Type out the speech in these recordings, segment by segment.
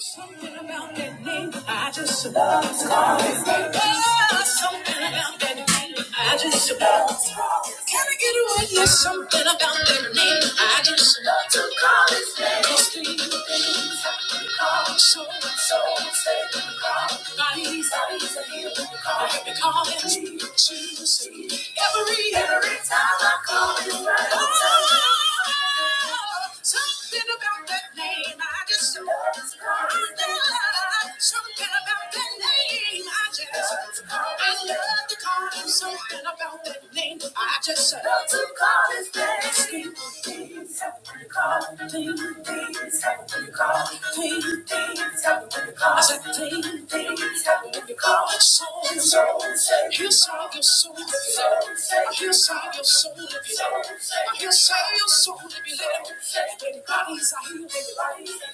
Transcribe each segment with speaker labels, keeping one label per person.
Speaker 1: Something about that name, I just love. it. Oh, something about that name, I just love. it. Can I get a witness? Something about that name, I just love to call his name. 'Cause the things I we call soul, soul, say we call bodies, bodies that we call, that we call him Jesus. Every every time I call his name. Oh, Something about that name, I just I love. Something about that name, I just I love to call him. Something about that name, I just love to call his name. Sweet things, something to call clean things, something to call clean things, something to call. I said clean things, something to call. So and so, you saw your soul. I Inside your soul to be loved. I Inside your soul to be loved. Anybody is a healer.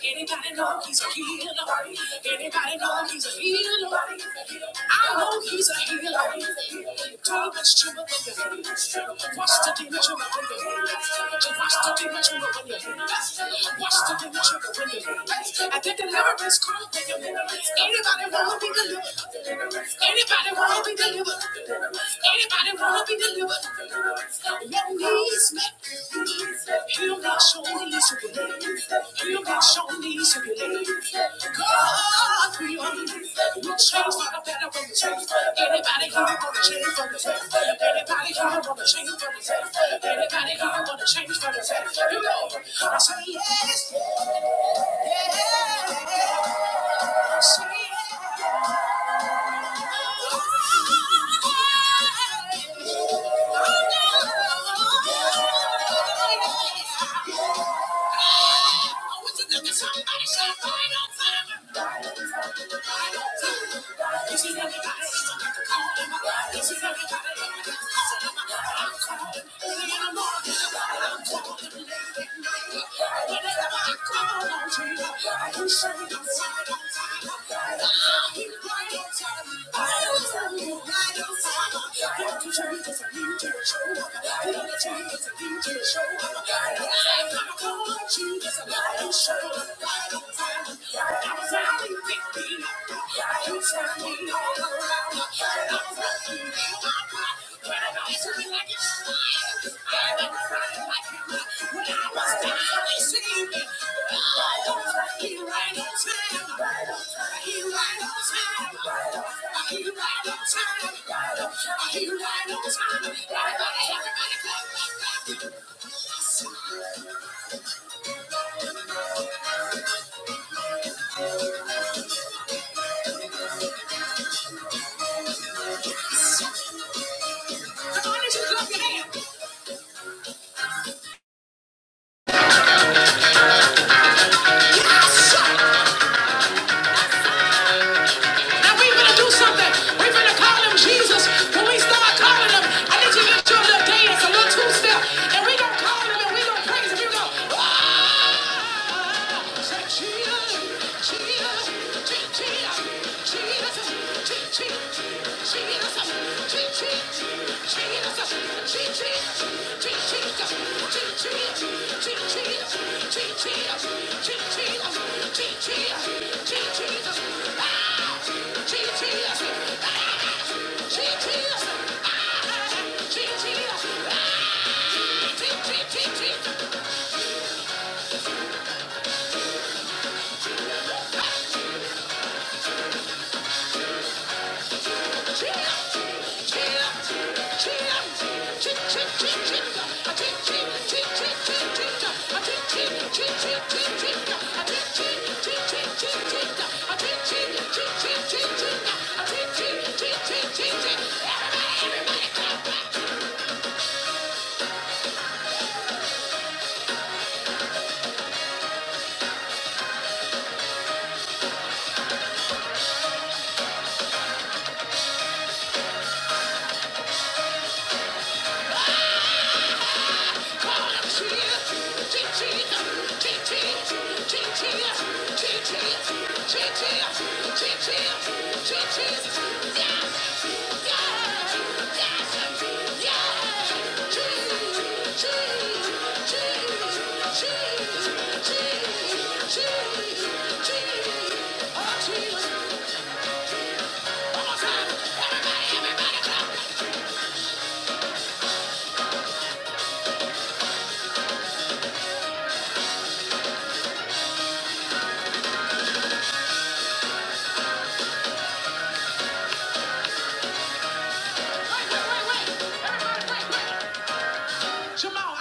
Speaker 1: Anybody know he's a healer. Anybody know he's a healer. I know he's a healer. Demons tremble when you Watch the demon tremble when you Watch the demon tremble when you Watch the demon tremble when you At the deliverance comes when you anybody wanna be delivered? Anybody wanna be delivered? Anybody wanna be delivered? Let me me. Heal me, show me, circulate. Heal me, show me, circulate. God, we are you change for the better when you change. Anybody here wanna change for the better? Anybody here wanna change for the better? Anybody here wanna change for the better? You know, I say yes, yes, say yes. I can show you the side on time. I was down, they see me. I don't fucking right on time. Come on, let you clap your hands. And we finna do something. We finna call him Jesus. When we start calling him, I need you to lift your little dance, a little two step. And we gonna call him and we gonna praise him. You go, ah! Say, Jesus, Jesus, Je- Jesus, Jesus, Je- Jesus, Jesus, Je- Jesus. Jesus, Everybody, everybody, clap, clap. Everybody,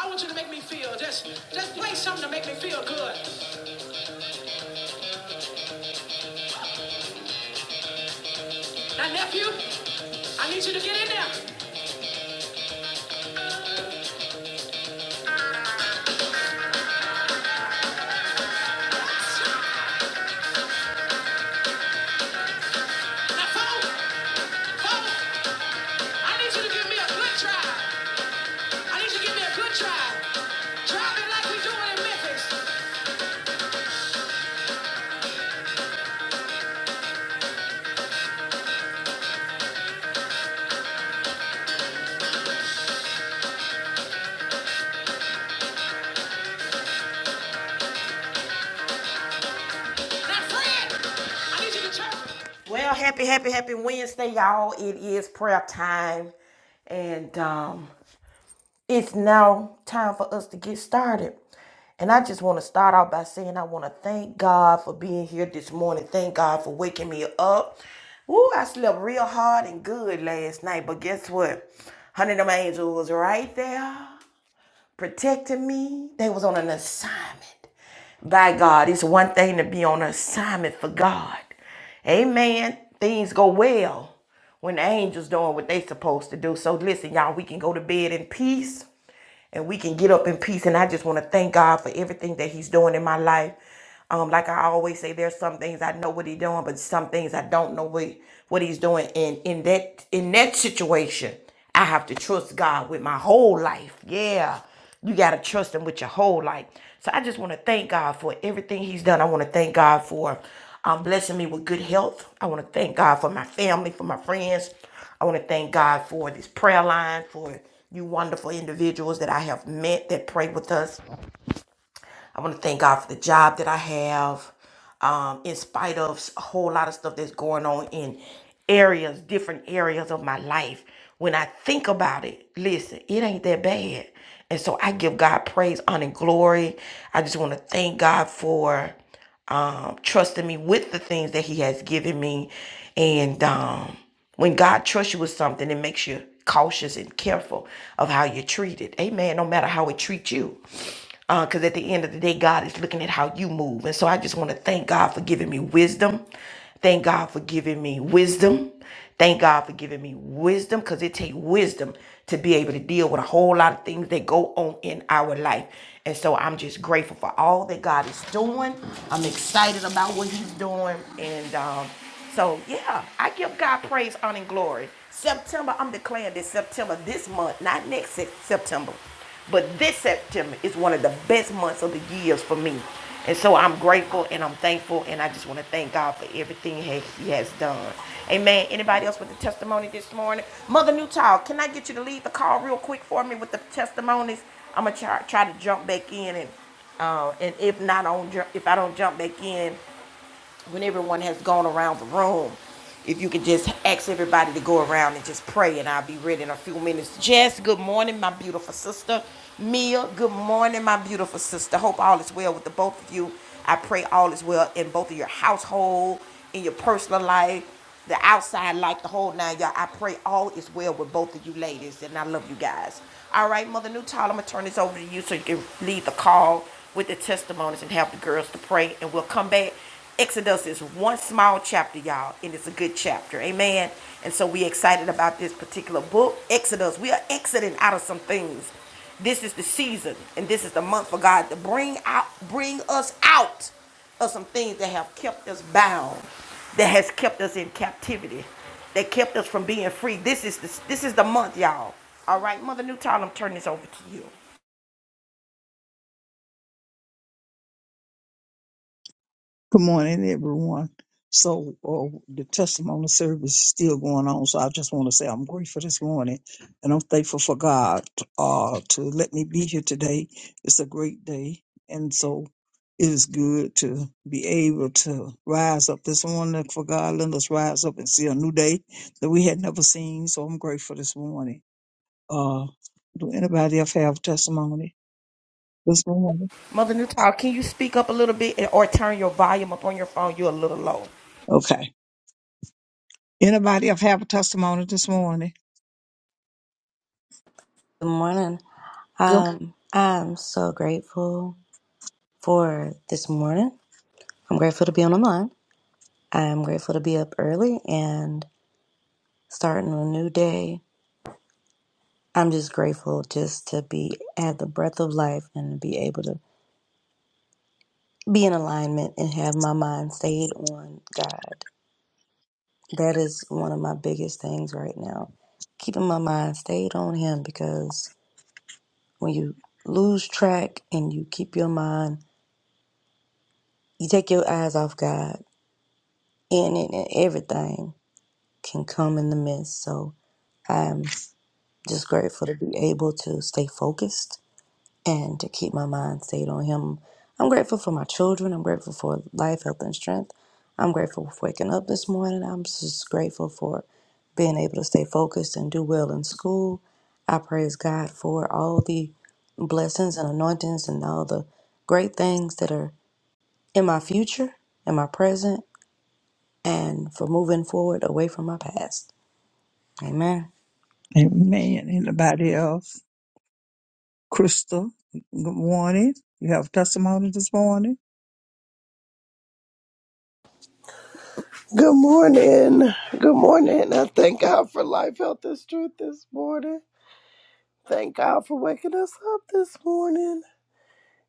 Speaker 1: I want you to make me feel just, just you. Yeah. Give me a good drive. Drive it like we doing in Memphis. Now, Fred, I need you to turn. Well, happy, happy, happy Wednesday, y'all. It is prayer time. And um, it's now time for us to get started. And I just want to start out by saying I want to thank God for being here this morning. Thank God for waking me up. Woo, I slept real hard and good last night. But guess what? Hundred of my angels was right there protecting me. They was on an assignment. by God. It's one thing to be on assignment for God. Amen. Things go well when the angels doing what they supposed to do. So listen, y'all, we can go to bed in peace and we can get up in peace. And I just want to thank God for everything that He's doing in my life. Um, like I always say, there's some things I know what He's doing, but some things I don't know what, what He's doing. And in that in that situation, I have to trust God with my whole life. Yeah. You got to trust him with your whole life. So I just want to thank God for everything he's done. I want to thank God for um, blessing me with good health. I want to thank God for my family, for my friends. I want to thank God for this prayer line, for you wonderful individuals that I have met that pray with us I want to thank God for the job that I have. Um, in spite of a whole lot of stuff that's going on in areas, different areas of my life, when I think about it, listen, it ain't that bad. And so I give God praise, honor, and glory. I just want to thank God for um, trusting me with the things that He has given me. And um, when God trusts you with something, it makes you cautious and careful of how you treat it. Amen. No matter how it treats you. Because uh, at the end of the day, God is looking at how you move. And so I just want to thank God for giving me wisdom. Thank God for giving me wisdom. Thank God for giving me wisdom because it takes wisdom to be able to deal with a whole lot of things that go on in our life. And so I'm just grateful for all that God is doing. I'm excited about what He's doing. And um, so yeah, I give God praise, honor, and glory. September, I'm declaring this September, this month, not next September, but this September is one of the best months of the years for me. And so I'm grateful and I'm thankful and I just want to thank God for everything He has done. Amen. Anybody else with a testimony this morning? Mother Newtall, can I get you to leave the call real quick for me with the testimonies? I'm gonna try, try to jump back in and uh, and if not on if I don't jump back in, when everyone has gone around the room, if you could just ask everybody to go around and just pray, and I'll be ready in a few minutes. Jess, good morning, my beautiful sister. Mia, good morning, my beautiful sister. Hope all is well with the both of you. I pray all is well in both of your household, in your personal life, the outside life, the whole nine. Y'all, I pray all is well with both of you ladies, and I love you guys. All right, Mother Newtall, I'm going to turn this over to you so you can lead the call with the testimonies and have the girls to pray, and we'll come back Exodus is one small chapter, y'all, and it's a good chapter. Amen. And so we are excited about this particular book, Exodus. We are exiting out of some things. This is the season, and this is the month for God to bring out, bring us out of some things that have kept us bound, that has kept us in captivity, that kept us from being free. This is the, this is the month, y'all. All right, Mother Newtown, I'm turning this over to you.
Speaker 2: Good morning, everyone. So, uh, the testimony service is still going on. So, I just want to say I'm grateful this morning and I'm thankful for God uh, to let me be here today. It's a great day. And so, it is good to be able to rise up this morning for God. Let us rise up and see a new day that we had never seen. So, I'm grateful this morning. Uh, do anybody else have testimony this morning?
Speaker 1: Mother Newtown, can you speak up a little bit or turn your volume up on your phone? You're a little low.
Speaker 2: Okay. Anybody else have a testimony this morning?
Speaker 3: Good morning.
Speaker 4: Good.
Speaker 3: Um, I'm so grateful for this morning. I'm grateful to be on the line. I'm grateful to be up early and starting a new day. I'm just grateful just to be at the breath of life and to be able to be in alignment and have my mind stayed on God. That is one of my biggest things right now. Keeping my mind stayed on Him because when you lose track and you keep your mind, you take your eyes off God in it and everything can come in the midst. So I'm just grateful to be able to stay focused and to keep my mind stayed on Him. I'm grateful for my children. I'm grateful for life, health, and strength. I'm grateful for waking up this morning. I'm just grateful for being able to stay focused and do well in school. I praise God for all the blessings and anointings and all the great things that are in my future, in my present, and for moving forward away from my past. Amen.
Speaker 2: Amen. Anybody else? Crystal, good morning. You have testimony this morning?
Speaker 5: Good morning. Good morning. I thank God for life, health, and strength this morning. Thank God for waking us up this morning.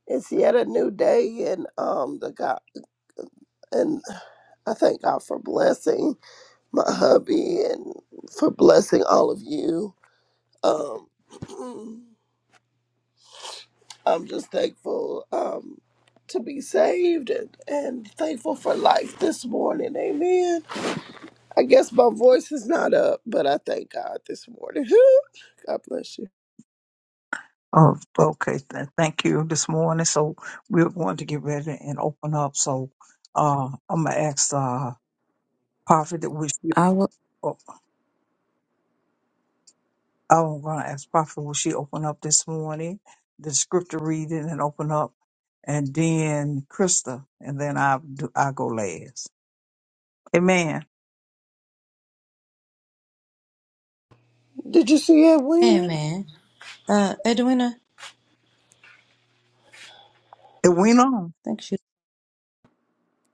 Speaker 5: It's yet a new day, and um, the God and I thank God for blessing my hubby and for blessing all of you. Um, I'm just thankful um to be saved and and thankful for life this morning. Amen. I guess my voice is not up, but I thank God this morning. God bless you.
Speaker 2: Oh, okay. Th- Thank you this morning. So we're going to get ready and open up. So uh, I'm going to ask uh, Prophet that we should.
Speaker 4: I will.
Speaker 2: I was going to ask Prophet, will she open up this morning, the scripture reading and open up, and then Krista, and then I do, I go last. Amen.
Speaker 5: Did you see Edwina?
Speaker 3: Amen. Uh, Edwina, I
Speaker 2: It went on.
Speaker 3: think she.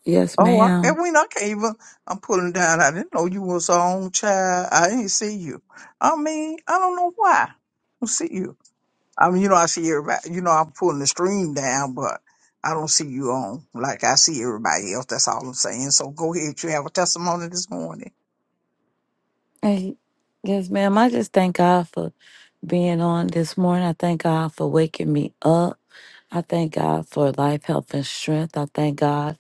Speaker 4: Yes,
Speaker 2: Oh, I, it
Speaker 4: ma'am.
Speaker 2: went I can't even, I'm pulling down. I didn't know you was on, child. I didn't see you. I mean, I don't know why. I don't see you. I mean, you know, I see everybody, you know, I'm pulling the stream down, but I don't see you on like I see everybody else. That's all I'm saying. So go ahead. You have a testimony this morning.
Speaker 4: Hey, yes, ma'am. I just thank God for being on this morning. I thank God for waking me up. I thank God for life, health, and strength. I thank God.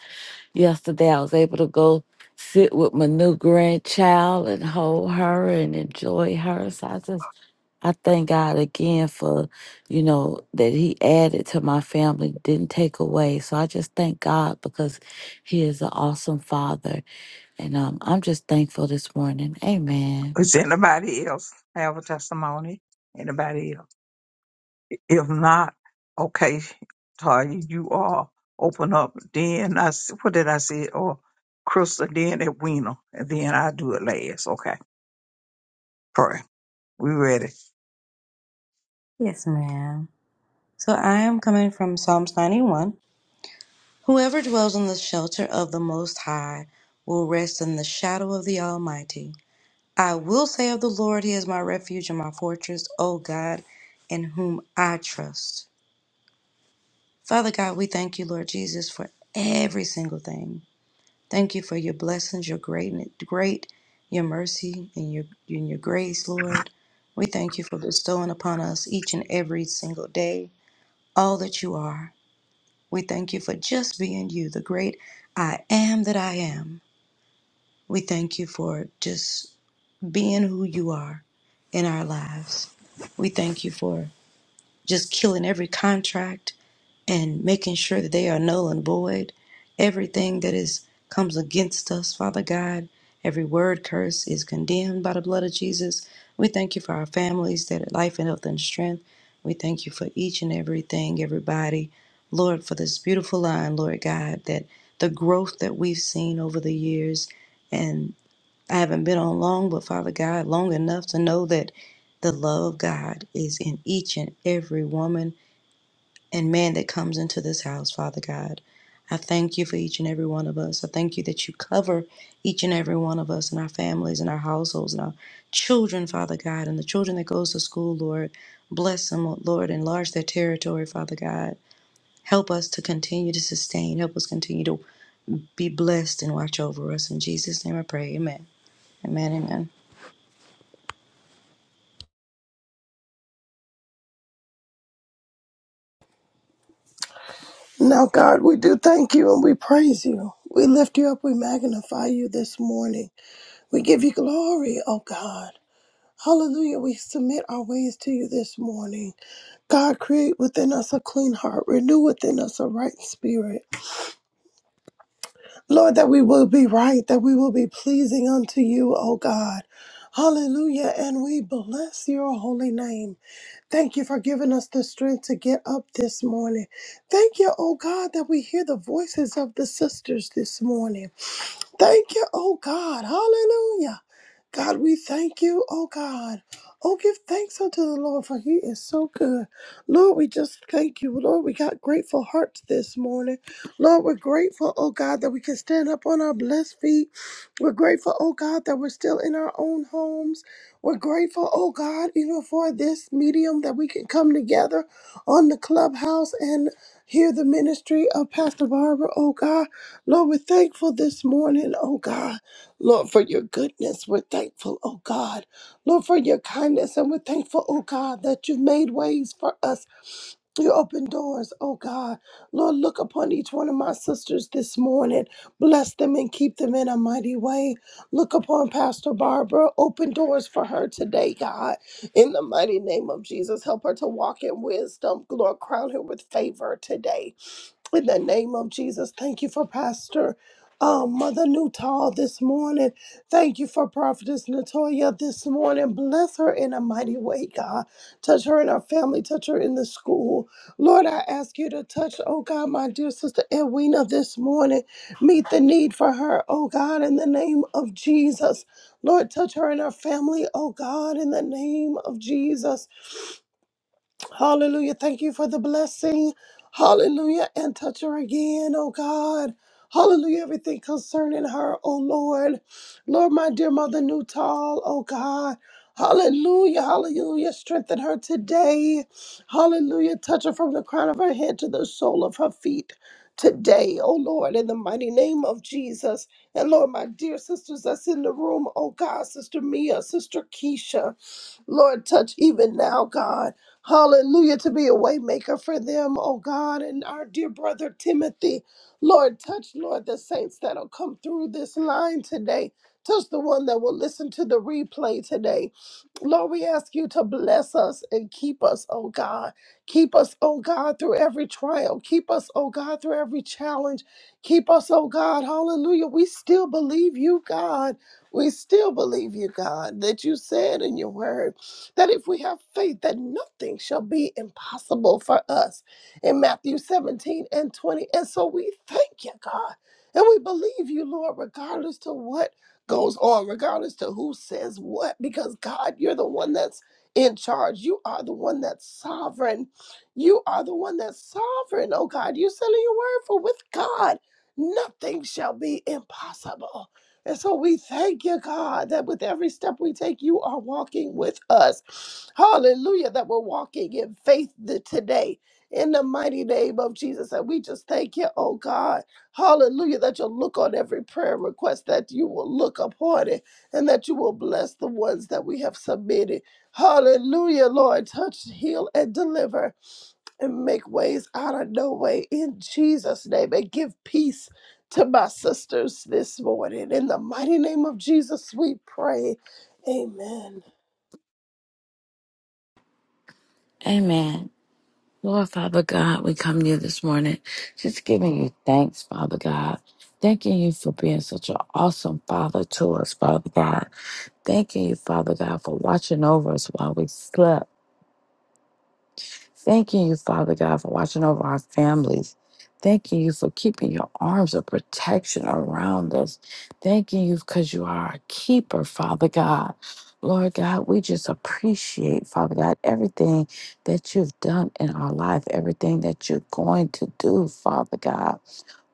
Speaker 4: Yesterday, I was able to go sit with my new grandchild and hold her and enjoy her. So I just, I thank God again for, you know, that He added to my family, didn't take away. So I just thank God because He is an awesome Father. And um, I'm just thankful this morning. Amen.
Speaker 2: Does anybody else have a testimony? Anybody else? If not, okay, Tanya, you all open up. Then I, s- what did I say? Or Crystal, then at Weena, and then I do it last. Okay, pray. We ready?
Speaker 3: Yes, ma'am. So I am coming from Psalms 91. Whoever dwells in the shelter of the Most High will rest in the shadow of the Almighty. I will say of the Lord, He is my refuge and my fortress, O God, in whom I trust. Father God, we thank you, Lord Jesus, for every single thing. Thank you for your blessings, your greatness, great, your mercy, and your and your grace, Lord. We thank you for bestowing upon us each and every single day all that you are. We thank you for just being you, the great I am that I am. We thank you for just being who you are in our lives. We thank you for just killing every contract and making sure that they are null and void. Everything that is comes against us, Father God, every word curse is condemned by the blood of Jesus. We thank you for our families that are life and health and strength. We thank you for each and everything, everybody. Lord, for this beautiful line, Lord God, that the growth that we've seen over the years, and I haven't been on long, but Father God, long enough to know that the love of God is in each and every woman and man that comes into this house, Father God. I thank you for each and every one of us. I thank you that you cover each and every one of us and our families and our households and our children, Father God, and the children that goes to school, Lord. Bless them, Lord. Enlarge their territory, Father God. Help us to continue to sustain. Help us continue to be blessed and watch over us. In Jesus' name I pray. Amen. Amen. Amen.
Speaker 5: Now, God, we do thank you and we praise you. We lift you up. We magnify you this morning. We give you glory, oh God. Hallelujah. We submit our ways to you this morning. God, create within us a clean heart, renew within us a right spirit. Lord, that we will be right, that we will be pleasing unto you, O God. Hallelujah. And we bless your holy name. Thank you for giving us the strength to get up this morning. Thank you, oh God, that we hear the voices of the sisters this morning. Thank you, oh God. Hallelujah. God, we thank you, oh God. Oh, give thanks unto the Lord, for he is so good. Lord, we just thank you. Lord, we got grateful hearts this morning. Lord, we're grateful, oh God, that we can stand up on our blessed feet we're grateful, oh God, that we're still in our own homes. We're grateful, oh God, even for this medium that we can come together on the clubhouse and hear the ministry of Pastor Barbara, oh God. Lord, we're thankful this morning, oh God. Lord, for your goodness. We're thankful, oh God. Lord, for your kindness. And we're thankful, oh God, that you've made ways for us you open doors, oh God. Lord, look upon each one of my sisters this morning. Bless them and keep them in a mighty way. Look upon Pastor Barbara. Open doors for her today, God. In the mighty name of Jesus, help her to walk in wisdom. Lord, crown her with favor today. In the name of Jesus, thank you for Pastor um, Mother Newtall this morning. Thank you for Prophetess Natoya this morning. Bless her in a mighty way, God. Touch her and her family. Touch her in the school. Lord, I ask you to touch, oh God, my dear sister Edwina this morning. Meet the need for her, oh God, in the name of Jesus. Lord, touch her and her family, oh God, in the name of Jesus. Hallelujah. Thank you for the blessing. Hallelujah. And touch her again, oh God. Hallelujah. Everything concerning her, oh Lord. Lord, my dear mother, Newtall, oh God. Hallelujah. Hallelujah. Strengthen her today. Hallelujah. Touch her from the crown of her head to the sole of her feet today, oh Lord, in the mighty name of Jesus. And Lord, my dear sisters that's in the room, oh God, Sister Mia, Sister Keisha, Lord, touch even now, God. Hallelujah, to be a waymaker for them, oh God, and our dear brother Timothy. Lord, touch, Lord, the saints that'll come through this line today. Touch the one that will listen to the replay today. Lord, we ask you to bless us and keep us, oh God. Keep us, oh God, through every trial. Keep us, oh God, through every challenge. Keep us, oh God. Hallelujah. We still believe you, God. We still believe you, God, that you said in your word that if we have faith, that nothing shall be impossible for us in Matthew 17 and 20. And so we thank you, God. And we believe you, Lord, regardless to what goes on, regardless to who says what, because God, you're the one that's in charge. You are the one that's sovereign. You are the one that's sovereign, oh God. You said in your word, for with God, nothing shall be impossible. And so we thank you, God, that with every step we take, you are walking with us. Hallelujah, that we're walking in faith th- today. In the mighty name of Jesus. And we just thank you, oh God. Hallelujah, that you'll look on every prayer request, that you will look upon it, and that you will bless the ones that we have submitted. Hallelujah, Lord. Touch, heal, and deliver and make ways out of no way in Jesus' name and give peace to my sisters this morning. In the mighty name of Jesus, we pray. Amen.
Speaker 4: Amen. Lord, Father God, we come to you this morning just giving you thanks, Father God. Thanking you for being such an awesome Father to us, Father God. Thanking you, Father God, for watching over us while we slept. Thanking you, Father God, for watching over our families. Thanking you for keeping your arms of protection around us. Thanking you because you are our keeper, Father God. Lord God, we just appreciate, Father God, everything that you've done in our life, everything that you're going to do, Father God.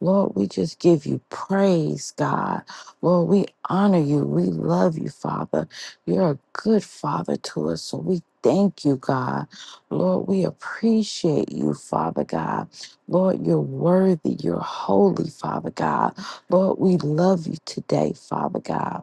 Speaker 4: Lord, we just give you praise, God. Lord, we honor you. We love you, Father. You're a good Father to us. So we thank you, God. Lord, we appreciate you, Father God. Lord, you're worthy. You're holy, Father God. Lord, we love you today, Father God.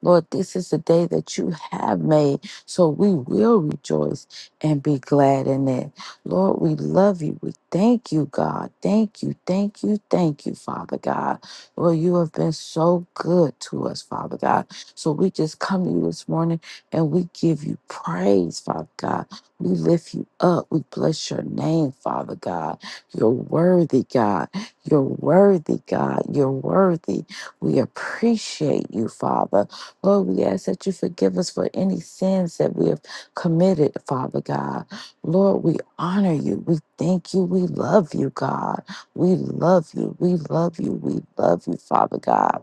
Speaker 4: Lord, this is the day that you have made, so we will rejoice and be glad in it. Lord, we love you. We thank you, God. Thank you, thank you, thank you, Father God. Lord, you have been so good to us, Father God. So we just come to you this morning and we give you praise, Father God. We lift you up. We bless your name, Father God. You're worthy, God. You're worthy, God. You're worthy. We appreciate you, Father. Lord, we ask that you forgive us for any sins that we have committed, Father God. Lord, we honor you. We thank you. We love you, God. We love you. We love you. We love you, Father God.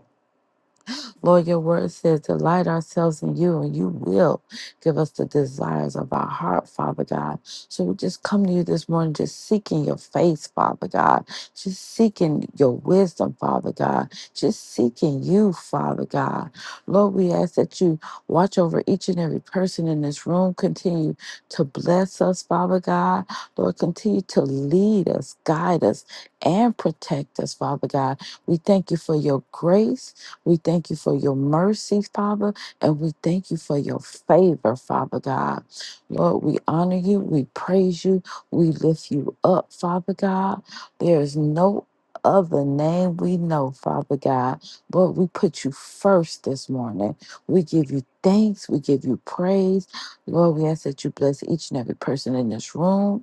Speaker 4: Lord, your word says, delight ourselves in you, and you will give us the desires of our heart, Father God. So we just come to you this morning, just seeking your face, Father God, just seeking your wisdom, Father God, just seeking you, Father God. Lord, we ask that you watch over each and every person in this room, continue to bless us, Father God. Lord, continue to lead us, guide us, and protect us, Father God. We thank you for your grace. We thank you for your mercy, Father, and we thank you for your favor, Father God. Lord, we honor you, we praise you, we lift you up, Father God. There is no other name we know, Father God. Lord, we put you first this morning. We give you thanks, we give you praise. Lord, we ask that you bless each and every person in this room.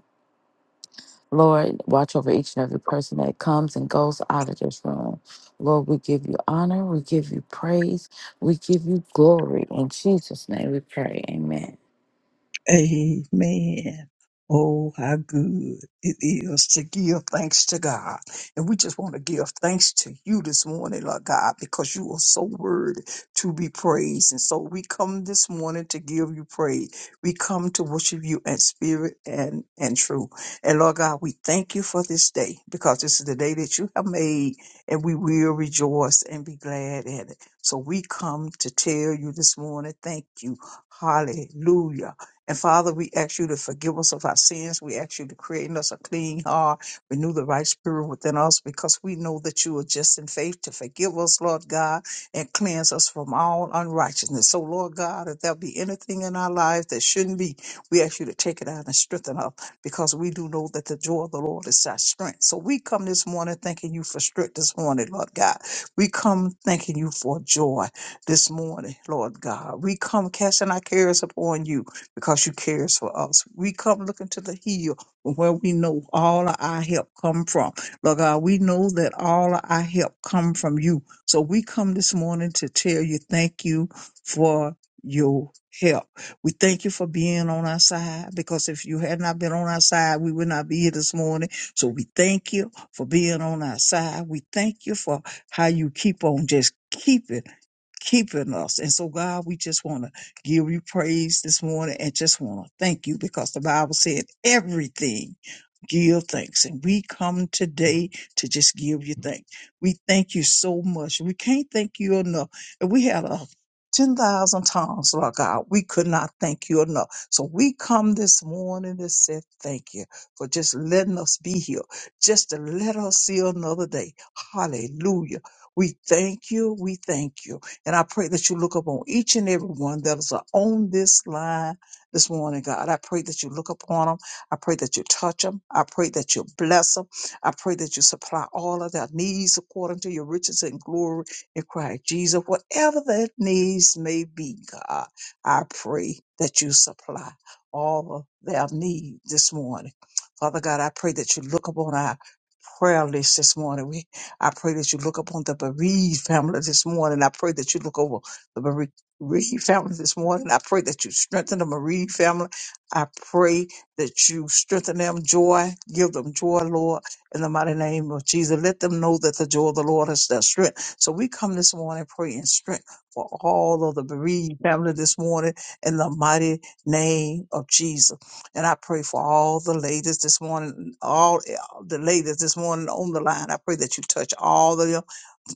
Speaker 4: Lord, watch over each and every person that comes and goes out of this room. Lord, we give you honor, we give you praise, we give you glory. In Jesus' name we pray. Amen.
Speaker 2: Amen. Oh, how good it is to give thanks to God. And we just want to give thanks to you this morning, Lord God, because you are so worthy to be praised. And so we come this morning to give you praise. We come to worship you in spirit and, and truth. And Lord God, we thank you for this day because this is the day that you have made and we will rejoice and be glad at it. So we come to tell you this morning, thank you. Hallelujah. And Father, we ask you to forgive us of our sins. We ask you to create in us a clean heart, renew the right spirit within us, because we know that you are just in faith to forgive us, Lord God, and cleanse us from all unrighteousness. So, Lord God, if there be anything in our lives that shouldn't be, we ask you to take it out and strengthen us, because we do know that the joy of the Lord is our strength. So, we come this morning thanking you for strength this morning, Lord God. We come thanking you for joy this morning, Lord God. We come casting our cares upon you because you cares for us. We come looking to the hill from where we know all of our help come from. Lord God, we know that all of our help come from you. So we come this morning to tell you thank you for your help. We thank you for being on our side because if you had not been on our side, we would not be here this morning. So we thank you for being on our side. We thank you for how you keep on just keeping keeping us. And so, God, we just want to give you praise this morning and just want to thank you because the Bible said everything give thanks. And we come today to just give you thanks. We thank you so much. We can't thank you enough. If we had a 10,000 times, Lord God, we could not thank you enough. So we come this morning and say thank you for just letting us be here, just to let us see another day. Hallelujah. We thank you. We thank you. And I pray that you look upon each and every one that is on this line this morning, God. I pray that you look upon them. I pray that you touch them. I pray that you bless them. I pray that you supply all of their needs according to your riches and glory in Christ Jesus. Whatever their needs may be, God, I pray that you supply all of their need this morning. Father God, I pray that you look upon our prayer list this morning. I pray that you look upon the bereaved family this morning. I pray that you look over the bere- bereaved family this morning. I pray that you strengthen the bereaved family. I pray that you strengthen them joy. Give them joy, Lord, in the mighty name of Jesus. Let them know that the joy of the Lord is their strength. So we come this morning praying strength for all of the bereaved family this morning in the mighty name of Jesus. And I pray for all the ladies this morning, all the ladies this morning on the line. I pray that you touch all of them,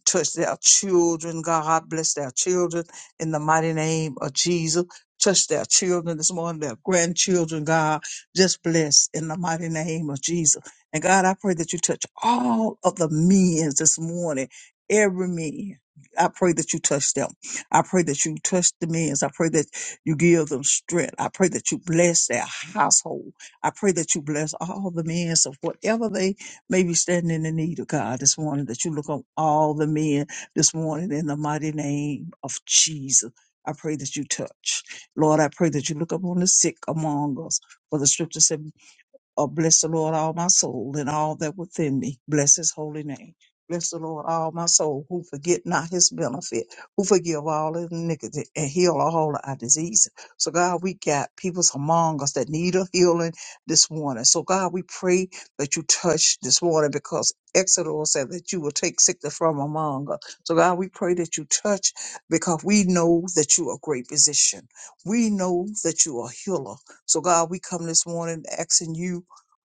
Speaker 2: touch their children. God bless their children in the mighty name of Jesus. Touch their children this morning, their grandchildren, God. Just bless in the mighty name of Jesus. And God, I pray that you touch all of the men this morning, every man. I pray that you touch them. I pray that you touch the men. I pray that you give them strength. I pray that you bless their household. I pray that you bless all the men of whatever they may be standing in the need of God this morning, that you look on all the men this morning in the mighty name of Jesus. I pray that you touch. Lord, I pray that you look upon the sick among us. For the scripture said. Oh, bless the Lord, all my soul, and all that within me. Bless his holy name. Bless the Lord, all my soul, who forget not his benefit, who forgive all his iniquity and heal all our diseases. So, God, we got peoples among us that need a healing this morning. So, God, we pray that you touch this morning because Exodus said that you will take sickness from among us. So, God, we pray that you touch because we know that you are a great physician. We know that you are a healer. So, God, we come this morning asking you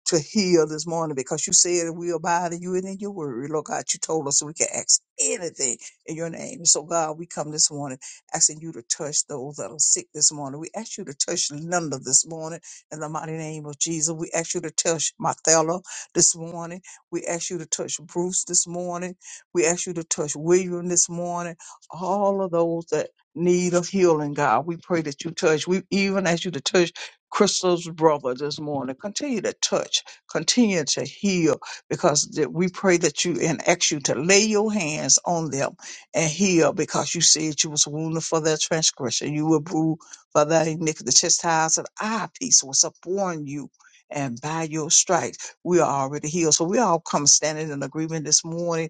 Speaker 2: to heal this morning because you said we abide in you and in your word. Lord God, you told us so we can ask anything in your name. So God, we come this morning asking you to touch those that are sick this morning. We ask you to touch Linda this morning in the mighty name of Jesus. We ask you to touch Mathella this morning. We ask you to touch Bruce this morning. We ask you to touch William this morning. All of those that need of healing, God. We pray that you touch. We even ask you to touch Crystal's brother this morning. Continue to touch, continue to heal, because that we pray that you and ask you to lay your hands on them and heal, because you said you was wounded for their transgression, you were bruised for their iniquity. The chastisement of our peace was upon you. And by your stripes, we are already healed. So we all come standing in agreement this morning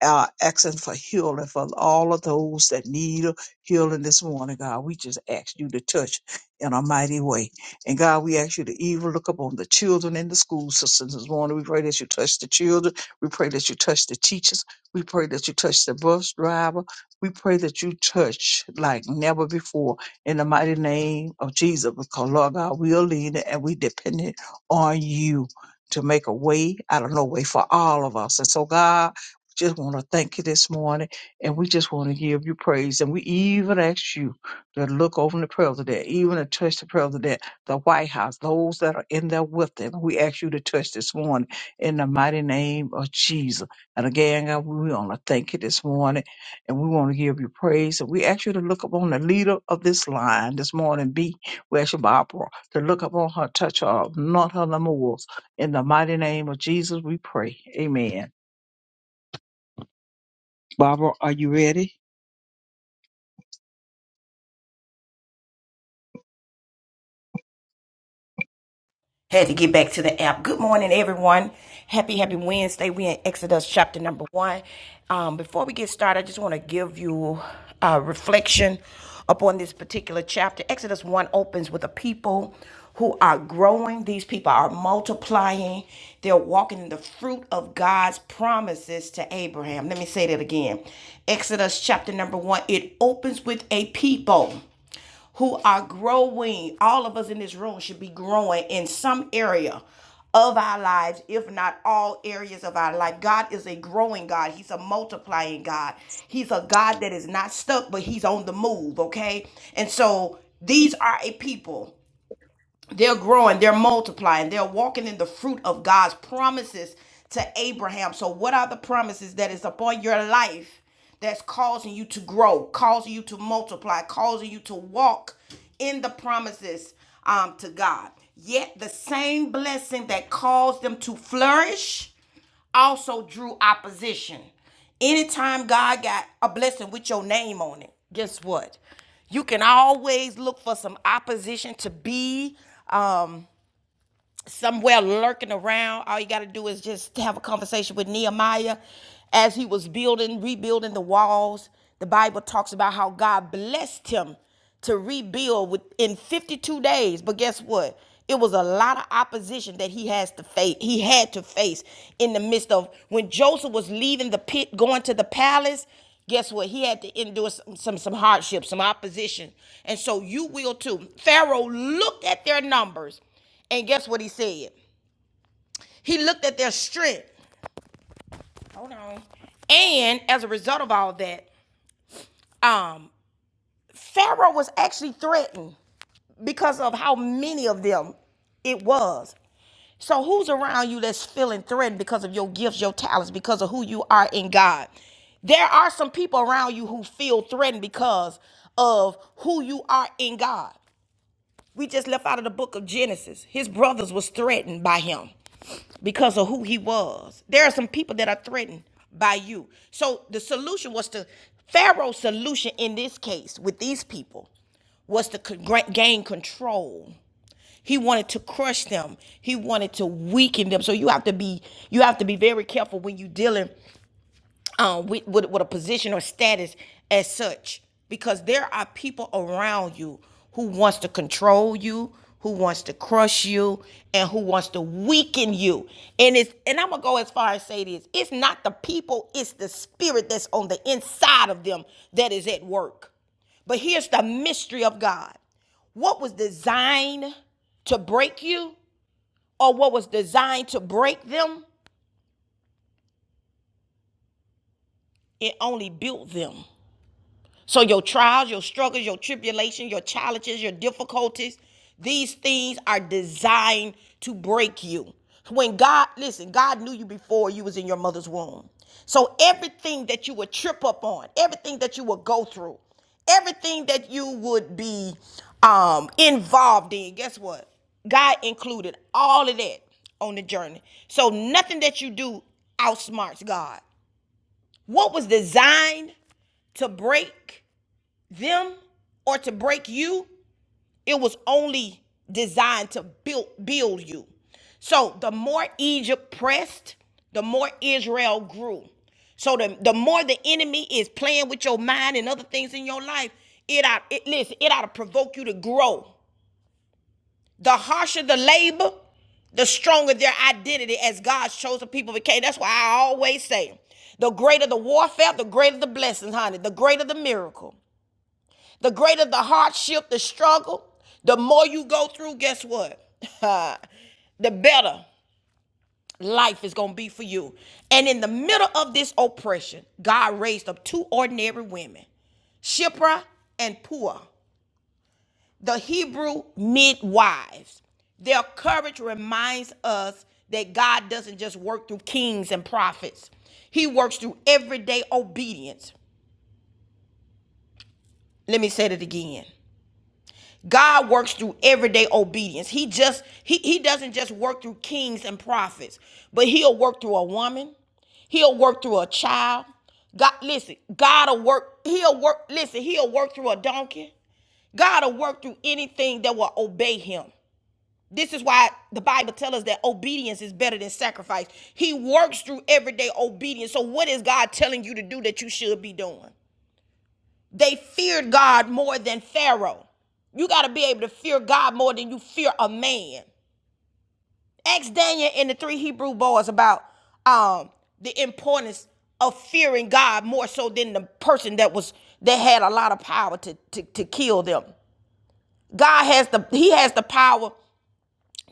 Speaker 2: uh, asking for healing for all of those that need healing this morning, God. We just ask you to touch in a mighty way. And God, we ask you to even look upon the children in the school systems this morning. We pray that you touch the children. We pray that you touch the teachers. We pray that you touch the bus driver. We pray that you touch like never before in the mighty name of Jesus. Because Lord God, we are leaning and we dependent on you to make a way out of no way for all of us. And so God, just want to thank you this morning, and we just want to give you praise. And we even ask you to look over the prayer today, even to touch the prayer today, the day, the White House, those that are in there with them. We ask you to touch this morning in the mighty name of Jesus. And again, God, we want to thank you this morning, and we want to give you praise. And we ask you to look upon the leader of this line this morning, B. We ask you, Barbara, to look upon her, touch her, not her lemurs. In the mighty name of Jesus, we pray. Amen. Barbara, are you ready?
Speaker 1: Had to get back to the app. Good morning, everyone. Happy, happy Wednesday. We in Exodus chapter number one. Um, before we get started, I just want to give you a reflection upon this particular chapter. Exodus one opens with a people who are growing. These people are multiplying. They're walking in the fruit of God's promises to Abraham. Let me say that again. Exodus chapter number one. It opens with a people who are growing. All of us in this room should be growing in some area of our lives, if not all areas of our life. God is a growing God. He's a multiplying God. He's a God that is not stuck, but He's on the move, okay? And so these are a people they're growing, they're multiplying, they're walking in the fruit of God's promises to Abraham. So, what are the promises that is upon your life that's causing you to grow, causing you to multiply, causing you to walk in the promises um, to God? Yet, the same blessing that caused them to flourish also drew opposition. Anytime God got a blessing with your name on it, guess what? You can always look for some opposition to be um, somewhere lurking around. All you got to do is just have a conversation with Nehemiah as he was building, rebuilding the walls. The Bible talks about how God blessed him to rebuild within 52 days. But guess what? It was a lot of opposition that he has to face. He had to face in the midst of when Joseph was leaving the pit, going to the palace. Guess what? He had to endure some some, some hardship, some opposition, and so you will too. Pharaoh looked at their numbers and guess what he said? He looked at their strength. Hold on. And as a result of all that, um, Pharaoh was actually threatened because of how many of them it was. So who's around you that's feeling threatened because of your gifts, your talents, because of who you are in God? There are some people around you who feel threatened because of who you are in God. We just left out of the book of Genesis. His brothers was threatened by him because of who he was. There are some people that are threatened by you. So the solution was to Pharaoh's solution in this case with these people was to con- gain control. He wanted to crush them. He wanted to weaken them. So you have to be you have to be very careful when you dealing um, with, with, with a position or status as such because there are people around you who wants to control you who wants to crush you and who wants to weaken you and it's and i'm gonna go as far as say this it's not the people it's the spirit that's on the inside of them that is at work but here's the mystery of god what was designed to break you or what was designed to break them it only built them So your trials, your struggles, your tribulations, your challenges, your difficulties, these things are designed to break you. When God, listen, God knew you before you was in your mother's womb. So everything that you would trip up on, everything that you would go through, everything that you would be um involved in, guess what? God included all of that on the journey. So nothing that you do outsmarts God. What was designed to break them or to break you. It was only designed to build build you. So the more Egypt pressed, the more Israel grew. So the, the more the enemy is playing with your mind and other things in your life, it ought it listen, it ought to provoke you to grow. The harsher the labor, the stronger their identity as God's chosen people became. That's why I always say, the greater the warfare, the greater the blessings, honey, the greater the miracle. The greater the hardship, the struggle, the more you go through, guess what? the better life is going to be for you. And in the middle of this oppression, God raised up two ordinary women, Shipra and Puah, the Hebrew midwives. Their courage reminds us that God doesn't just work through kings and prophets, He works through everyday obedience. Let me say that again. God works through everyday obedience. He just he he doesn't just work through kings and prophets, but he'll work through a woman. He'll work through a child. God listen, God'll work, he'll work, listen, he'll work through a donkey. God'll work through anything that will obey him. This is why the Bible tells us that obedience is better than sacrifice. He works through everyday obedience. So what is God telling you to do that you should be doing? They feared God more than Pharaoh. You got to be able to fear God more than you fear a man. Ask Daniel and the three Hebrew boys about um, the importance of fearing God more so than the person that was that had a lot of power to, to, to kill them. God has the He has the power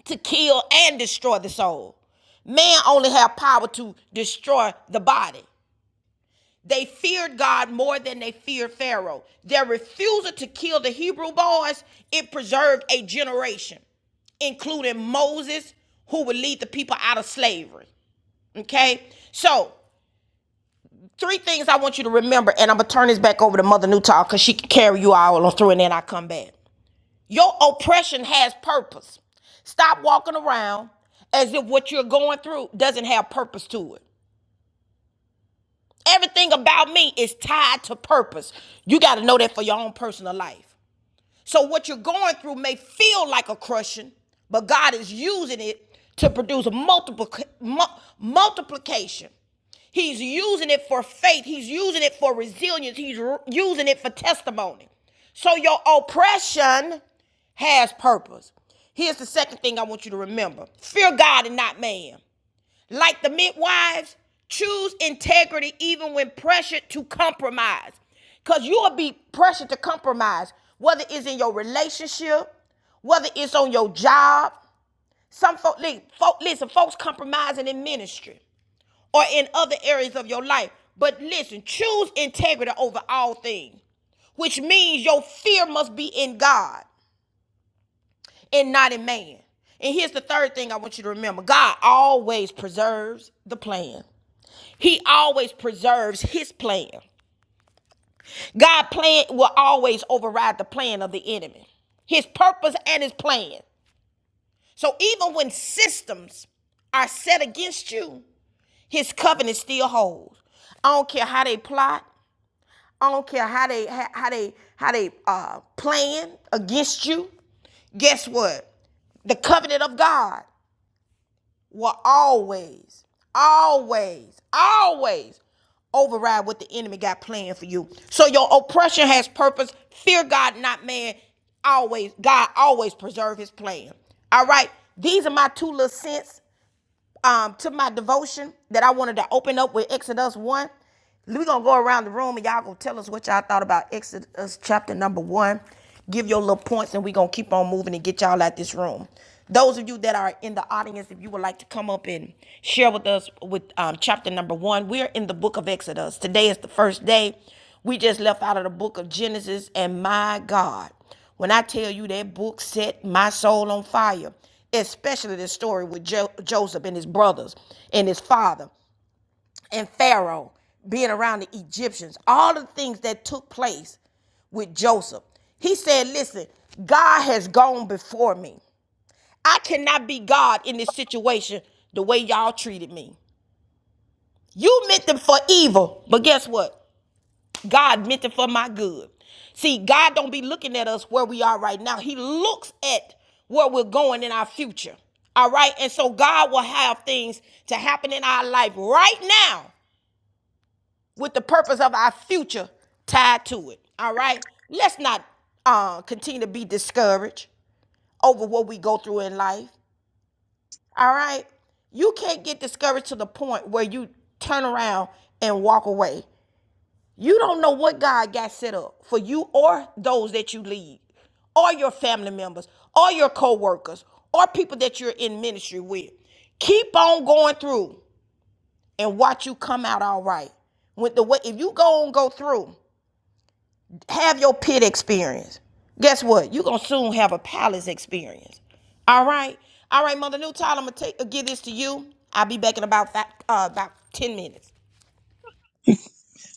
Speaker 1: to kill and destroy the soul. Man only have power to destroy the body. They feared God more than they feared Pharaoh. Their refusal to kill the Hebrew boys, it preserved a generation, including Moses, who would lead the people out of slavery. Okay? So, three things I want you to remember, and I'm going to turn this back over to Mother Newtall because she can carry you all on through, and then I come back. Your oppression has purpose. Stop walking around as if what you're going through doesn't have purpose to it. Everything about me is tied to purpose. You got to know that for your own personal life. So what you're going through may feel like a crushing, but God is using it to produce a multiple mu- multiplication. He's using it for faith. He's using it for resilience. He's r- using it for testimony. So your oppression has purpose. Here's the second thing I want you to remember. Fear God and not man. Like the midwives, choose integrity even when pressured to compromise. Because you will be pressured to compromise, whether it's in your relationship, whether it's on your job. Some folk, listen, folks compromising in ministry or in other areas of your life. But listen, choose integrity over all things, which means your fear must be in God and not in man. And here's the third thing I want you to remember God always preserves the plan. He always preserves his plan. God plan will always override the plan of the enemy. His purpose and his plan. So even when systems are set against you, his covenant still holds. I don't care how they plot. I don't care how they how, how they how they uh plan against you. Guess what? The covenant of God. will always, always, always override what the enemy got planned for you. So your oppression has purpose. Fear God, not man. Always, God always preserve his plan. All right. These are my two little cents um, to my devotion that I wanted to open up with Exodus 1. We're going to go around the room and y'all going to tell us what y'all thought about Exodus chapter number 1. Give your little points and we're going to keep on moving and get y'all out this room. Those of you that are in the audience, if you would like to come up and share with us with um, chapter number 1, we're in the book of Exodus. Today is the first day. We just left out of the book of Genesis and my God. When I tell you that book set my soul on fire, especially the story with jo- Joseph and his brothers and his father and Pharaoh being around the Egyptians, all the things that took place with Joseph. He said, Listen, God has gone before me. I cannot be God in this situation the way y'all treated me. You meant them for evil, but guess what? God meant it for my good. See, God don't be looking at us where we are right now. He looks at where we're going in our future. All right. And so God will have things to happen in our life right now with the purpose of our future tied to it. All right. Let's not uh, continue to be discouraged over what we go through in life. All right. You can't get discouraged to the point where you turn around and walk away. You don't know what God got set up for you or those that you lead, or your family members, or your co workers, or people that you're in ministry with. Keep on going through and watch you come out all right. With the way, if you go on go through, have your pit experience. Guess what? You're gonna soon have a palace experience. All right, all right, Mother New Tyler, I'm gonna take, uh, give this to you. I'll be back in about fi- uh, about ten minutes.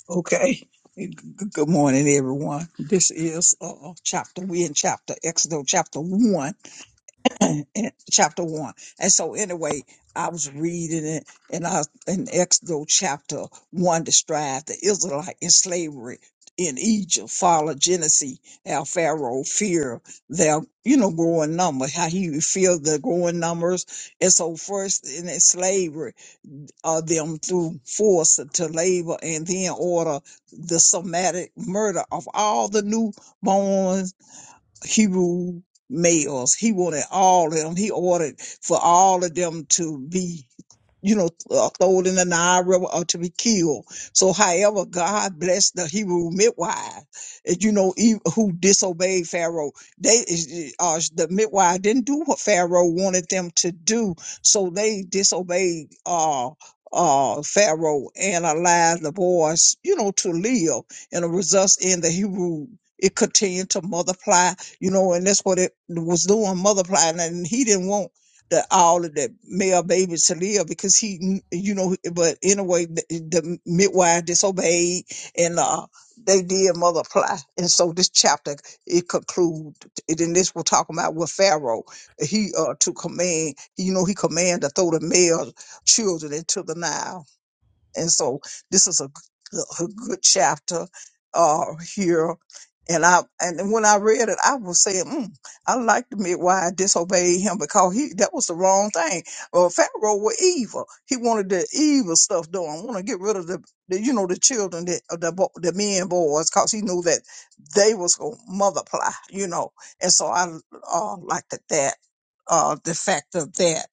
Speaker 2: Okay. G- Good morning, everyone. This is uh, uh, chapter, we in chapter, Exodus chapter one, and chapter one. And so anyway, I was reading it and I, in Exodus chapter one described the Israelite in slavery in Egypt, follow Genesis, how Pharaoh fear their, you know, growing number, how he fear the growing numbers. And so first in slavery. uh, them through force to labor and then order the somatic murder of all the newborns Hebrew males. He wanted all of them. He ordered for all of them to be, you know, uh, thrown in the Nile River or to be killed. So, however, God blessed the Hebrew midwives, and you know, e- who disobeyed Pharaoh. They, is- uh, the midwives, didn't do what Pharaoh wanted them to do, so they disobeyed. Uh, uh Pharaoh and allowed the boys, you know, to live and a results in the Hebrew it continued to multiply you know, and that's what it was doing, multiplying. And he didn't want the all of the male babies to live because he, you know, but anyway, the, the midwife disobeyed and uh, they did multiply. And so this chapter, it conclude, and then this we're talking about with Pharaoh. He uh, to command, you know, he commanded to throw the male children into the Nile and so this is a, g- a good chapter uh, here. And I and when I read it, I was saying, mm, I like to admit why I disobeyed him because he that was the wrong thing. Well, Pharaoh was evil. He wanted the evil stuff done. Want to get rid of the, the you know the children that of the bo- the men boys because he knew that they was gonna multiply. You know, and so I uh, liked that that uh, the fact of that.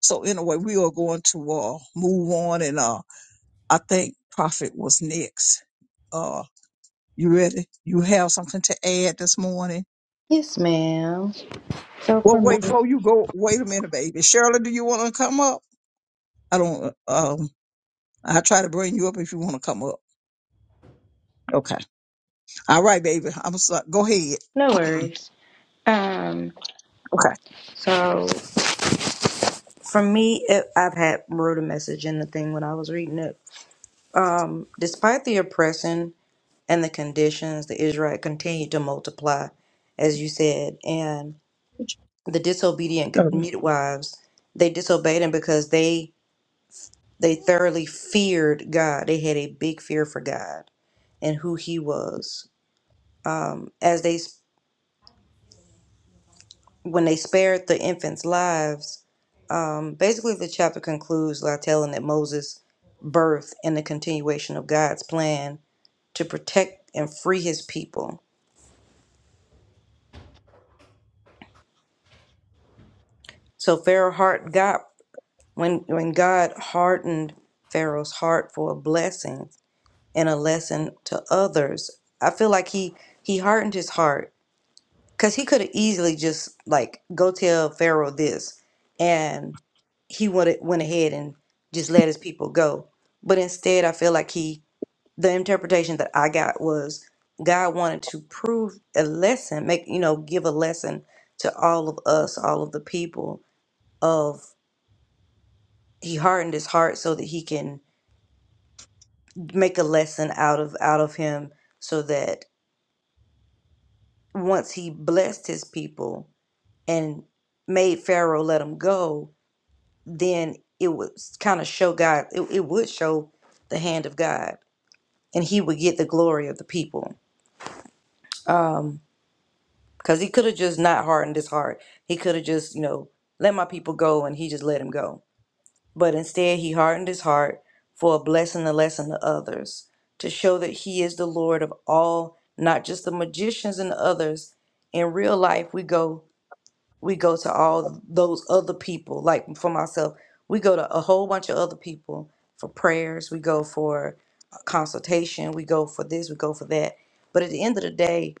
Speaker 2: So anyway, we are going to uh, move on and uh, I think Prophet was next. Uh, you ready? You have something to add this morning?
Speaker 3: Yes, ma'am. So
Speaker 2: Well,
Speaker 3: for me,
Speaker 2: wait, before you go, wait a minute, baby. Shirley, do you want to come up? I don't, um, I try to bring you up if you want to come up. Okay. All right, baby. I'm sorry. Go ahead.
Speaker 3: no worries. Um,
Speaker 2: okay.
Speaker 3: so For me, it, I've had wrote a message in the thing when I was reading it. Um, despite the oppression and the conditions, the Israelite continued to multiply, as you said, and the disobedient
Speaker 2: Okay.
Speaker 3: midwives they disobeyed him because they they thoroughly feared God. They had a big fear for God and who He was. Um, as they when they spared the infants' lives, um, basically the chapter concludes by telling that Moses' birth and the continuation of God's plan to protect and free his people. So Pharaoh heart got when when God hardened Pharaoh's heart for a blessing and a lesson to others. I feel like he he hardened his heart Because he could have easily just like go tell Pharaoh this, and he would went ahead and just let his people go. But instead, I feel like he the interpretation that I got was God wanted to prove a lesson, make you know, give a lesson to all of us, all of the people of he hardened his heart so that he can make a lesson out of out of him so that once he blessed his people and made Pharaoh let him go, then it would kind of show God, it, it would show the hand of God and he would get the glory of the people. Um, because he could have just not hardened his heart. He could have just, you know, let my people go and he just let him go. But instead, he hardened his heart for a blessing, a lesson to others to show that he is the Lord of all, not just the magicians and others. In real life, we go we go to all those other people like for myself we go to a whole bunch of other people for prayers we go for consultation we go for this we go for that but at the end of the day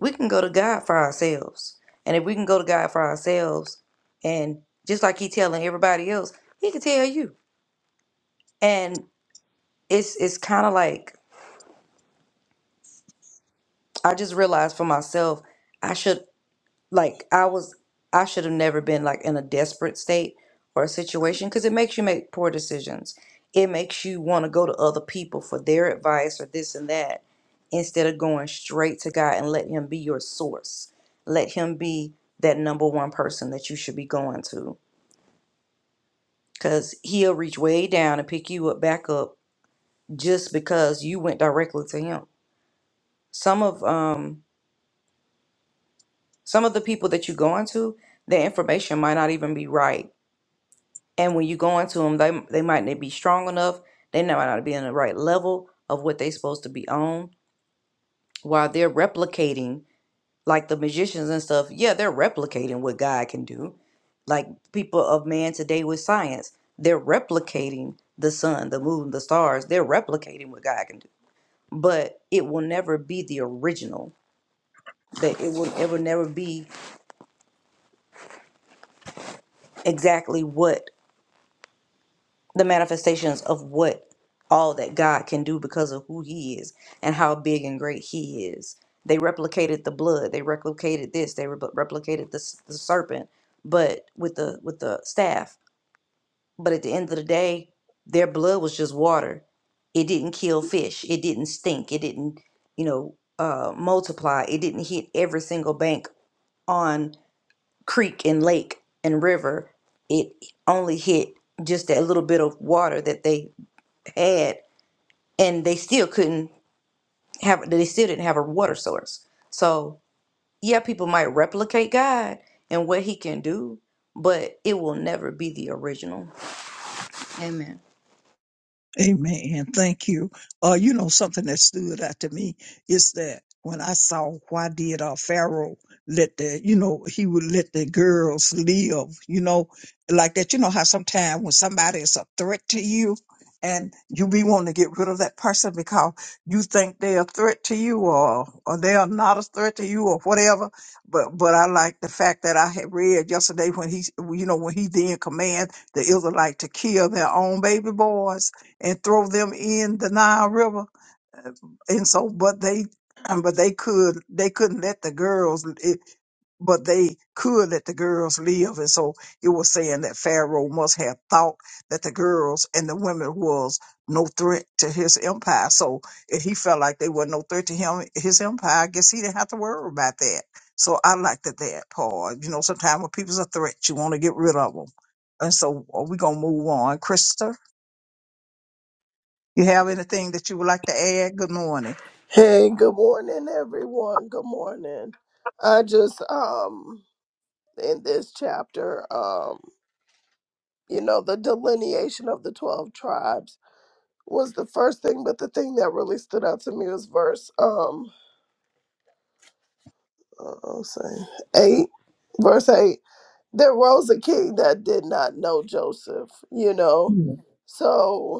Speaker 3: we can go to god for ourselves and if we can go to god for ourselves and just like he telling everybody else he can tell you and it's it's kind of like i just realized for myself I should. like I was I should have never been like in a desperate state or a situation because it makes you make poor decisions. It makes you want to go to other people for their advice or this and that instead of going straight to God and let him be your source. Let him be that number one person that you should be going to cuz he'll reach way down and pick you up back up just because you went directly to him. Some of um some of the people that you're going to, their information might not even be right And when you go into them, they they might not be strong enough. They might not be in the right level of what they supposed to be on. While they're replicating, like the magicians and stuff, yeah, they're replicating what God can do. Like people of man today with science, they're replicating the sun, the moon, the stars. They're replicating what God can do. But it will never be the original. That it will it will never be exactly what the manifestations of what all that God can do because of who he is and how big and great he is. They replicated the blood, they replicated this, they re- replicated the, s- the serpent, but with the with the staff. But at the end of the day, their blood was just water. It didn't kill fish. It didn't stink. It didn't, you know, uh, multiply. It didn't hit every single bank on creek and lake and river. It only hit just that little bit of water that they ad and they still couldn't have they still didn't have a water source so yeah people might replicate god and what he can do but it will never be the original
Speaker 2: Amen. Thank you. Uh, you know, something that stood out to me is that when I saw why did uh, Pharaoh let the, you know, he would let the girls live, you know, like that. You know how sometimes when somebody is a threat to you and you be wanting to get rid of that person because you think they're a threat to you or, or they are not a threat to you or whatever. But, but I like the fact that I had read yesterday when he, you know, when he then command the Israelite to kill their own baby boys and throw them in the Nile River. And so, but they, but they could, they couldn't let the girls, it, but they could let the girls live. And so it was saying that Pharaoh must have thought that the girls and the women was no threat to his empire. So if he felt like they were no threat to him, his empire, I guess he didn't have to worry about that. So I liked that, that part. You know, sometimes when people's a threat, you want to get rid of them. And so are we going to move on. Krista? You have anything that you would like to add? Good morning.
Speaker 5: Hey, good morning, everyone. Good morning. I just um in this chapter, um, you know, the delineation of the twelve tribes was the first thing, but the thing that really stood out to me was verse um uh, I'll say eight, verse eight. There rose a king that did not know Joseph, you know.
Speaker 2: Mm.
Speaker 5: So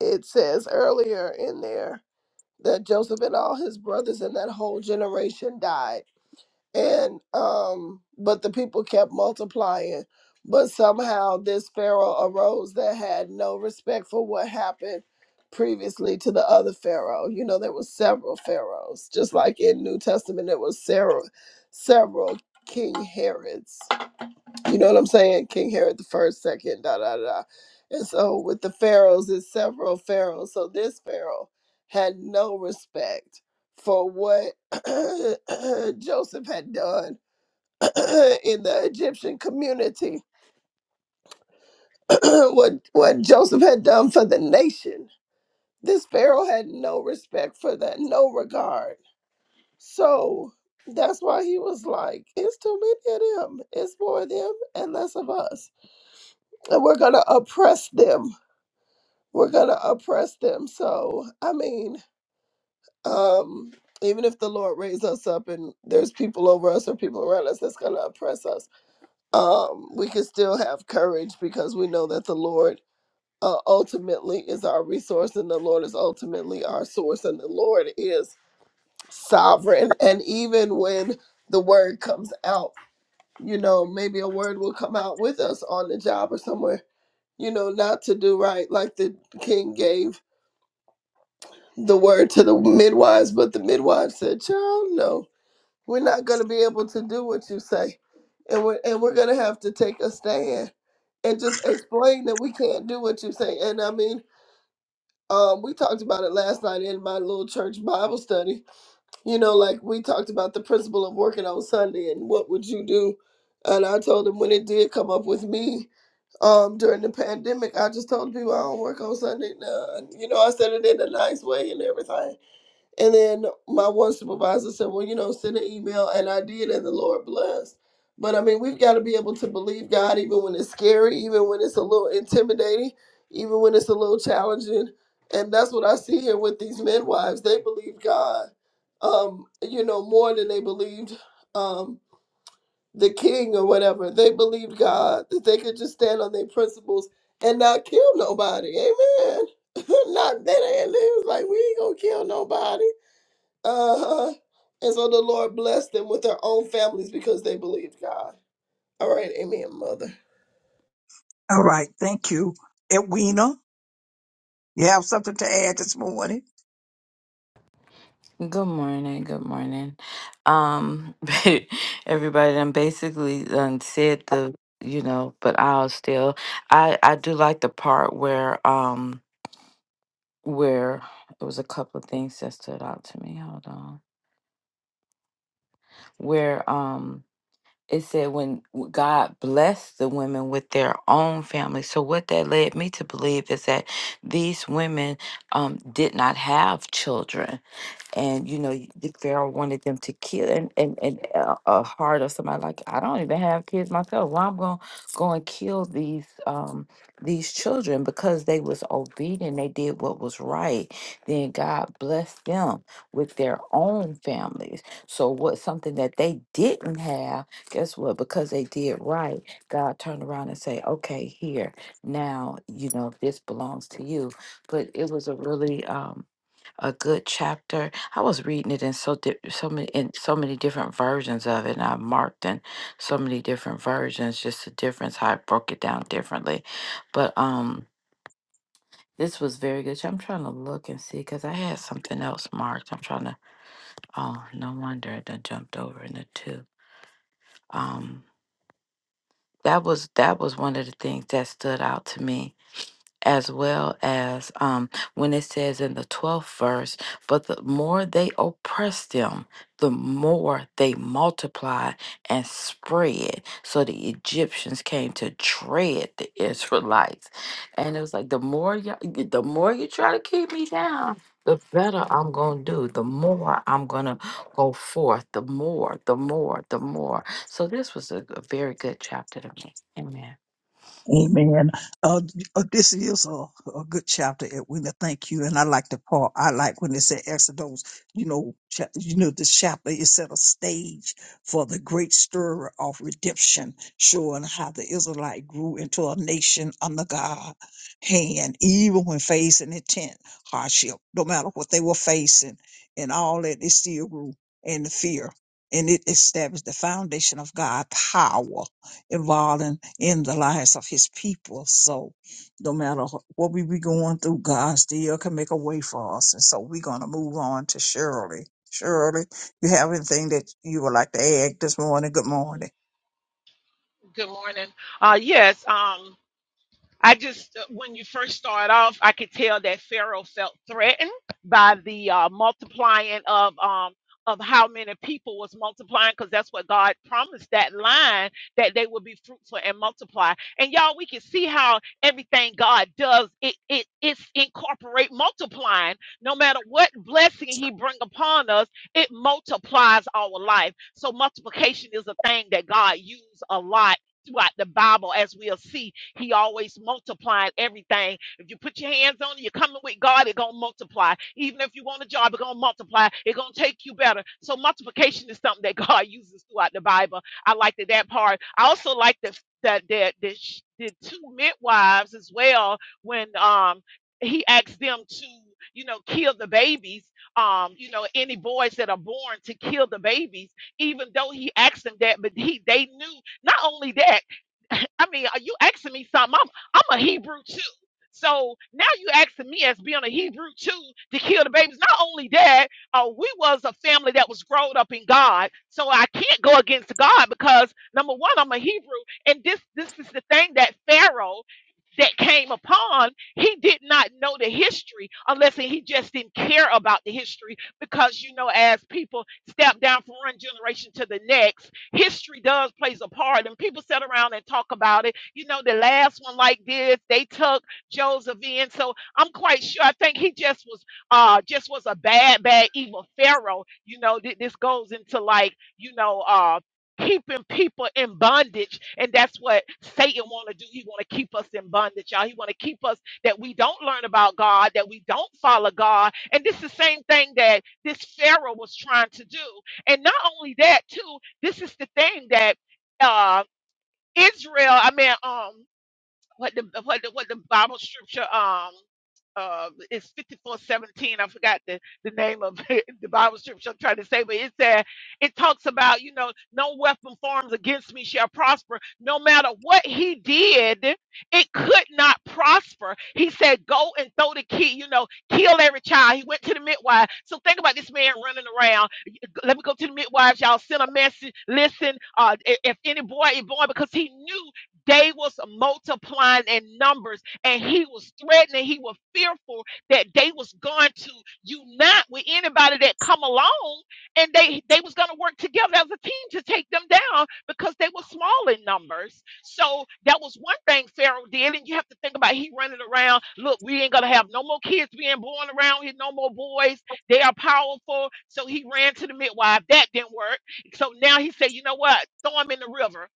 Speaker 5: it says earlier in there that Joseph and all his brothers and that whole generation died. And um but the people kept multiplying. But somehow this Pharaoh arose that had no respect for what happened previously to the other Pharaoh. You know, there was several Pharaohs. Just like in New Testament there was several several King Herods. You know what I'm saying? King Herod the first, second, da da da. And so with the pharaohs, it's several pharaohs. So this pharaoh had no respect for what Joseph had done in the Egyptian community, what what Joseph had done for the nation. This pharaoh had no respect for that, no regard. So that's why he was like, it's too many of them. It's more of them and less of us and we're going to oppress them we're gonna oppress them. So I mean, um, even if the Lord raise us up and there's people over us or people around us that's gonna oppress us, um, we can still have courage because we know that the Lord uh, ultimately is our resource and the Lord is ultimately our source and the Lord is sovereign. And even when the word comes out, you know, maybe a word will come out with us on the job or somewhere, you know, not to do right like the king gave the word to the midwives, but the midwives said, "Child, no, we're not going to be able to do what you say, and we're and we're going to have to take a stand and just explain that we can't do what you say." And I mean, um, we talked about it last night in my little church Bible study. You know, like we talked about the principle of working on Sunday and what would you do. And I told them when it did come up with me um, during the pandemic, I just told people I don't work on Sunday. Nah. You know, I said it in a nice way and everything and then my one supervisor said, Well, you know, send an email. And I did, and the Lord blessed. But I mean, we've got to be able to believe God even when it's scary, even when it's a little intimidating, even when it's a little challenging. And that's what I see here with these midwives. They believe God, um, you know, more than they believed um, the king or whatever. They believed God that they could just stand on their principles and not kill nobody. Amen. not that. And they was like, We ain't going to kill nobody uh huh. And so the Lord blessed them with their own families because they believed God. All right, amen, mother.
Speaker 2: All right. Thank you. Edwina, you have something to add this morning?
Speaker 4: Good morning. Good morning. Um everybody done basically done said the you know, but I'll still I I do like the part where um where it was a couple of things that stood out to me. Hold on. Where um it said when God blessed the women with their own family. So what that led me to believe is that these women um, did not have children and you know y- the pharaoh wanted them to kill and and, and a, a heart of somebody like i don't even have kids myself why i'm gonna go and kill these um these children because they was obedient they did what was right then god blessed them with their own families so what something that they didn't have guess what because they did right god turned around and say okay here now you know this belongs to you but it was a really um a good chapter. I was reading it in so di- so many in so many different versions of it, and I marked in so many different versions, just the difference how I broke it down differently. But um, this was very good. I'm trying to look and see because I had something else marked. I'm trying to. Oh, no wonder I done jumped over in the two. Um, that was that was one of the things that stood out to me as well as um, when it says in the 12th verse, but the more they oppressed them, the more they multiplied and spread. So the Egyptians came to dread the Israelites. And it was like, the more, you, the more you try to keep me down, the better I'm going to do, the more I'm going to go forth, the more, the more, the more. So this was a, a very good chapter to me. Amen.
Speaker 2: Amen. Uh, uh, this is a, a good chapter, Edwina. Thank you. And I like the part. I like when it said Exodus. You know, cha- you know, this chapter is set a stage for the great stir of redemption, showing how the Israelite grew into a nation under God hand, even when facing intent hardship, no matter what they were facing, and all that they still grew in the fear. And it established the foundation of God's power involved in, in the lives of his people. So no matter wh- what we be going through, God still can make a way for us. And so we're going to move on to Shirley. Shirley, you have anything that you would like to add this morning? Good morning.
Speaker 6: Good morning. Uh, yes. Um, I just, uh, when you first start off, I could tell that Pharaoh felt threatened by the uh, multiplying of um of how many people was multiplying, because that's what God promised that line that they would be fruitful and multiply. And y'all, we can see how everything God does it it it's incorporate multiplying. No matter what blessing He bring upon us, it multiplies our life. So multiplication is a thing that God used a lot throughout the Bible, as we'll see he always multiplying everything. If you put your hands on it, you're coming with God, it's gonna multiply. Even if you want a job, it's gonna multiply, it's gonna take you better. So multiplication is something that God uses throughout the Bible. I like that that part. I also like the that that the, sh- the two midwives as well when um he asked them to you know kill the babies um you know any boys that are born to kill the babies even though he asked them that but he they knew not only that I mean, are you asking me something? I'm I'm a Hebrew too. So now you asking me as being a Hebrew too to kill the babies. Not only that, uh, we was a family that was grown up in God. So I can't go against God because number one, I'm a Hebrew, and this this is the thing that Pharaoh that came upon, he did not know the history unless he just didn't care about the history because you know as people step down from one generation to the next, history does plays a part and people sit around and talk about it. You know the last one like this, they took Joseph in. So I'm quite sure I think he just was uh just was a bad bad evil pharaoh. You know th- this goes into like, you know, uh keeping people in bondage and that's what satan want to do he want to keep us in bondage y'all he want to keep us that we don't learn about god that we don't follow god and this is the same thing that this pharaoh was trying to do and not only that too this is the thing that uh israel i mean um what the what the what the Bible scripture um uh it's fifty four seventeen. I forgot the, the name of the Bible scripture I'm trying to say, but it said it talks about, you know, no weapon formed against me shall prosper. No matter what he did, it could not prosper. He said, Go and throw the key, you know, kill every child. He went to the midwife. So think about this man running around let me go to the midwives. Y'all send a message. Listen, uh, i- if any boy is born, because he knew they was multiplying in numbers, and he was threatening. He was fearful that they was going to unite with anybody that come along, and they they was going to work together as a team to take them down because they were small in numbers. So that was one thing Pharaoh did, and you have to think about he running around. Look, we ain't gonna have no more kids being born around here, no more boys they are powerful. So he ran to the midwife. That didn't work. So now he said, you know what? Throw them in the river.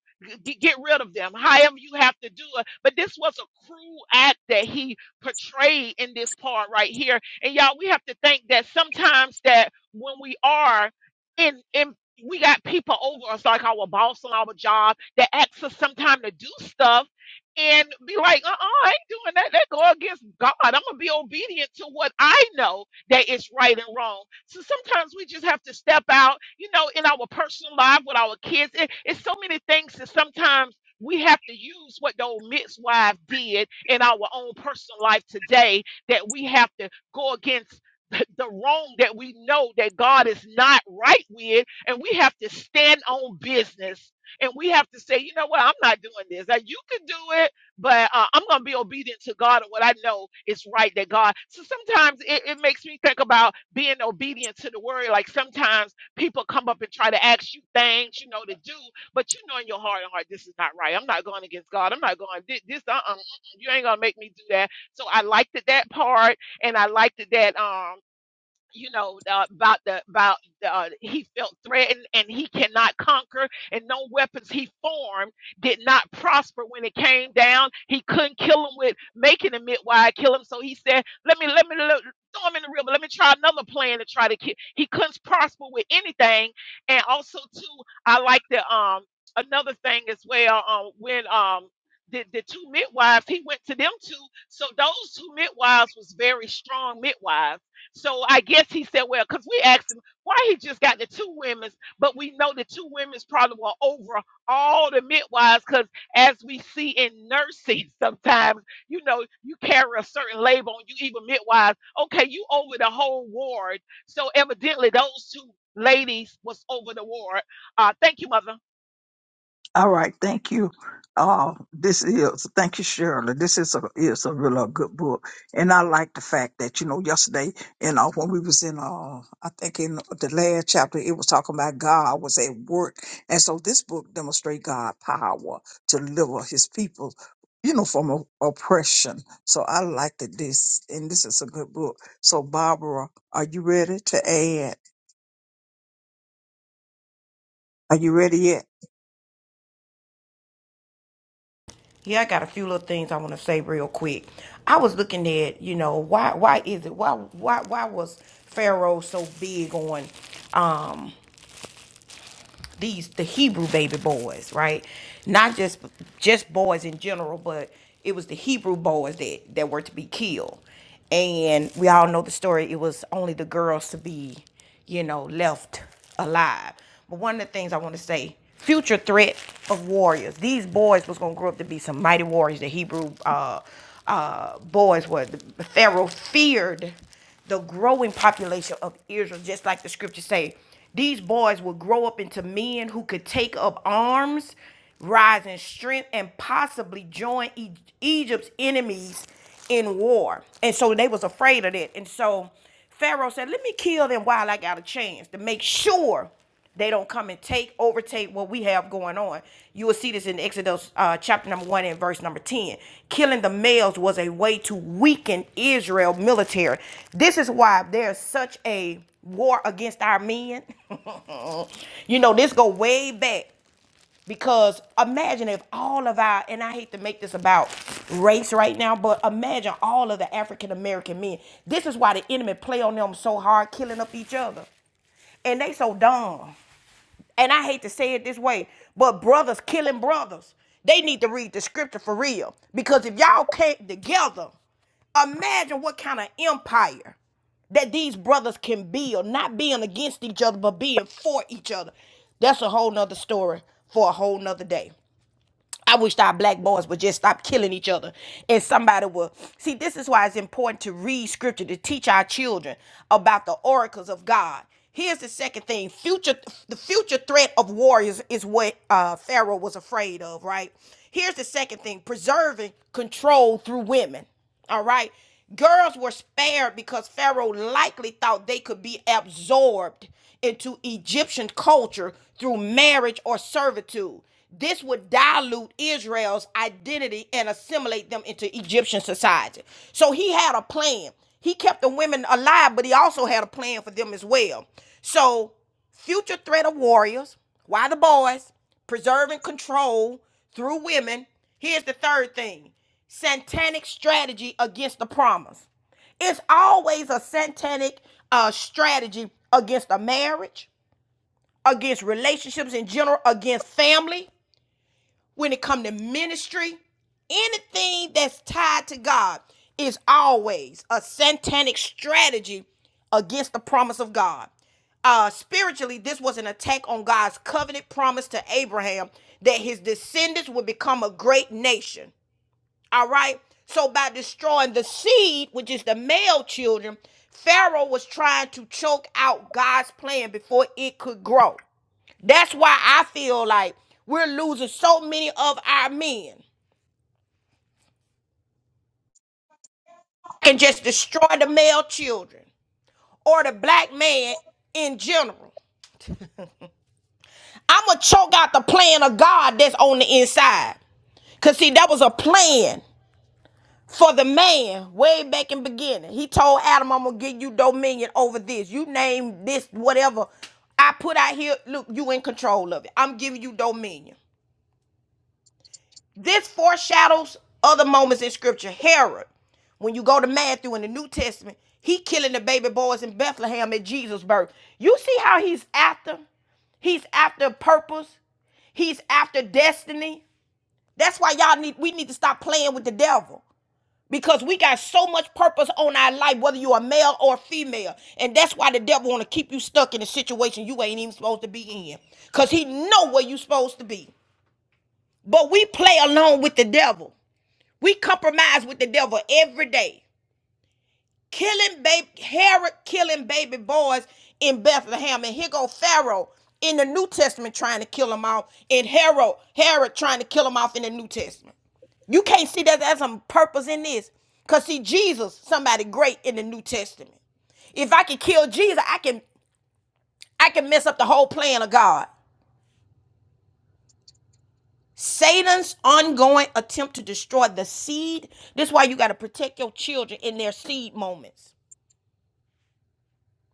Speaker 6: G- Get rid of them, however you have to do it. But this was a cruel act that he portrayed in this part right here. And y'all, we have to think that sometimes that when we are in in we got people over us like our boss on our job that asks us sometimes to do stuff and be like, uh-uh, I ain't doing that. That go against God. I'm gonna be obedient to what I know that it's right and wrong. So sometimes we just have to step out, you know, in our personal life with our kids. It, it's so many things that sometimes we have to use what the old midwife did in our own personal life today that we have to go against the the wrong that we know that God is not right with, and we have to stand on business and we have to say, you know what, I'm not doing this. Now, you can do it, but uh, I'm going to be obedient to God and what I know is right that God. So sometimes it, it makes me think about being obedient to the word. Like sometimes people come up and try to ask you things, you know, to do, but you know in your heart and heart, this is not right. I'm not going against God. I'm not going this. this uh-uh, mm-mm, you ain't going to make me do that. So I liked that, that part, and I liked that. that Um, you know uh, about the about the, uh, he felt threatened and he cannot conquer and no weapons he formed did not prosper when it came down he couldn't kill him with making a midwife kill him so he said let me let me lo- throw him in the river let me try another plan to try to kill he couldn't prosper with anything and also too i like the um another thing as well um when um the, the two midwives he went to them two so those two midwives was very strong midwives so I guess he said, well, because we asked him why he just got the two women's, but we know the two women's probably were over all the midwives because as we see in nursing sometimes, you know, you carry a certain label on you, even midwives. Okay, you over the whole ward. So evidently those two ladies was over the ward. Uh, thank you, mother.
Speaker 2: All right, thank you. Uh, this is thank you, Shirley. This is a is a real uh, good book, and I like the fact that you know yesterday, you know when we was in uh, I think in the last chapter, it was talking about God was at work, and so this book demonstrate God power to deliver His people, you know, from o- oppression. So I like that this, and this is a good book. So Barbara, are you ready to add? Are you ready yet?
Speaker 1: Yeah, I got a few little things I want to say real quick. I was looking at, you know, why why is it why why why was Pharaoh so big on um these the Hebrew baby boys, right? Not just just boys in general, but it was the Hebrew boys that that were to be killed. And we all know the story. It was only the girls to be, you know, left alive. But one of the things I want to say, future threat of warriors. These boys was gonna grow up to be some mighty warriors. The Hebrew uh, uh, boys were. The Pharaoh feared the growing population of Israel, just like the scriptures say. These boys would grow up into men who could take up arms, rise in strength, and possibly join E- Egypt's enemies in war. And so they was afraid of that. And so Pharaoh said, Let me kill them while I got a chance to make sure they don't come and take, overtake what we have going on. You will see this in Exodus uh, chapter number one and verse number 10. Killing the males was a way to weaken Israel military. This is why there's such a war against our men. you know, this go way back because imagine if all of our, and I hate to make this about race right now, but imagine all of the African American men. This is why the enemy play on them so hard, killing up each other. And they so dumb. And I hate to say it this way, but brothers killing brothers. They need to read the scripture for real. Because if y'all can't together, imagine what kind of empire that these brothers can build, not being against each other, but being for each other. That's a whole nother story for a whole nother day. I wished our black boys would just stop killing each other and somebody would. See, this is why it's important to read scripture to teach our children about the oracles of God. Here's the second thing. Future the future threat of warriors is what uh Pharaoh was afraid of, right? Here's the second thing, preserving control through women. All right. Girls were spared because Pharaoh likely thought they could be absorbed into Egyptian culture through marriage or servitude. This would dilute Israel's identity and assimilate them into Egyptian society. So he had a plan. He kept the women alive, but he also had a plan for them as well. So, future threat of warriors, why the boys? preserving control through women. Here's the third thing satanic strategy against the promise. It's always a satanic uh, strategy against a marriage, against relationships in general, against family when it comes to ministry, anything that's tied to God is always a satanic strategy against the promise of God. Uh, spiritually, this was an attack on God's covenant promise to Abraham that his descendants would become a great nation. All right. So by destroying the seed, which is the male children, Pharaoh was trying to choke out God's plan before it could grow. That's why I feel like we're losing so many of our men. Can just destroy the male children or the black man in general. I'ma choke out the plan of God that's on the inside. Cause see, that was a plan for the man way back in the beginning. He told Adam, I'm gonna give you dominion over this. You name this whatever I put out here. Look, you in control of it. I'm giving you dominion. This foreshadows other moments in scripture. Herod, when you go to Matthew in the New Testament, he killing the baby boys in Bethlehem at Jesus' birth. You see how he's after? He's after purpose. He's after destiny. That's why y'all need we need to stop playing with the devil. Because we got so much purpose on our life, whether you're a male or a female. And that's why the devil wanna keep you stuck in a situation you ain't even supposed to be in. Cause he know where you supposed to be. But we play along with the devil. We compromise with the devil every day. Killing baby Herod killing baby boys in Bethlehem. And here go Pharaoh in the New Testament trying to kill them off. And Herod, Herod trying to kill them off in the New Testament. You can't see that there's some purpose in this. Cause see, Jesus, somebody great in the New Testament. If I can kill Jesus, I can I can mess up the whole plan of God. Satan's ongoing attempt to destroy the seed. This is why you got to protect your children in their seed moments.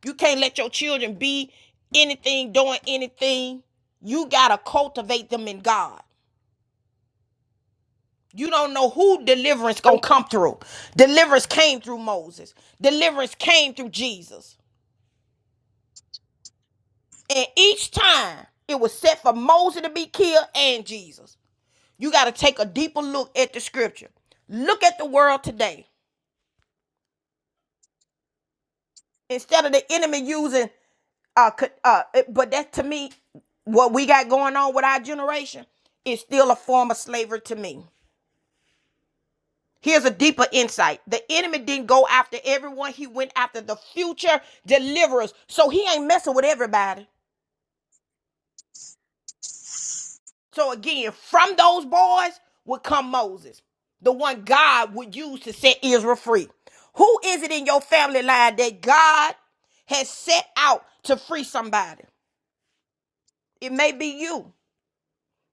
Speaker 1: You can't let your children be anything, doing anything. You gotta cultivate them in God. You don't know who deliverance gonna come through. Deliverance came through Moses. Deliverance came through Jesus. And each time it was set for Moses to be killed and Jesus. You gotta take a deeper look at the scripture. Look at the world today. Instead of the enemy using uh, co- uh, it- but that to me, what we got going on with our generation is still a form of slavery to me. Here's a deeper insight. The enemy didn't go after everyone. He went after the future deliverers. So he ain't messing with everybody. So again, from those boys would come Moses, the one God would use to set Israel free. Who is it in your family line that God has set out to free somebody? It may be you.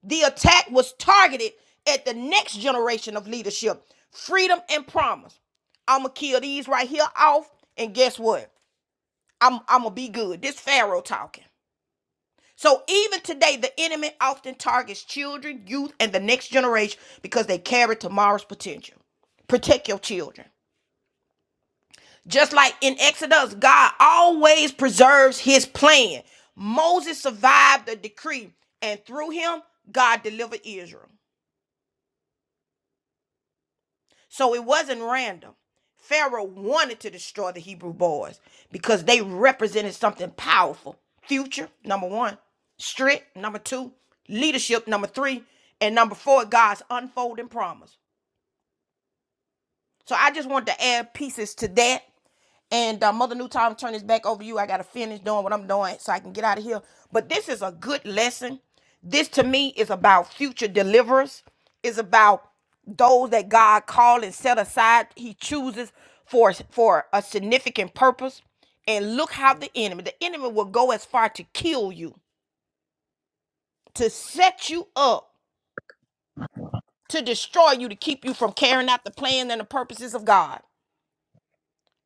Speaker 1: The attack was targeted at the next generation of leadership, freedom and promise. I'ma kill these right here off, and guess what? I'm I'ma be good. This Pharaoh talking. So even today, the enemy often targets children, youth, and the next generation because they carry tomorrow's potential. Protect your children. Just like in Exodus, God always preserves his plan. Moses survived the decree, and through him, God delivered Israel. So it wasn't random. Pharaoh wanted to destroy the Hebrew boys because they represented something powerful. Future, number one. Strength, number two. Leadership, number three. And number four, God's unfolding promise. So I just wanted to add pieces to that. And uh, Mother Newton, I'm turning this back over to you. I got to finish doing what I'm doing so I can get out of here. But this is a good lesson. This to me is about future deliverers, It's about those that God called and set aside. He chooses for, for a significant purpose. And look how the enemy, the enemy will go as far to kill you, to set you up, to destroy you, to keep you from carrying out the plan and the purposes of God.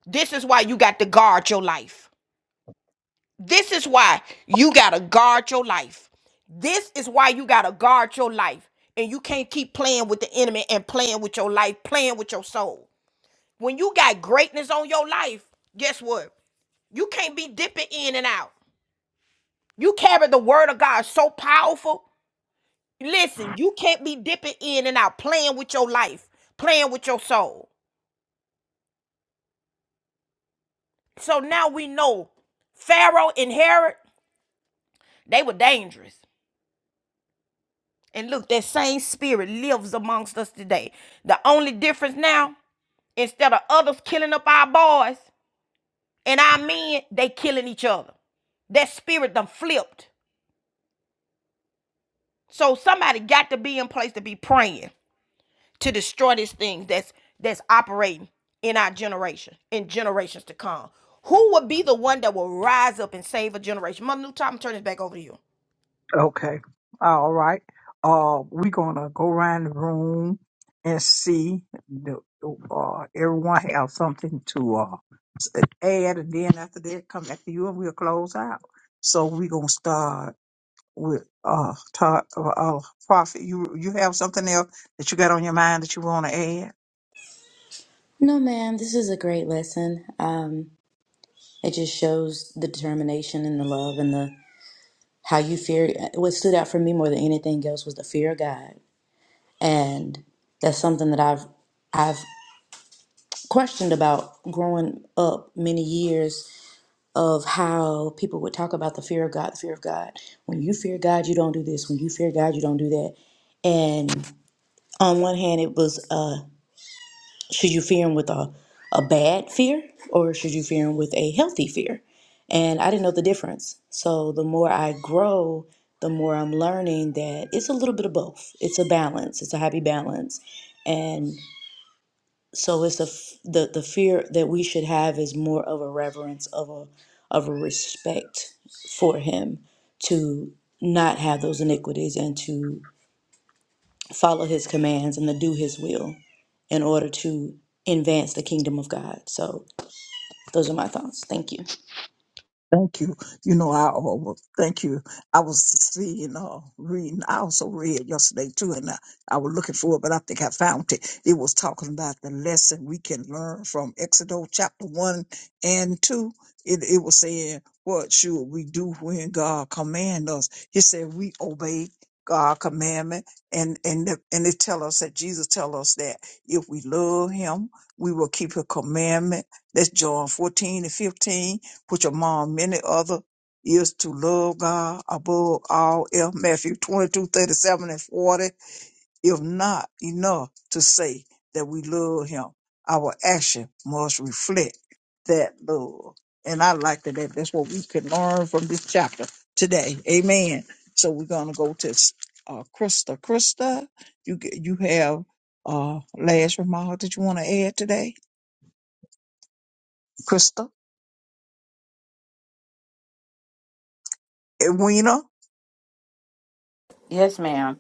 Speaker 1: This is why you got to guard your life. This is why you got to guard your life. This is why you got to guard your life. And you can't keep playing with the enemy and playing with your life, playing with your soul. When you got greatness on your life, guess what? You can't be dipping in and out. You carry the word of God so powerful. Listen, you can't be dipping in and out, playing with your life, playing with your soul. So now we know Pharaoh and Herod, they were dangerous. And look, that same spirit lives amongst us today. The only difference now, instead of others killing up our boys and our men, they killing each other. That spirit done flipped. So somebody got to be in place to be praying to destroy this thing that's that's operating in our generation, in generations to come. Who would be the one that will rise up and save a generation? Mother New Time, I'm turning this back over to you.
Speaker 2: Okay. All right. Uh, we're gonna go around the room and see. The, uh, everyone have something to uh s- add, and then after that, come back to you, and we'll close out. So we're gonna start with uh, ta- uh, uh prophet. You you have something else that you got on your mind that you want to add?
Speaker 3: No, ma'am, this is a great lesson. Um, it just shows the determination and the love and the how you fear. What stood out for me more than anything else was the fear of God, and that's something that I've I've questioned about growing up many years of how people would talk about the fear of God, the fear of God. When you fear God, you don't do this. When you fear God, you don't do that. And on one hand, it was uh, should you fear Him with a, a bad fear or should you fear Him with a healthy fear? And I didn't know the difference. So the more I grow, the more I'm learning that it's a little bit of both. It's a balance, it's a happy balance. and. So it's the f- the the fear that we should have is more of a reverence of a of a respect for him to not have those iniquities and to follow his commands and to do his will in order to advance the kingdom of God. So those are my thoughts. Thank you.
Speaker 2: Thank you. You know, I uh, well, thank you. I was seeing, uh, reading. I also read yesterday too, and I, I was looking for it, but I think I found it. It was talking about the lesson we can learn from Exodus chapter one and two. It, it was saying, what should we do when God command us? He said, we obey God's commandment and and the- and they tell us that Jesus tell us that if we love Him, we will keep His commandment. That's John fourteen and fifteen, which among many other is to love God above all else. Matthew 22 37 and 40 if not enough to say that we love him, our action must reflect that love. And I like that. that- That's what we can learn from this chapter today. Amen. So we're gonna go to uh, Krista. Krista, you g- you have uh last remark that you want to add today, Krista? Edwina.
Speaker 4: Yes, ma'am.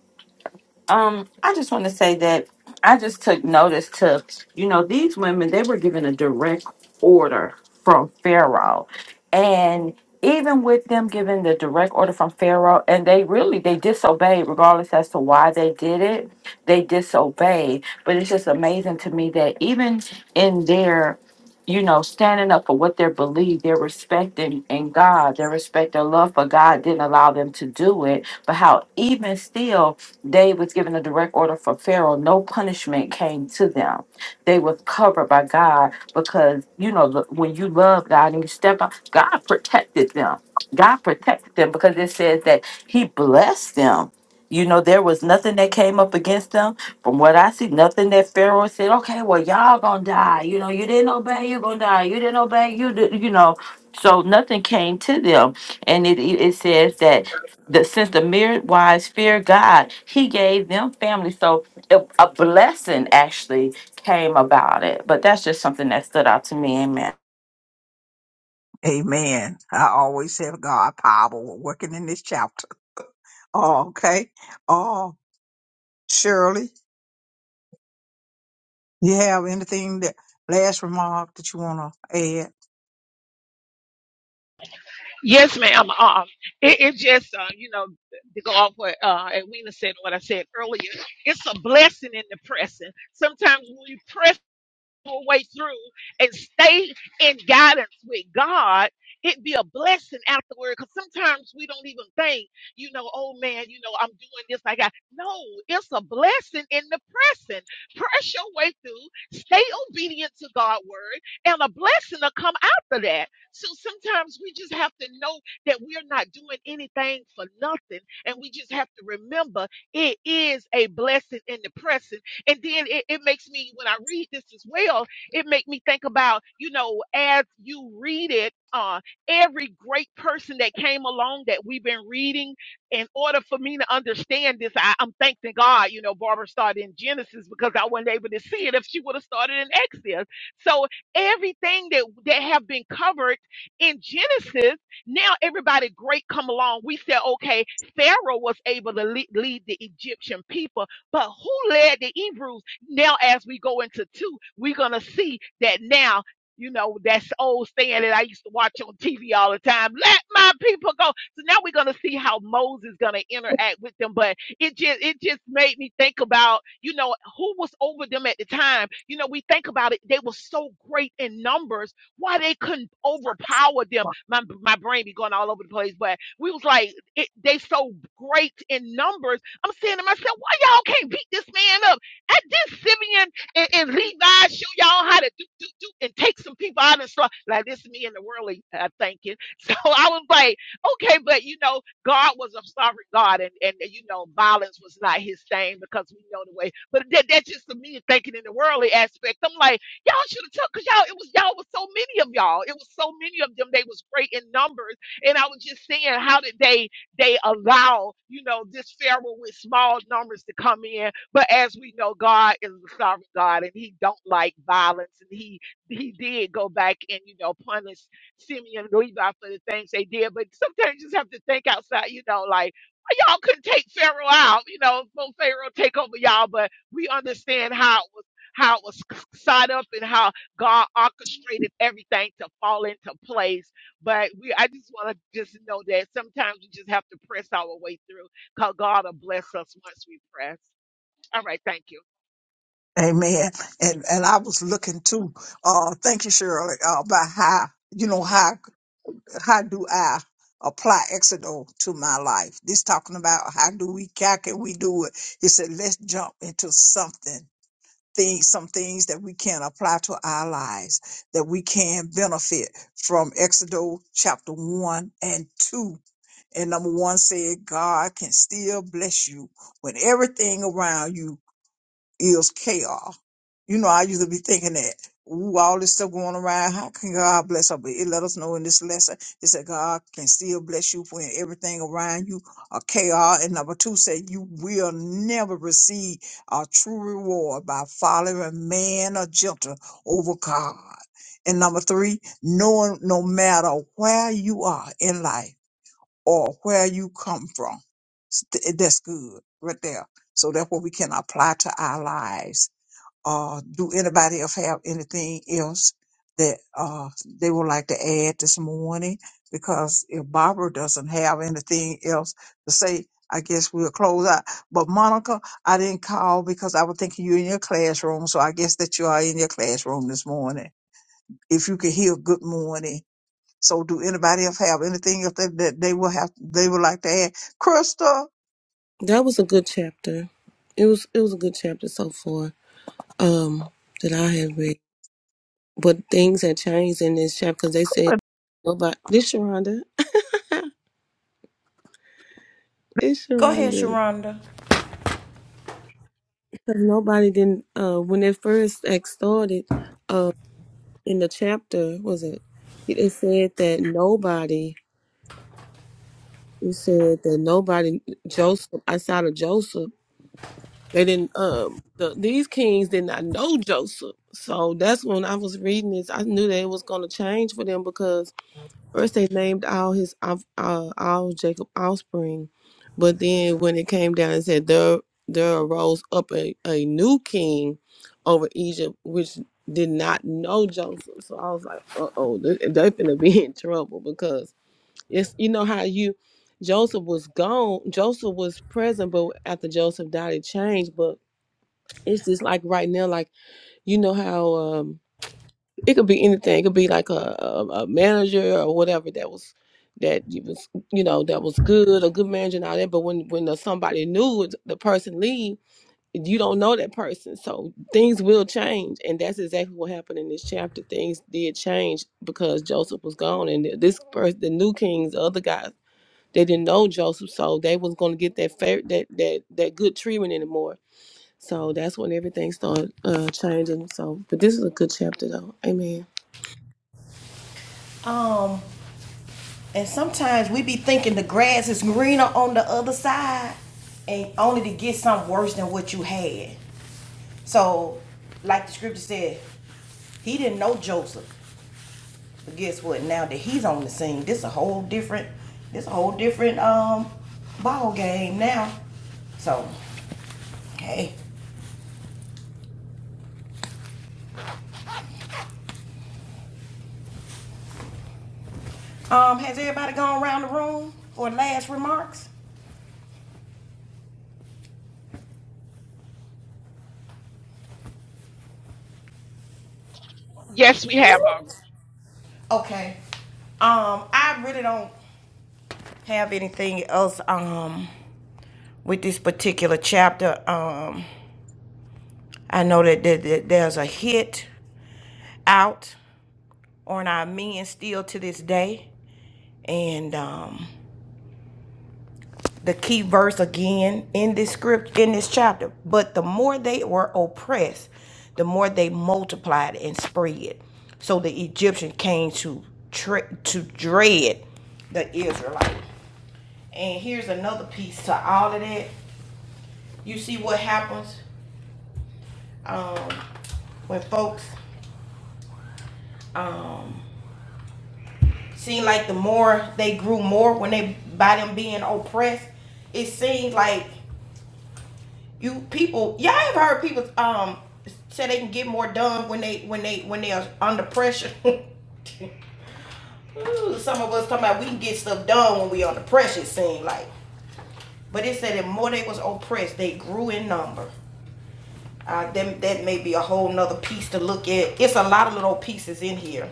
Speaker 4: Um, I just want to say that I just took notice to, you know, these women, they were given a direct order from Pharaoh. And even with them giving the direct order from Pharaoh, and they really they disobeyed regardless as to why they did it, they disobeyed. But it's just amazing to me that even in their you know, standing up for what they believe, their respect in, in God, their respect, their love for God didn't allow them to do it. But how even still Day was given a direct order from Pharaoh. No punishment came to them. They were covered by God because you know look, when you love God and you step out, God protected them. God protected them because it says that He blessed them. You know, there was nothing that came up against them. From what I see, nothing that Pharaoh said, okay, well, y'all gonna die. You know, you didn't obey, you're gonna die. You didn't obey, you did, you know. So nothing came to them. And it, it it says that that since the mere wise fear God, he gave them family. So it, a blessing actually came about it. But that's just something that stood out to me. Amen.
Speaker 2: Amen. I always have God power working in this chapter. Oh, okay. Oh, Shirley. You have anything that last remark that you want to add?
Speaker 6: Yes, ma'am. Um, it, it just, uh, you know, to go off what uh, Edwina said and what I said earlier, it's a blessing in the pressing. Sometimes when we press your way through and stay in guidance with God, it'd be a blessing afterward. Because sometimes we don't even think, you know, oh man, you know, I'm doing this. I got no. It's a blessing in the pressing. Press your way through. Stay obedient to God's word, and a blessing will come after that. So sometimes we just have to know that we're not doing anything for nothing, and we just have to remember it is a blessing in the pressing and then it, it makes me, when I read this as well, it makes me think about, you know, as you read it, uh, every great person that came along that we've been reading, in order for me to understand this, I, I'm thanking God, you know, Barbara started in Genesis because I wasn't able to see it if she would have started in Exodus. So everything that that have been covered in Genesis, now everybody great come along. We said, okay, Pharaoh was able to lead, lead the Egyptian people but who led the Hebrews? Now, as we go into two, we're gonna see that now. You know, that's old saying that I used to watch on TV all the time. Let my people go. So now we're gonna see how Moses gonna interact with them. But it just it just made me think about, you know, who was over them at the time. You know, we think about it, they were so great in numbers, why they couldn't overpower them. My my brain be going all over the place, but we was like it, they so great in numbers I'm saying to myself, why y'all can't beat this man up? At this Simeon and, and Levi show y'all how to do, do, do and take some people out and stuff. Like this is me in the world uh, thinking. So I was like, okay, but you know, God was a sovereign God and, and you know, violence was not his thing because we know the way. But that, that's just the me thinking in the worldly aspect. I'm like, y'all should have took, cause y'all, it was, y'all was so many of y'all. It was so many of them. They was great in numbers. And I was just saying, how did they, they allow, you know, this Pharaoh with small numbers to come in. But as we know, God is a sovereign God and he don't like violence. And he he did go back and, you know, punish Simeon and Levi for the things they did. But sometimes you just have to think outside, you know, like y'all couldn't take Pharaoh out, you know, so Pharaoh take over y'all, but we understand how it was how it was set up and how God orchestrated everything to fall into place but we, I just want to just know that sometimes we just have to press our way through because God will bless us once we press. All right, thank you.
Speaker 2: Amen. And and I was looking too. Uh, thank you, Shirley. Uh, about how you
Speaker 6: Yes,
Speaker 2: know
Speaker 6: ma'am.
Speaker 2: how how do I apply Exodus to my life? This talking about how do we how can we do it? He said, let's jump into something. Things, some things that we can apply to our lives that we can benefit from Exodus chapter one and two. And number one said, God can still bless you when everything around you is chaos. You know, I used to be thinking that, ooh, all this stuff going around, how can God bless her? But it let us know in this lesson, it said God can still bless you when everything around you are chaos. And number two said you will never receive a true reward by following man or gentle over God. And number three, knowing no matter where you are in life or where you come from. St- That's good right there. So that's what we can apply to our lives. Uh, do anybody else have anything else that uh, they would like to add this morning? Because if Barbara doesn't have anything else to say, I guess we'll close out. But Monica, I didn't call because I was thinking you're in your classroom. So I guess that you are in your classroom this morning. If you could hear good morning. So do anybody else have anything else that, that they will have they would like to add? Krista,
Speaker 7: That was a good chapter. It was it was a good chapter so far um, that I have read. But things had changed in this chapter because they said nobody. This Sharonda, it's
Speaker 1: Go ahead,
Speaker 7: Sharonda.
Speaker 1: Sharonda.
Speaker 7: 'Cause nobody didn't. Uh, when it first act started, uh, in the chapter was it? It said that nobody. It said that nobody Joseph outside of Joseph. They didn't. Um, the, these kings did not know Joseph. So that's when I was reading this. I knew that it was going to change for them because First, they named all his off- uh, all Jacob offspring, but then when it came down and said there there arose up a, a new king over Egypt, which did not know Joseph. So I was like, uh oh, they they finna be in trouble because it's you know how you Joseph was gone, Joseph was present, but after Joseph died, it changed. But it's just like right now, like you know how. um. It could be anything. It could be like a, a, a manager or whatever that was that you was you know that was good, a good manager and all that. But when when the, somebody new, the person leave, you don't know that person, so things will change, and that's exactly what happened in this chapter. Things did change because Joseph was gone, and this person, the new kings, the other guys, they didn't know Joseph, so they was gonna get that fair, that that that good treatment anymore. So that's when everything started uh, changing. So, but this is a good chapter, though. Amen.
Speaker 1: Um. And sometimes we be thinking the grass is greener on the other side and only to get something worse than what you had. So, like the scripture said, he didn't know Joseph. But guess what? Now that he's on the scene, this a whole different this a whole different um ball game now. So, hey. Um, has everybody gone around the room for last remarks?
Speaker 6: Yes, we have already.
Speaker 1: Okay. Um, I really don't have anything else. Um, with this particular chapter. Um, I know that, that, that there's a hit out on our men still to this day, and um, the key verse again in this script in this chapter. But the more they were oppressed, the more they multiplied and spread. So the Egyptian came to tre- to dread the Israelite. And here's another piece to all of that. You see what happens um, when folks um, Seemed like the more they grew more when they by them being oppressed, it seemed like you people y'all have heard people um say they can get more done when they when they when they're under pressure. Ooh, Some of us talking about we can get stuff done when we under pressure, it seemed like. But it said the more they was oppressed, they grew in number. Uh, then that may be a whole nother piece to look at. It's a lot of little pieces in here,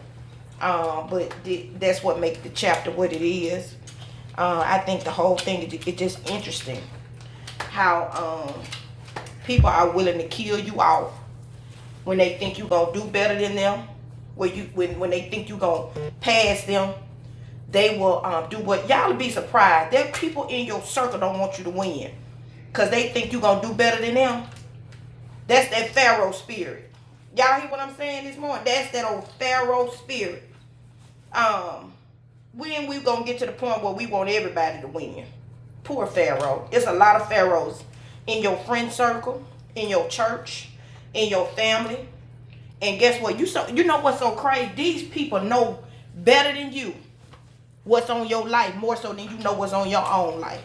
Speaker 1: uh, but th- that's what makes the chapter what it is. Uh, I think the whole thing is it's just interesting how um, people are willing to kill you off when they think you're gonna do better than them. When you when when they think you're gonna pass them, they will um, do what y'all be surprised. There are people in your circle don't want you to win because they think you're gonna do better than them that's that Pharaoh spirit. Y'all hear what I'm saying this morning? That's that old Pharaoh spirit. Um, when we gonna get to the point where we want everybody to win? Poor Pharaoh. It's a lot of Pharaohs in your friend circle, in your church, in your family. And guess what? You so you know what's so crazy? These people know better than you what's on your life more so than you know what's on your own life.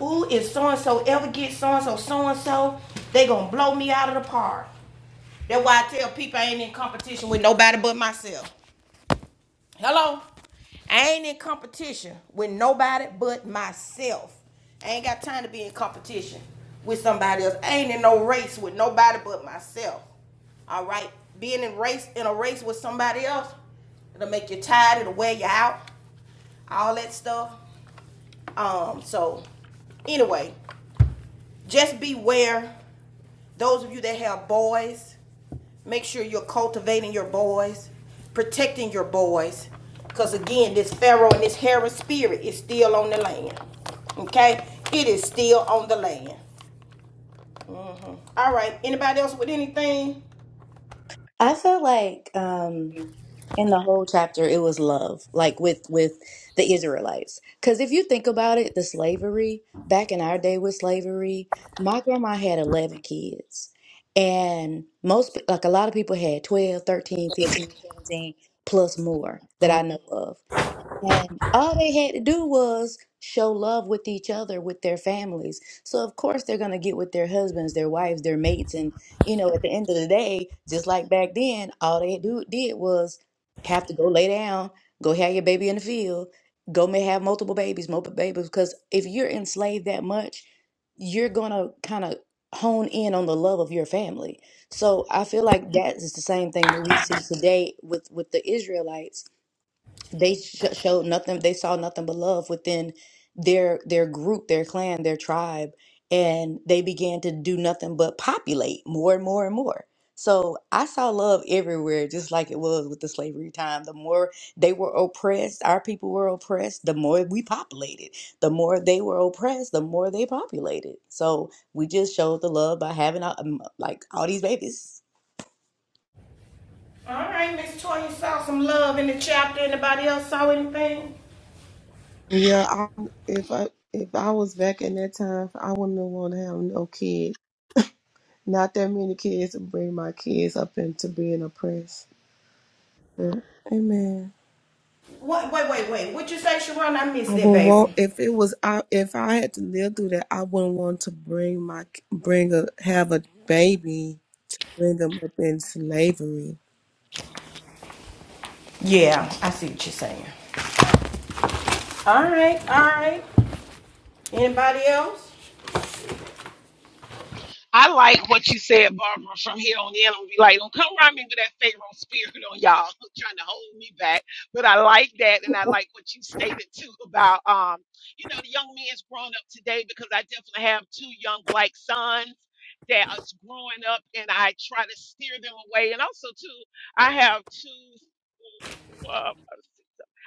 Speaker 1: Ooh, if so and so ever gets so and so so and so, they gonna blow me out of the park. That's why I tell people I ain't in competition with nobody but myself. Hello? I ain't in competition with nobody but myself. I ain't got time to be in competition with somebody else. I ain't in no race with nobody but myself. All right? Being in race in a race with somebody else, it'll make you tired, it'll wear you out, all that stuff. Um, so anyway, just beware Those of you that have boys, make sure you're cultivating your boys, protecting your boys. Because again, this Pharaoh and this Herod spirit is still on the land. Okay? It is still on the land. All right. Anybody else with anything?
Speaker 3: I feel like um in the whole chapter it was love like with with the israelites because if you think about it the slavery back in our day with slavery my grandma had 11 kids and most like a lot of people had 12 thirteen, fifteen, seventeen plus more that i know of and all they had to do was show love with each other, with their families. So, of course, they're going to get with their husbands, their wives, their mates. And, you know, at the end of the day, just like back then, all they do, did was have to go lay down, go have your baby in the field, go may have multiple babies, multiple babies. Because if you're enslaved that much, you're going to kind of hone in on the love of your family. So I feel like that is the same thing that we see today with with the Israelites they sh showed nothing they saw nothing but love within their their group their clan their tribe and they began to do nothing but populate more and more and more so i saw love everywhere just like it was with the slavery time the more they were oppressed our people were oppressed the more we populated the more they were oppressed the more they populated so we just showed the love by having all, um, like all these babies
Speaker 1: All right, Miss Toya saw some love in the chapter. Anybody else saw anything?
Speaker 7: Yeah, I, if I if I was back in that time, I wouldn't want to have no kids. Not that many kids to bring my kids up into being oppressed. Yeah. Amen.
Speaker 1: What? Wait, wait, wait. What you say, Sharon? I
Speaker 7: I
Speaker 1: missed that,
Speaker 7: wouldn't want
Speaker 1: baby.
Speaker 7: if it was I if I had to live through that. I wouldn't want to bring my bring a have a baby, bring them up in slavery.
Speaker 1: Yeah, I see what you're saying. All right, all right. Anybody else?
Speaker 6: I like what you said, Barbara, from here on in. I'm gonna be like, don't come around me with that Pharaoh spirit on y'all trying to hold me back. But I like that and I like what you stated too about um, you know, the young men's growing up today because I definitely have two young black sons that is growing up and I try to steer them away. And also too, I have two uh,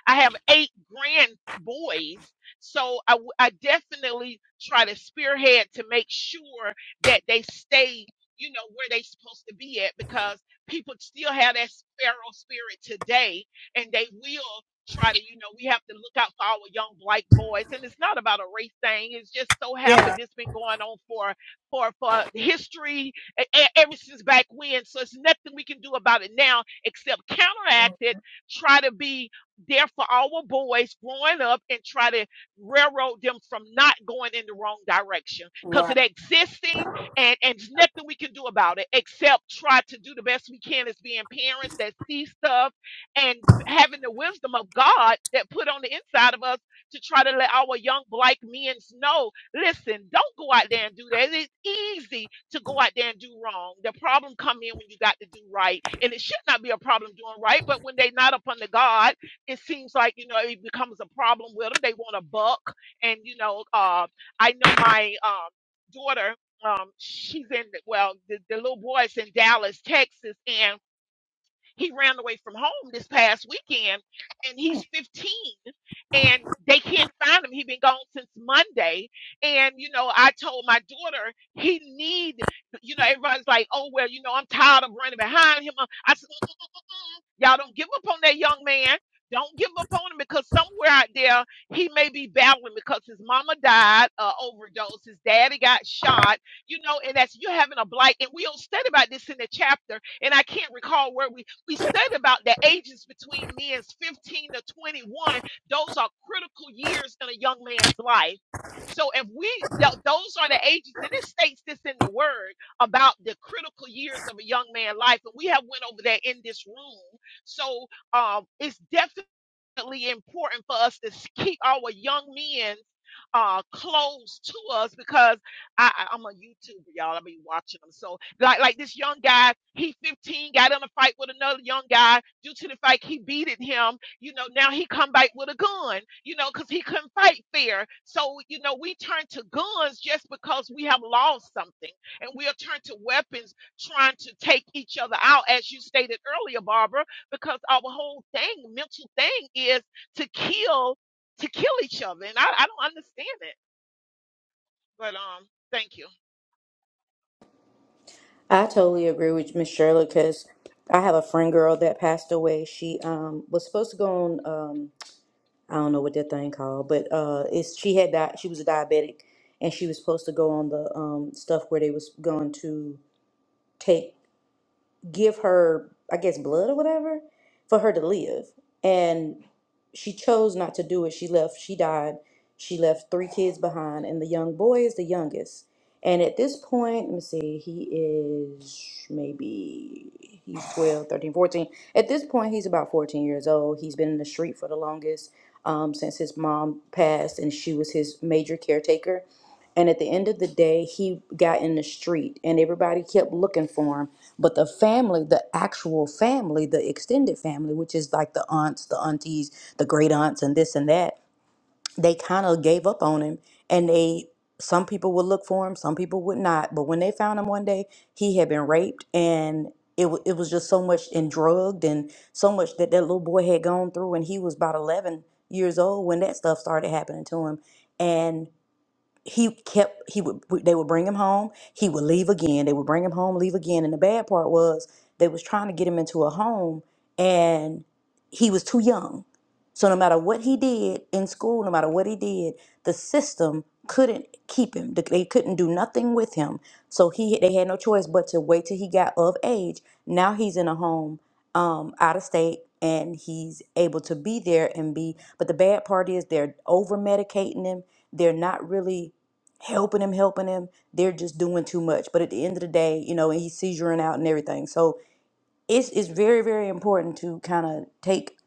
Speaker 6: I have eight grand boys. So I, w- I definitely try to spearhead to make sure that they stay, you know, where they supposed to be at because people still have that sparrow spirit today and they will try to, you know, we have to look out for our young black boys. And it's not about a race thing. It's just so happened
Speaker 1: Yeah.
Speaker 6: it's been going on for for for history e- e- ever since back when. So it's nothing we can do about it now except counteract it, try to be there for our boys growing up and try to railroad them from not going in the wrong direction
Speaker 1: Wow.
Speaker 6: because it existing and and there's nothing we can do about it except try to do the best we can as being parents that see stuff and having the wisdom of God that put on the inside of us to try to let our young black men know listen don't go out there and do that it's easy to go out there and do wrong the problem come in when you got to do right and it should not be a problem doing right but when they not up under God it seems like you know it becomes a problem with them. They want a buck, and you know, uh, I know my um, daughter. Um, she's in well, the, the little boy's in Dallas, Texas, and he ran away from home this past weekend, and he's 15, and they can't find him. He's been gone since Monday, and you know, I told my daughter he need, you know, everybody's like, oh well, you know, I'm tired of running behind him. I said. Y'all don't give up on that young man. Don't give up on him because somewhere out there he may be battling because his mama died, uh, overdose, his daddy got shot, you know, and that's you're having a blight. And we don't study about this in the chapter, and I can't recall where we we study about the ages between men's 15 to 21. Those are critical years in a young man's life. So if we th- those are the ages, and it states this in the word about the critical years of a young man's life, and we have went over that in this room. So um, it's definitely definitely important for us to keep our young men uh close to us because I, I I'm a YouTuber, y'all. I be watching them. So like like this young guy, he 15, got in a fight with another young guy. Due to the fight, he beated him, you know, now he come back with a gun, you know, because he couldn't fight fair. So, you know, we turn to guns just because we have lost something. And we'll turn to weapons trying to take each other out, as you stated earlier, Barbara because our whole thing, mental thing, is to kill to kill each other, and I, I don't understand it. But um, thank you.
Speaker 3: I totally agree with Miss Shirley because I have a friend girl that passed away. She um was supposed to go on um I don't know what that thing called, but uh it's she had di- she was a diabetic and she was supposed to go on the um stuff where they was going to take give her, I guess, blood or whatever for her to live. And she chose not to do it. She left, she died. She left three kids behind, and the young boy is the youngest. And at this point, let me see, he is maybe he's 12, 13, 14. At this point, he's about 14 years old. He's been in the street for the longest um, since his mom passed, and she was his major caretaker and at the end of the day, he got in the street and everybody kept looking for him. But the family, the actual family, the extended family, which is like the aunts, the aunties, the great aunts, and this and that, they kind of gave up on him. And they, some people would look for him, some people would not. But when they found him one day, he had been raped and it, wa- it was just so much and drugged and so much that that little boy had gone through. And he was about 11 years old when that stuff started happening to him he kept he would they would bring him home he would leave again they would bring him home leave again and the bad part was they was trying to get him into a home and he was too young so no matter what he did in school no matter what he did the system couldn't keep him Th- they couldn't do nothing with him so he they had no choice but to wait till he got of age now he's in a home um, out of state and he's able to be there and be but the bad part is they're over medicating him they're not really helping him, helping him. They're just doing too much. But at the end of the day, you know, and he's seizuring out and everything. So it's it's very, very important to kind of take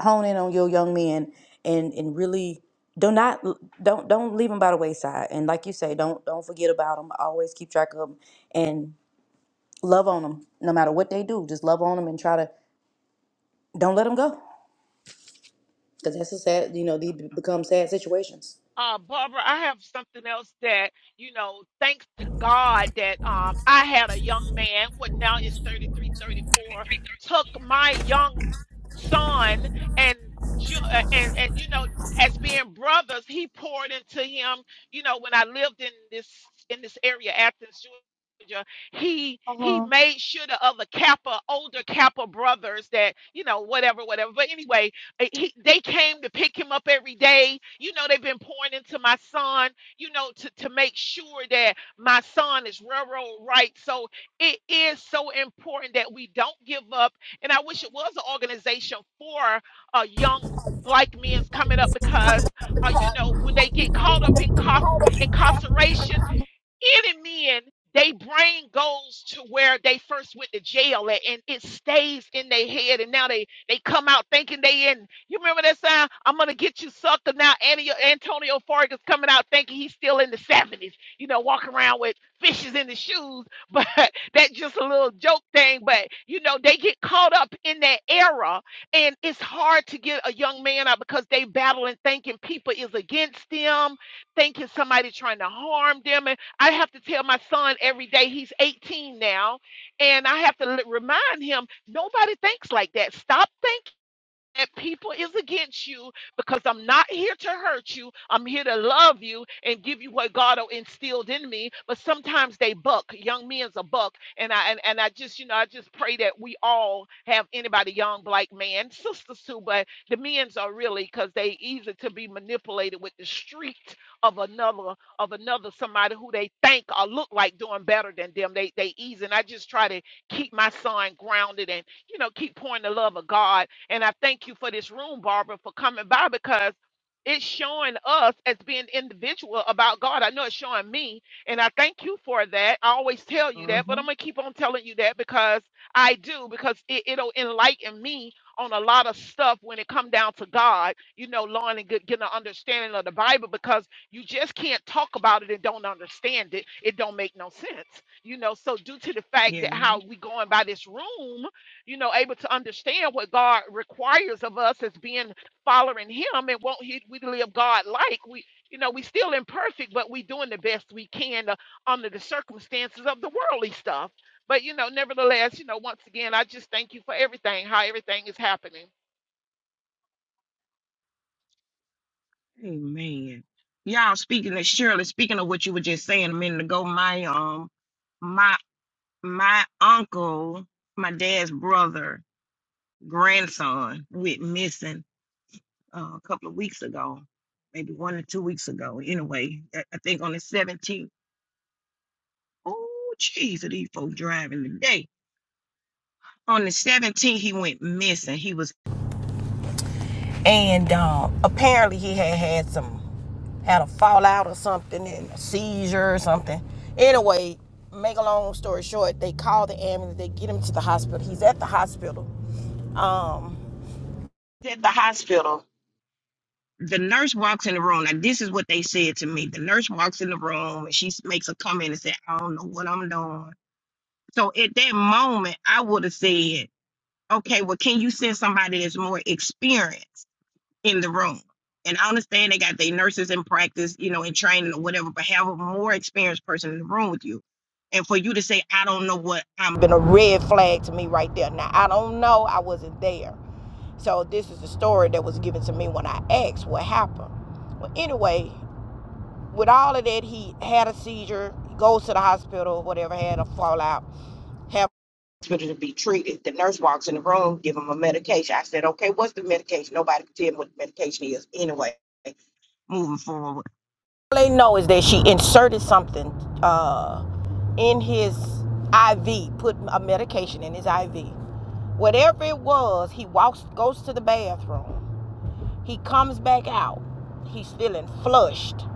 Speaker 3: hone in on your young men and and really do not don't don't leave them by the wayside. And like you say, don't don't forget about them. Always keep track of them and love on them no matter what they do. Just love on them and try to don't let them go because that's a sad. You know, these become sad situations.
Speaker 6: Uh, Barbara, I have something else that, you know, thanks to God that um, I had a young man, what now is 33, 34, took my young son and ju- uh, and and you know as being brothers he poured into him you know when i lived in this in this area athens georgia he he made sure the other kappa older kappa brothers that you know whatever whatever but anyway uh, he, they came to pick him up every day. You know, they've been pouring into my son, you know, to, to make sure that my son is railroad right. So it is so important that we don't give up. And I wish it was an organization for uh, young black men coming up because, uh, you know, when they get caught up in cof- incarceration, any men, they brain goes to where they first went to jail at, and it stays in their head. And now they they come out thinking they in. You remember that song? I'm gonna get you sucker. Now Antonio, Antonio Fargas coming out thinking he's still in the 70s. You know, walking around with fishes in his shoes. But that's just a little joke thing. But you know, they get caught up in that era, and it's hard to get a young man out because they battling thinking people is against them, thinking somebody trying to harm them. I have to tell my son every day he's 18 now, and I have to l- remind him nobody thinks like that. Stop thinking that people is against you because I'm not here to hurt you. I'm here to love you and give you what God o- instilled in me. But sometimes they buck. Young men's a buck. And I and, and I just, you know, I just pray that we all have anybody young black man, sisters too, but the men's are really because they easy to be manipulated with the street of another of another somebody who they think or look like doing better than them. They they easy. And I just try to keep my son grounded and you know keep pouring the love of God and I thank you for this room, Barbara, for coming by because it's showing us as being individual about God. I know it's showing me, and I thank you for that. I always tell you that, but I'm gonna keep on telling you that because I do, because it, it'll enlighten me on a lot of stuff when it come down to God, you know, learning and get- getting an understanding of the Bible because you just can't talk about it and don't understand it. It don't make no sense, you know. So due to the fact that how we going by this room you know, able to understand what God requires of us as being following Him and won't He we live God like we, you know, we still imperfect, but we doing the best we can uh, under the circumstances of the worldly stuff. But you know, nevertheless, you know, once again, I just thank you for everything, how everything is happening.
Speaker 1: Amen. Y'all speaking of Shirley, speaking of what you were just saying a minute ago, my um my my uncle, my dad's brother, grandson went missing uh, a couple of weeks ago, maybe one or two weeks ago. Anyway, I, I think on the 17th. Oh, jeez, are these folks driving today. On the 17th, he went missing. He was at the hospital the nurse walks in the room. Now, this is what they said to me. The nurse walks in the room and she s- makes a comment and said, I don't know what I'm doing. So at that moment, I would have said, okay, well, can you send somebody that's more experienced in the room? And I understand they got their nurses in practice, you know, in training or whatever, but have a more experienced person in the room with you. And for you to say, I don't know what I'm been a red flag to me right there. Now I don't know. I wasn't there. So this is the story that was given to me when I asked what happened. Well, anyway, with all of that, he had a seizure, goes to the hospital, whatever, had a fallout, have hospital to be treated. The nurse walks in the room, give him a medication. I said, okay, what's the medication? Nobody could tell me what the medication is. Anyway, moving forward. All they know is that she inserted something uh, in his IV, put a medication in his IV. Whatever it was, he walks, goes to the bathroom He comes back out. He's feeling flushed.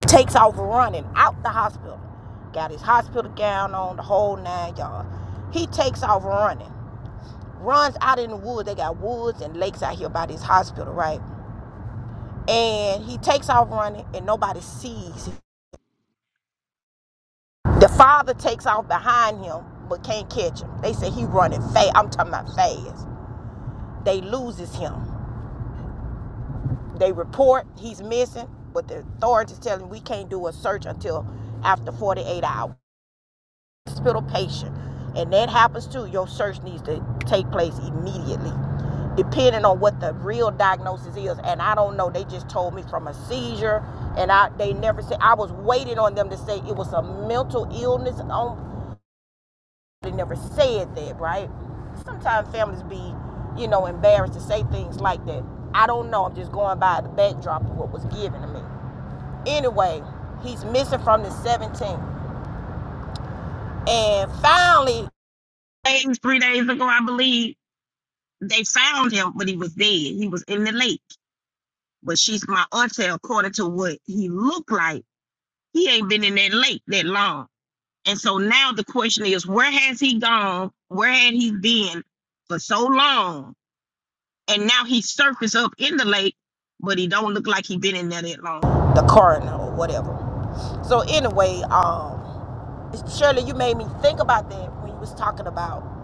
Speaker 1: Takes off running out the hospital. Got his hospital gown on, the whole nine yards. He takes off running. Runs out in the woods. They got woods and lakes out here by this hospital, right? And he takes off running and nobody sees him. The father takes off behind him but can't catch him. They say he running fast. I'm talking about fast. They loses him. They report he's missing, but the authorities tell him we can't do a search until after 48 hours. Hospital patient. And that happens too. Your search needs to take place immediately, depending on what the real diagnosis is. And I don't know. They just told me from a seizure, and I they never said. I was waiting on them to say it was a mental illness. On they never said that, right? Sometimes families be, you know, embarrassed to say things like that. I don't know. I'm just going by the backdrop of what was given to me. Anyway, he's missing from the 17th. And finally, three days ago, I believe, they found him, but he was dead. He was in the lake. But she's my auntie, according to what he looked like, he ain't been in that lake that long. And so now the question is, where has he gone? Where had he been for so long? And now he surfaced up in the lake, but he don't look like he been in there that long. The coroner or whatever. So anyway, um, Shirley, you made me think about that when you was talking about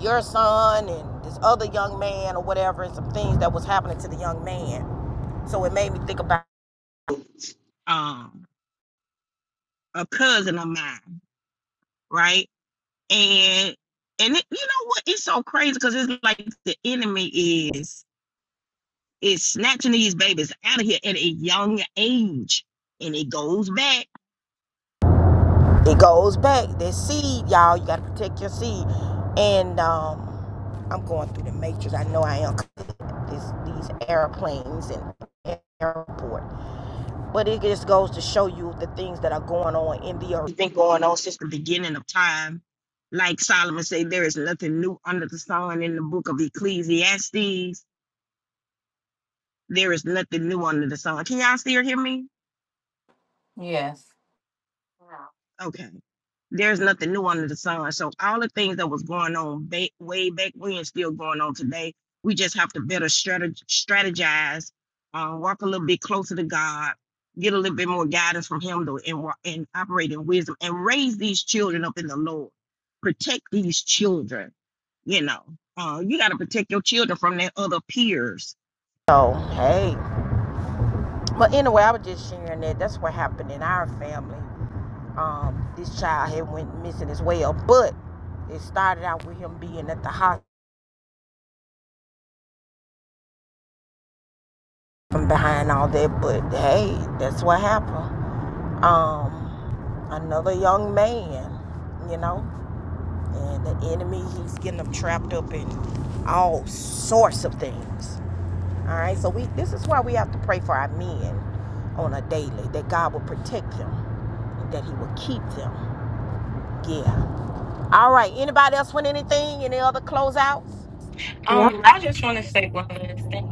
Speaker 1: your son and this other young man or whatever, and some things that was happening to the young man. So it made me think about. um a cousin of mine, right? And and it, you know what? It's so crazy because it's like the enemy is is snatching these babies out of here at a young age, and it goes back. It go and uh, I'm going through the matrix. I know I am. This, these airplanes and airport. But it just goes to show you the things that are going on in the earth. Been going on since the beginning of time. Like Solomon said, there is nothing new under the sun in the book of Ecclesiastes. There is nothing new under the sun. Can y'all still hear me?
Speaker 4: Yes.
Speaker 1: Wow. Okay. There's nothing new under the sun. So all the things that was going on ba- way back when still going on today. We just have to better strateg- strategize, uh, walk a little bit closer to God, get a little bit more guidance from Him, though, and wa- and operate in wisdom and raise these children up in the Lord. Protect these children. You know, uh, you got to protect your children from their other peers. So hey, but anyway, I was just sharing that. That's what happened in our family um, this child had went missing as well. But it started out with him being at the hospital from behind all that. But hey, that's what happened. Um, another young man, you know, and the enemy he's getting them trapped up in all sorts of things. All right, so we this is why we have to pray for our men on a daily that God will protect them that He will keep them. Yeah. All right. Anybody else want anything? Any other closeouts?
Speaker 7: Yeah,
Speaker 4: Um, I just want to say one last thing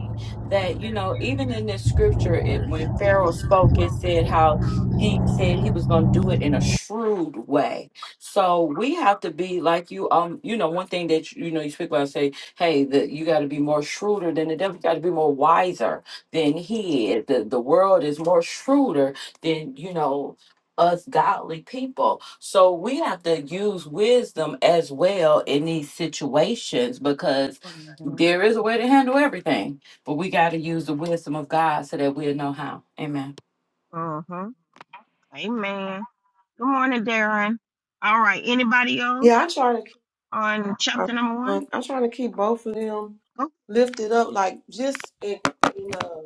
Speaker 4: that you know, even in this scripture, it, when Pharaoh spoke, it said how he said he was going to do it in a shrewd way. So we have to be like you. Um, you know, one thing that you know you speak about say, hey, that you got to be more shrewder than the devil. You got to be more wiser than he is. The the world is more shrewder than you know us godly people. So we have to use wisdom as well in these situations because
Speaker 1: Mm-hmm.
Speaker 4: there is a way to handle everything, but we got to use the wisdom of God so that we'll know how. Amen.
Speaker 1: Mm-hmm. Amen. Good morning, Darren. All right. Anybody else
Speaker 7: yeah. I try to
Speaker 1: on
Speaker 7: I'm,
Speaker 1: chapter number one?
Speaker 7: I'm trying to keep both of them
Speaker 1: Go.
Speaker 7: lifted up, like just in, in, uh,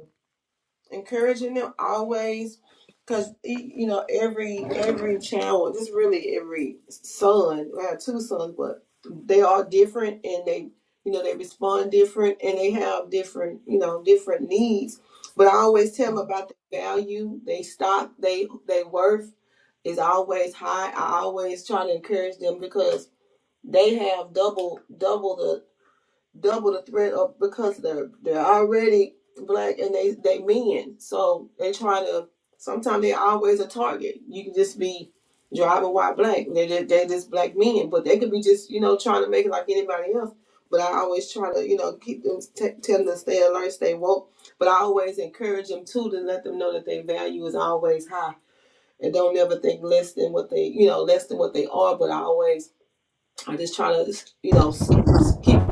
Speaker 7: encouraging them always, because you know every every child, just really every son. I have two sons, but they are different, and they you know they respond different, and they have different you know different needs. But I always tell them about the value, they stock, they they worth is always high. I always try to encourage them because they have double double the double the threat of because they're they're already black and they they men so they try to sometimes they're always a target you can just be driving white, black they're just, they're just black men but they could be just you know trying to make it like anybody else but i always try to you know keep them t- tell them to stay alert stay woke but i always encourage them too to let them know that their value is always high and don't ever think less than what they you know less than what they are but I always I'm just trying to, you know, s- s- keep.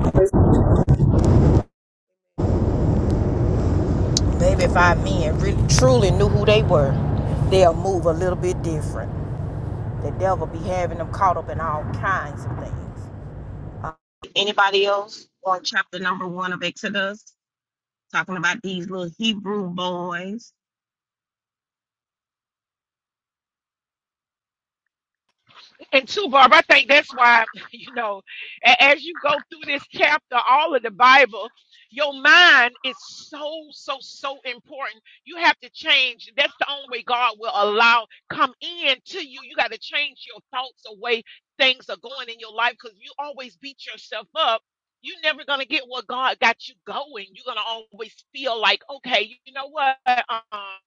Speaker 1: Maybe if our men really truly knew who they were, they'll move a little bit different. The devil be having them caught up in all kinds of things. Anybody else on chapter number one of Exodus? Talking about these little Hebrew boys.
Speaker 6: And too, Barb, I think that's why, you know, a- as you go through this chapter, all of the Bible, your mind is so, so, so important. You have to change. That's the only way God will allow come in to you. You got to change your thoughts the way things are going in your life because you always beat yourself up. You're never going to get what God got you going. You're going to always feel like, okay, you know what? Uh-uh.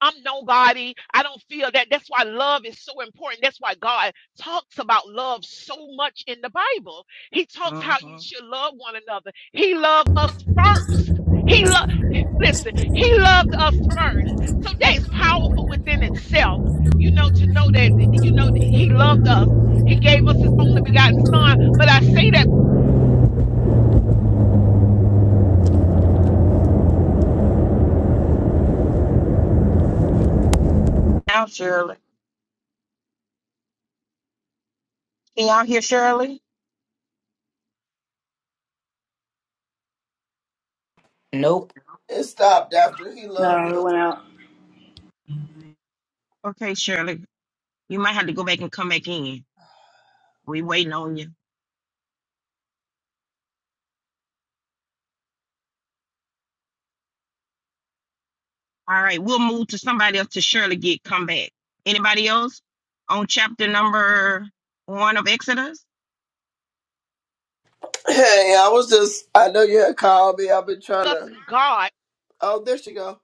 Speaker 6: I'm nobody. I don't feel that. That's why love is so important. That's why God talks about love so much in the Bible. He talks
Speaker 1: hmm
Speaker 6: how you should love one another. He loved us first. He loved, listen, he loved us first. So that's powerful within itself, you know, to know that, you know, he loved us. He gave us his only begotten son. But I say that
Speaker 1: Now, Shirley. Can y'all hear Shirley?
Speaker 4: Nope.
Speaker 5: It stopped after he loved
Speaker 3: No, it
Speaker 5: us.
Speaker 3: went out.
Speaker 1: Okay, Shirley. You might have to go back and come back in. We waiting on you. All right, we'll move to somebody else to Shirley get come back. Anybody else on chapter number one of Exodus?
Speaker 5: Hey, I was just, I know you had called me. I've been trying to,
Speaker 6: discussing God.
Speaker 5: oh, there she go.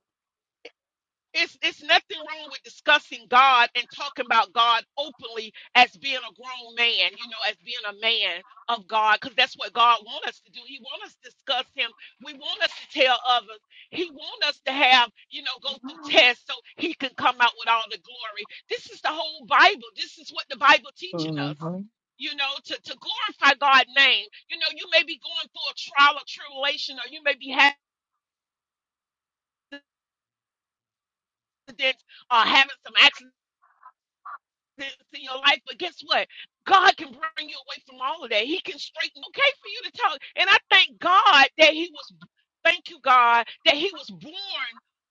Speaker 6: It's it's nothing wrong with discussing God and talking about God openly as being a grown man, you know, as being a man of God, because that's what God wants us to do. He wants us to discuss Him. We want us to tell others. He wants us to have, you know, go through tests so He can come out with all the glory. This is the whole Bible. This is what the Bible teaching us. You know, to, to glorify God's name. You know, you may be going through a trial or tribulation, or you may be having accidents, uh, having some accidents this in your life, but guess what? God can bring you away from all of that. He can straighten. Okay, for you to tell. And I thank God that He was. Thank you, God, that He was born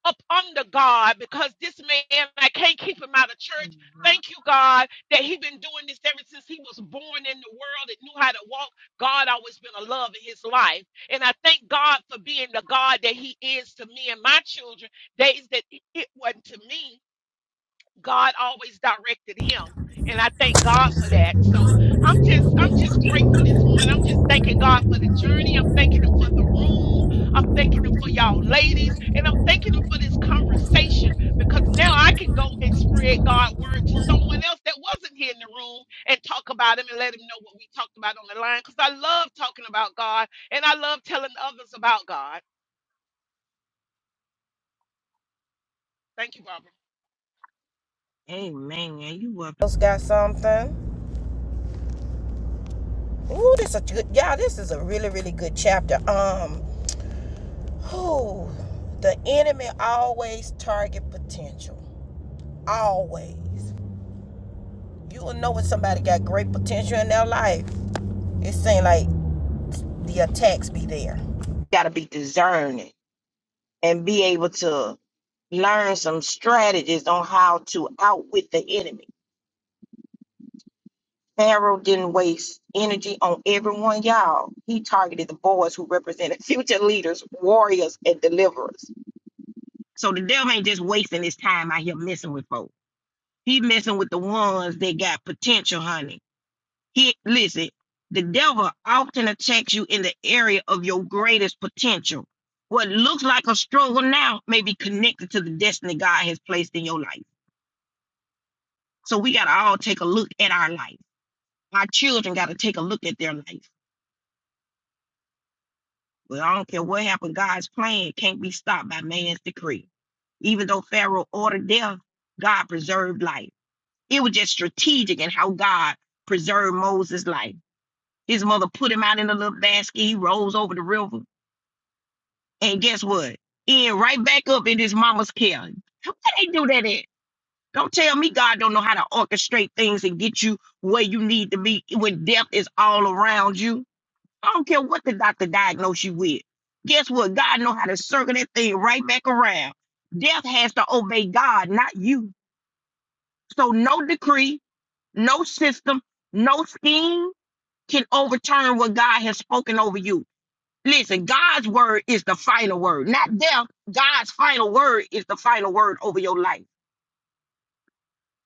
Speaker 6: up under God because this man I can't keep him out of church. Thank you, God, that He been doing this ever since he was born in the world and knew how to walk. God always been a love in his life, and I thank God for being the God that He is to me and my children. Days that it wasn't to me God always directed him. And I thank God for that. So I'm just I'm just grateful this morning. I'm just thanking God for the journey. I'm thanking him for the room. I'm thanking him for y'all ladies. And I'm thanking him for this conversation because now I can go and spread God's word to someone else that wasn't here in the room and talk about him and let him know what we talked about on the line. Because I love talking about God and I love telling others about God. Thank you, Barbara.
Speaker 1: Amen. Yeah, you up? else got something. Ooh, this is a good y'all. This is a really, really good chapter. Um, who the enemy always target potential. Always. You will know when somebody got great potential in their life. It seems like the attacks be there. Gotta be discerning and be able to learn some strategies on how to outwit the enemy Pharaoh didn't waste energy on everyone, y'all. He targeted the boys who represented future leaders, warriors, and deliverers. So the devil ain't just wasting his time out here messing with folks. He messing with the ones that got potential, honey. He listen, the devil often attacks you in the area of your greatest potential. What looks like a struggle now may be connected to the destiny God has placed in your life. So we gotta all take a look at our life. Our children gotta take a look at their life But I don't care what happened, God's plan can't be stopped by man's decree. Even though Pharaoh ordered death, God preserved life. It was just strategic in how God preserved Moses' life. His mother put him out in a little basket. He rolls over the river. And guess what? He ain't right back up in his mama's care. Where they do that at? Don't tell me God don't know how to orchestrate things and get you where you need to be when death is all around you. I don't care what the doctor diagnosed you with. Guess what? God know how to circle that thing right back around. Death has to obey God, not you. So no decree, no system, no scheme can overturn what God has spoken over you. Listen, God's word is the final word, not death. God's final word is the final word over your life.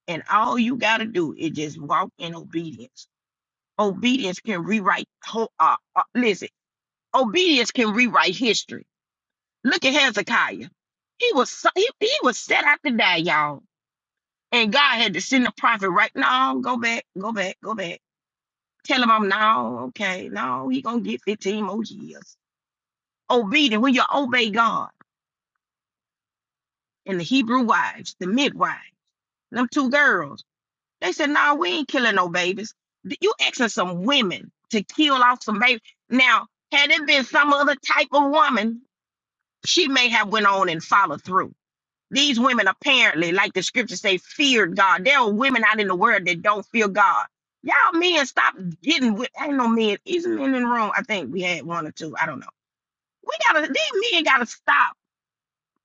Speaker 1: And all you got to do is just walk in obedience. Obedience can rewrite, ho- uh, uh, listen, obedience can rewrite history. Look at Hezekiah. He was so- he, he was set out to die, y'all. And God had to send a prophet right now. Go back, go back, go back. Tell him I'm no, okay, no, he gonna get 15 more years. Obedient when you obey God. And the Hebrew wives, the midwife, them two girls, they said, "No, we ain't killing no babies. Th- You asking some women to kill off some babies. Now, had it been some other type of woman, she may have went on and followed through. These women apparently, like the scriptures say, feared God. There are women out in the world that don't fear God. Y'all men, stop getting with ain't no men. Is men in the room? I think we had one or two. I don't know. We gotta these men gotta stop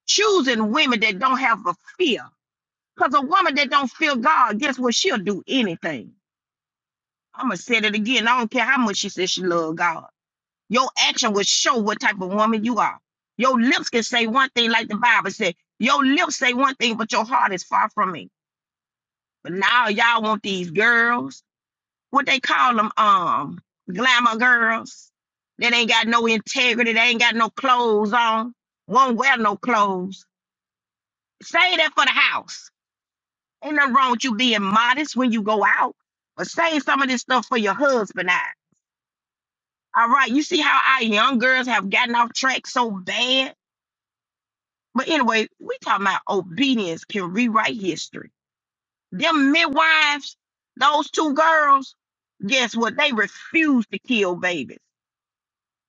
Speaker 1: choosing women that don't have a fear. Because a woman that don't fear God, guess what? She'll do anything. I'ma say it again. I don't care how much she says she love God. Your action will show what type of woman you are. Your lips can say one thing like the Bible said. Your lips say one thing, but your heart is far from it. But now y'all want these girls, what they call them, um, glamour girls that ain't got no integrity, they ain't got no clothes on, won't wear no clothes. Save that for the house. Ain't nothing wrong with you being modest when you go out, but save some of this stuff for your husband. I. All right, you see how our young girls have gotten off track so bad. But anyway, we talking about obedience can rewrite history. Them midwives, those two girls, guess what? They refuse to kill babies.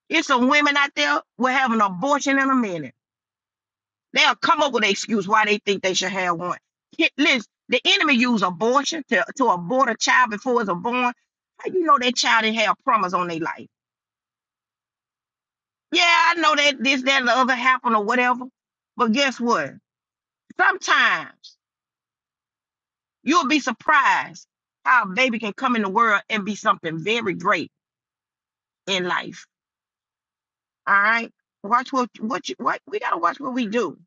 Speaker 1: It's some women out there will have an abortion in a minute. They'll come up with an excuse why they think they should have one. Ki- Listen, the enemy use abortion to, to abort a child before it's born. How you know that child didn't have promise on their life? Yeah, I know that this, that, and the other happened or whatever. But guess what? Sometimes you'll be surprised how a baby can come in the world and be something very great in life All right. Watch what what you what we gotta watch what we do.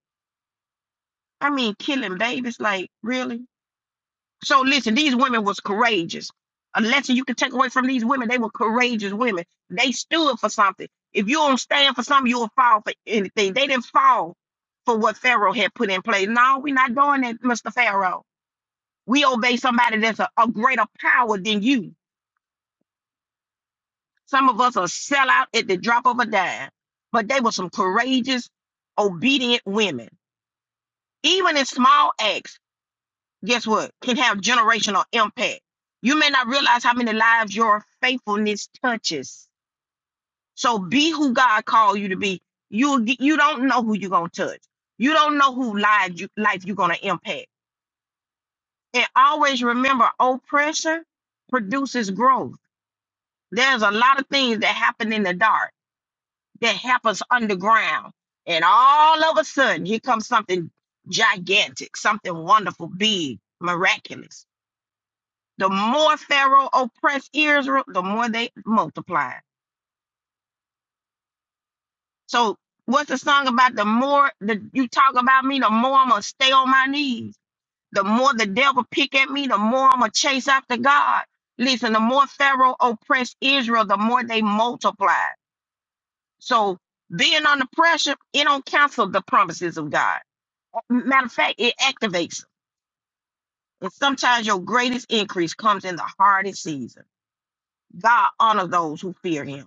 Speaker 1: I mean, killing babies, like really. So listen, these women was courageous. A lesson you can take away from these women, they were courageous women. They stood for something. If you don't stand for something, you'll fall for anything. They didn't fall for what Pharaoh had put in place. No, we're not doing that, Mr. Pharaoh. We obey somebody that's a, a greater power than you. Some of us are sell out at the drop of a dime. But they were some courageous, obedient women even in small acts, guess what, can have generational impact. You may not realize how many lives your faithfulness touches. So be who God called you to be. You you don't know who you're gonna touch. You don't know who lives you life you're gonna impact. And always remember, oppression produces growth. There's a lot of things that happen in the dark that happens underground, and all of a sudden, here comes something gigantic, something wonderful, big, miraculous The more Pharaoh oppressed Israel, the more they multiplied. So what's the song about? The more that you talk about me, the more I'm gonna stay on my knees. The more the devil pick at me, the more I'm gonna chase after God. Listen, the more Pharaoh oppressed Israel, the more they multiplied. So being under pressure, it don't cancel the promises of God. Matter of fact, it activates them. And sometimes your greatest increase comes in the hardest season. God honors those who fear him.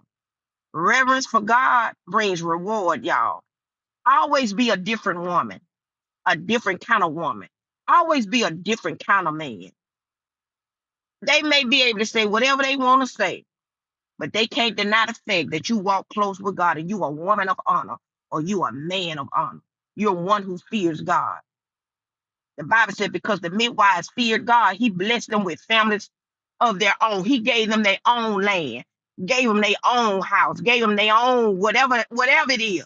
Speaker 1: Reverence for God brings reward, y'all. Always be a different woman, a different kind of woman. Always be a different kind of man. They may be able to say whatever they want to say, but they can't deny the fact that you walk close with God and you a woman of honor or you a man of honor. You're one who fears God. The Bible said because the midwives feared God, he blessed them with families of their own. He gave them their own land, gave them their own house, gave them their own whatever whatever it is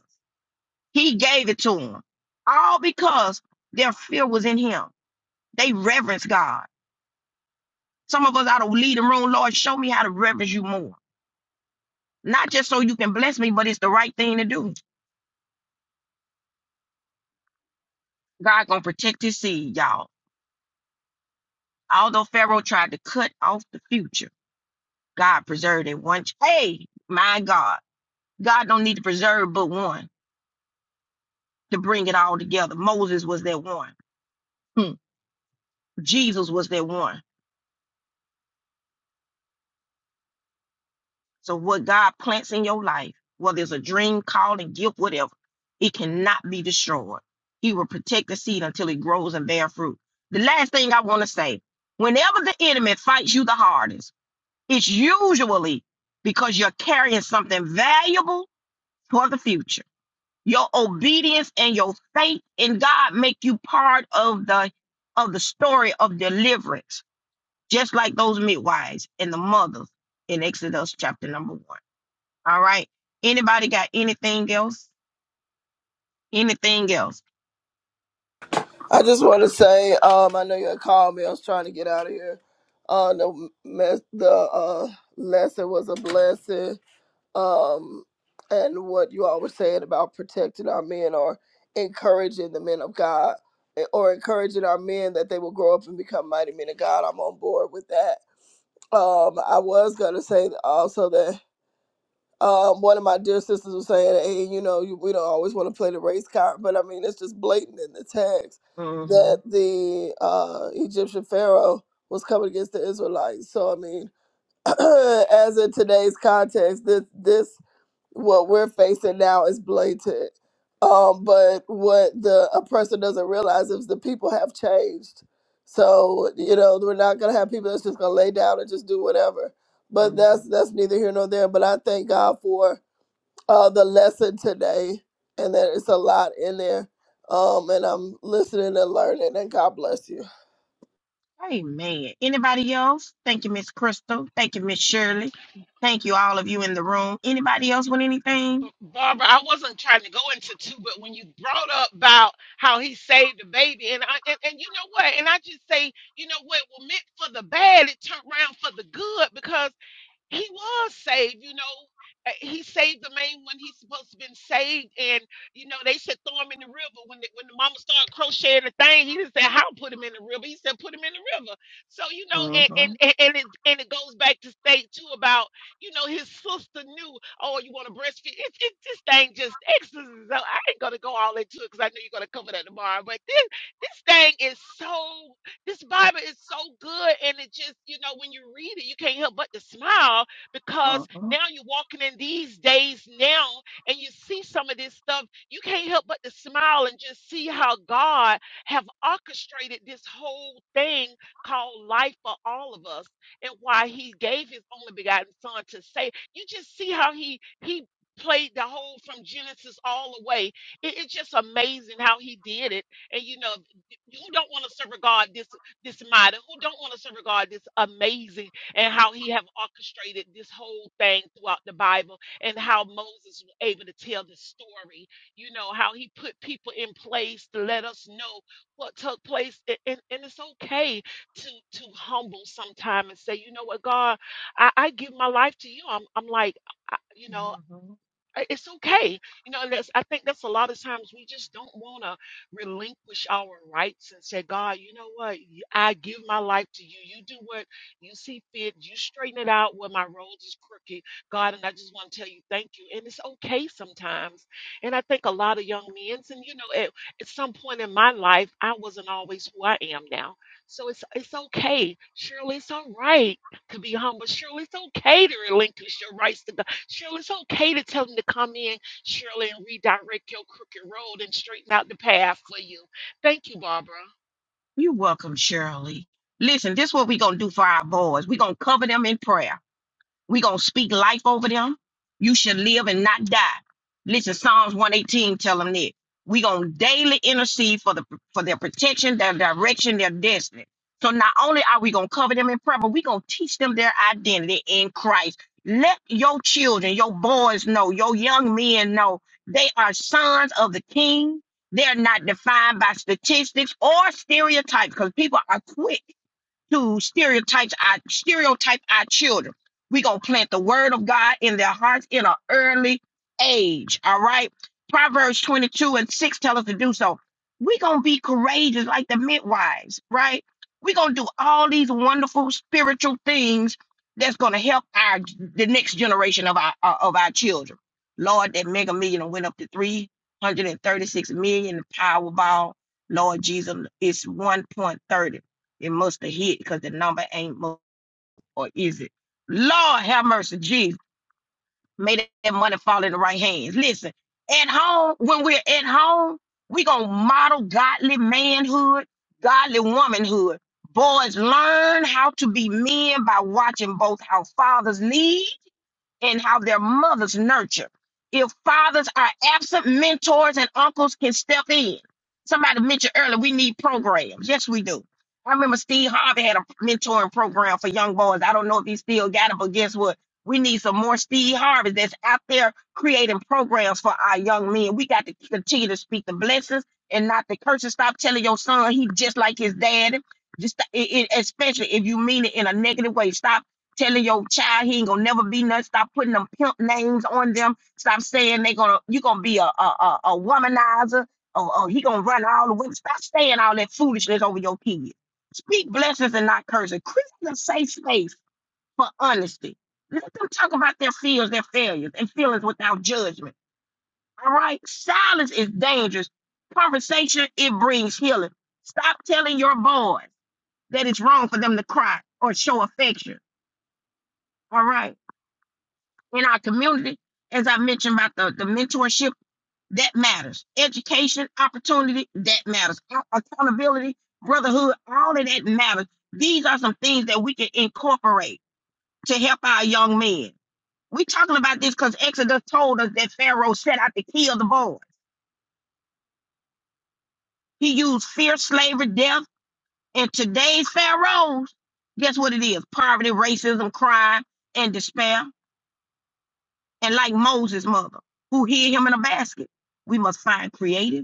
Speaker 1: He gave it to them. All because their fear was in him. They reverence God. Some of us ought to lead the room, Lord, show me how to reverence you more. Not just so you can bless me, but it's the right thing to do. God gonna protect his seed, y'all. Although Pharaoh tried to cut off the future, God preserved it one. ch- Hey, my God. God don't need to preserve but one to bring it all together. Moses was that one. Hmm. Jesus was that one. So what God plants in your life, whether it's a dream, calling, gift, whatever, it cannot be destroyed. He will protect the seed until it grows and bear fruit. The last thing I want to say, whenever the enemy fights you the hardest, it's usually because you're carrying something valuable for the future. Your obedience and your faith in God make you part of the of the story of deliverance, just like those midwives and the mothers in Exodus chapter number one. All right. Anybody got anything else? Anything else?
Speaker 5: I just want to say, um, I know you had called me. I was trying to get out of here. Uh, the, mes- the uh, lesson was a blessing. um, and what you all were saying about protecting our men or encouraging the men of God eh, or encouraging our men that they will grow up and become mighty men of God. I'm on board with that. Um, I was gonna say also that um, one of my dear sisters was saying, "Hey, you know, you, we don't always want to play the race card, but I mean, it's just blatant in the text
Speaker 1: hmm
Speaker 5: that the uh, Egyptian Pharaoh was coming against the Israelites. So I mean, as in today's context, this this what we're facing now is blatant. Um, but what the oppressor doesn't realize is the people have changed. So you know we're not gonna have people that's just gonna lay down and just do whatever. But
Speaker 1: Mhm.
Speaker 5: that's that's neither here nor there. But I thank God for uh, the lesson today, and that it's a lot in there. Um, and I'm listening and learning. And God bless you.
Speaker 1: Amen. Anybody else? Thank you, Miss Crystal. Thank you, Miss Shirley. Thank you, all of you in the room. Anybody else with anything?
Speaker 6: Bar- Barbara, I wasn't trying to go into two, but when you brought up about how he saved the baby, and I and, and you know what, and I just say, you know what, well meant for the bad, it turned around for the good because he was saved, you know. Uh, He saved the man when he's supposed to been saved, and you know they said throw him in the river. When the, when the mama started crocheting the thing, he didn't say how put him in the river. He said put him in the river. So you know, and and
Speaker 1: Mhm.
Speaker 6: and and it and it goes back to state too about you know his sister knew. Oh, you want to breastfeed? It, it this thing just exorcism. So I ain't gonna go all into it because I know you're gonna cover that tomorrow. But this this thing is so. This Bible is so good, and it just, you know, when you read it, you can't help but to smile because
Speaker 1: Mhm.
Speaker 6: now you're walking in these days now and you see some of this stuff. You can't help but to smile and just see how God have orchestrated this whole thing called life for all of us and why he gave his only begotten son to save. you just see how he he played the whole from genesis all the way it, it's just amazing how he did it and you know you don't want to serve a god this model, who don't want us to regard this amazing and how he have orchestrated this whole thing throughout the Bible and how Moses was able to tell the story, you know, how he put people in place to let us know what took place. And, and, and it's okay to to humble sometime and say, you know what, God, I, I give my life to you. I'm I'm like, I, you know.
Speaker 1: Mhm.
Speaker 6: I- it's okay you know and that's i think that's a lot of times we just don't want to relinquish our rights and say god you know what Y- i give my life to you you do what you see fit you straighten it out where my road is crooked god and i just want to tell you thank you and it's okay sometimes and i think a lot of young men and you know at, at some point in my life i wasn't always who i am now so it's it's okay shirley it's all right to be humble. Surely it's okay to relinquish your rights to God. Surely it's okay to tell him to come in, surely, and redirect your crooked road and straighten out the path for you. Thank you, Barbara.
Speaker 1: You're welcome, Shirley. Listen, this is what we're going to do for our boys. We're going to cover them in prayer. We gonna speak life over them. You should live and not die. Listen, Psalms 118 tell them that. We gonna daily intercede for the for their protection, their direction, their destiny. So not only are we gonna cover them in prayer, but we gonna teach them their identity in Christ. Let your children, your boys know, your young men know they are sons of the king. They're not defined by statistics or stereotypes because people are quick to stereotypes our stereotype our children. We're gonna plant the word of God in their hearts in an early age. All right. Proverbs 22 and 6 tell us to do so. We're gonna be courageous like the midwives, right? We're gonna do all these wonderful spiritual things that's gonna help our the next generation of our uh, of our children. Lord, that mega million went up to 336 million the Powerball. Lord Jesus, it's 1.30. It must have hit because the number ain't mo- or is it? Lord have mercy, Jesus. May that that money fall in the right hands. Listen, at home, when we're at home, we gonna model godly manhood, godly womanhood. Boys learn how to be men by watching both how fathers lead and how their mothers nurture. If fathers are absent, mentors and uncles can step in. Somebody mentioned earlier, we need programs. Yes, we do. I remember Steve Harvey had a mentoring program for young boys. I don't know if he still got it, but guess what? We need some more Steve Harvey that's out there creating programs for our young men. We got to continue to speak the blessings and not the curses. Stop telling your son he just like his dad. Just it, it- especially if you mean it in a negative way. Stop telling your child he ain't gonna never be nothing. Stop putting them pimp names on them. Stop saying they gonna you gonna be a a, a, a womanizer. Oh, oh, he gonna run all the women. Stop saying all that foolishness over your kids. Speak blessings and not curses. Create a safe space for honesty. Let them talk about their fears, their failures, and feelings without judgment. All right, silence is dangerous. Conversation it brings healing. Stop telling your boys that it's wrong for them to cry or show affection. All right. in our community, as I mentioned about the, the mentorship, that matters. Education, opportunity, that matters. A- Accountability, brotherhood, all of that matters. These are some things that we can incorporate to help our young men. We're talking about this because Exodus told us that Pharaoh set out to kill the boys. He used fear, slavery, death, and today's Pharaohs, guess what it is? Poverty, racism, crime, and despair. And like Moses' mother, who hid him in a basket, we must find creative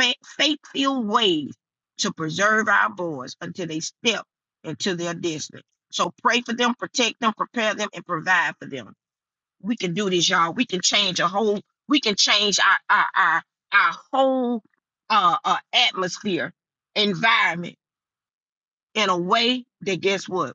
Speaker 1: fa- faithful ways to preserve our boys until they step into their destiny. So pray for them, protect them, prepare them, and provide for them. We can do this, y'all. We can change a whole, we can change our our our, our whole uh, uh atmosphere, environment in a way that guess what?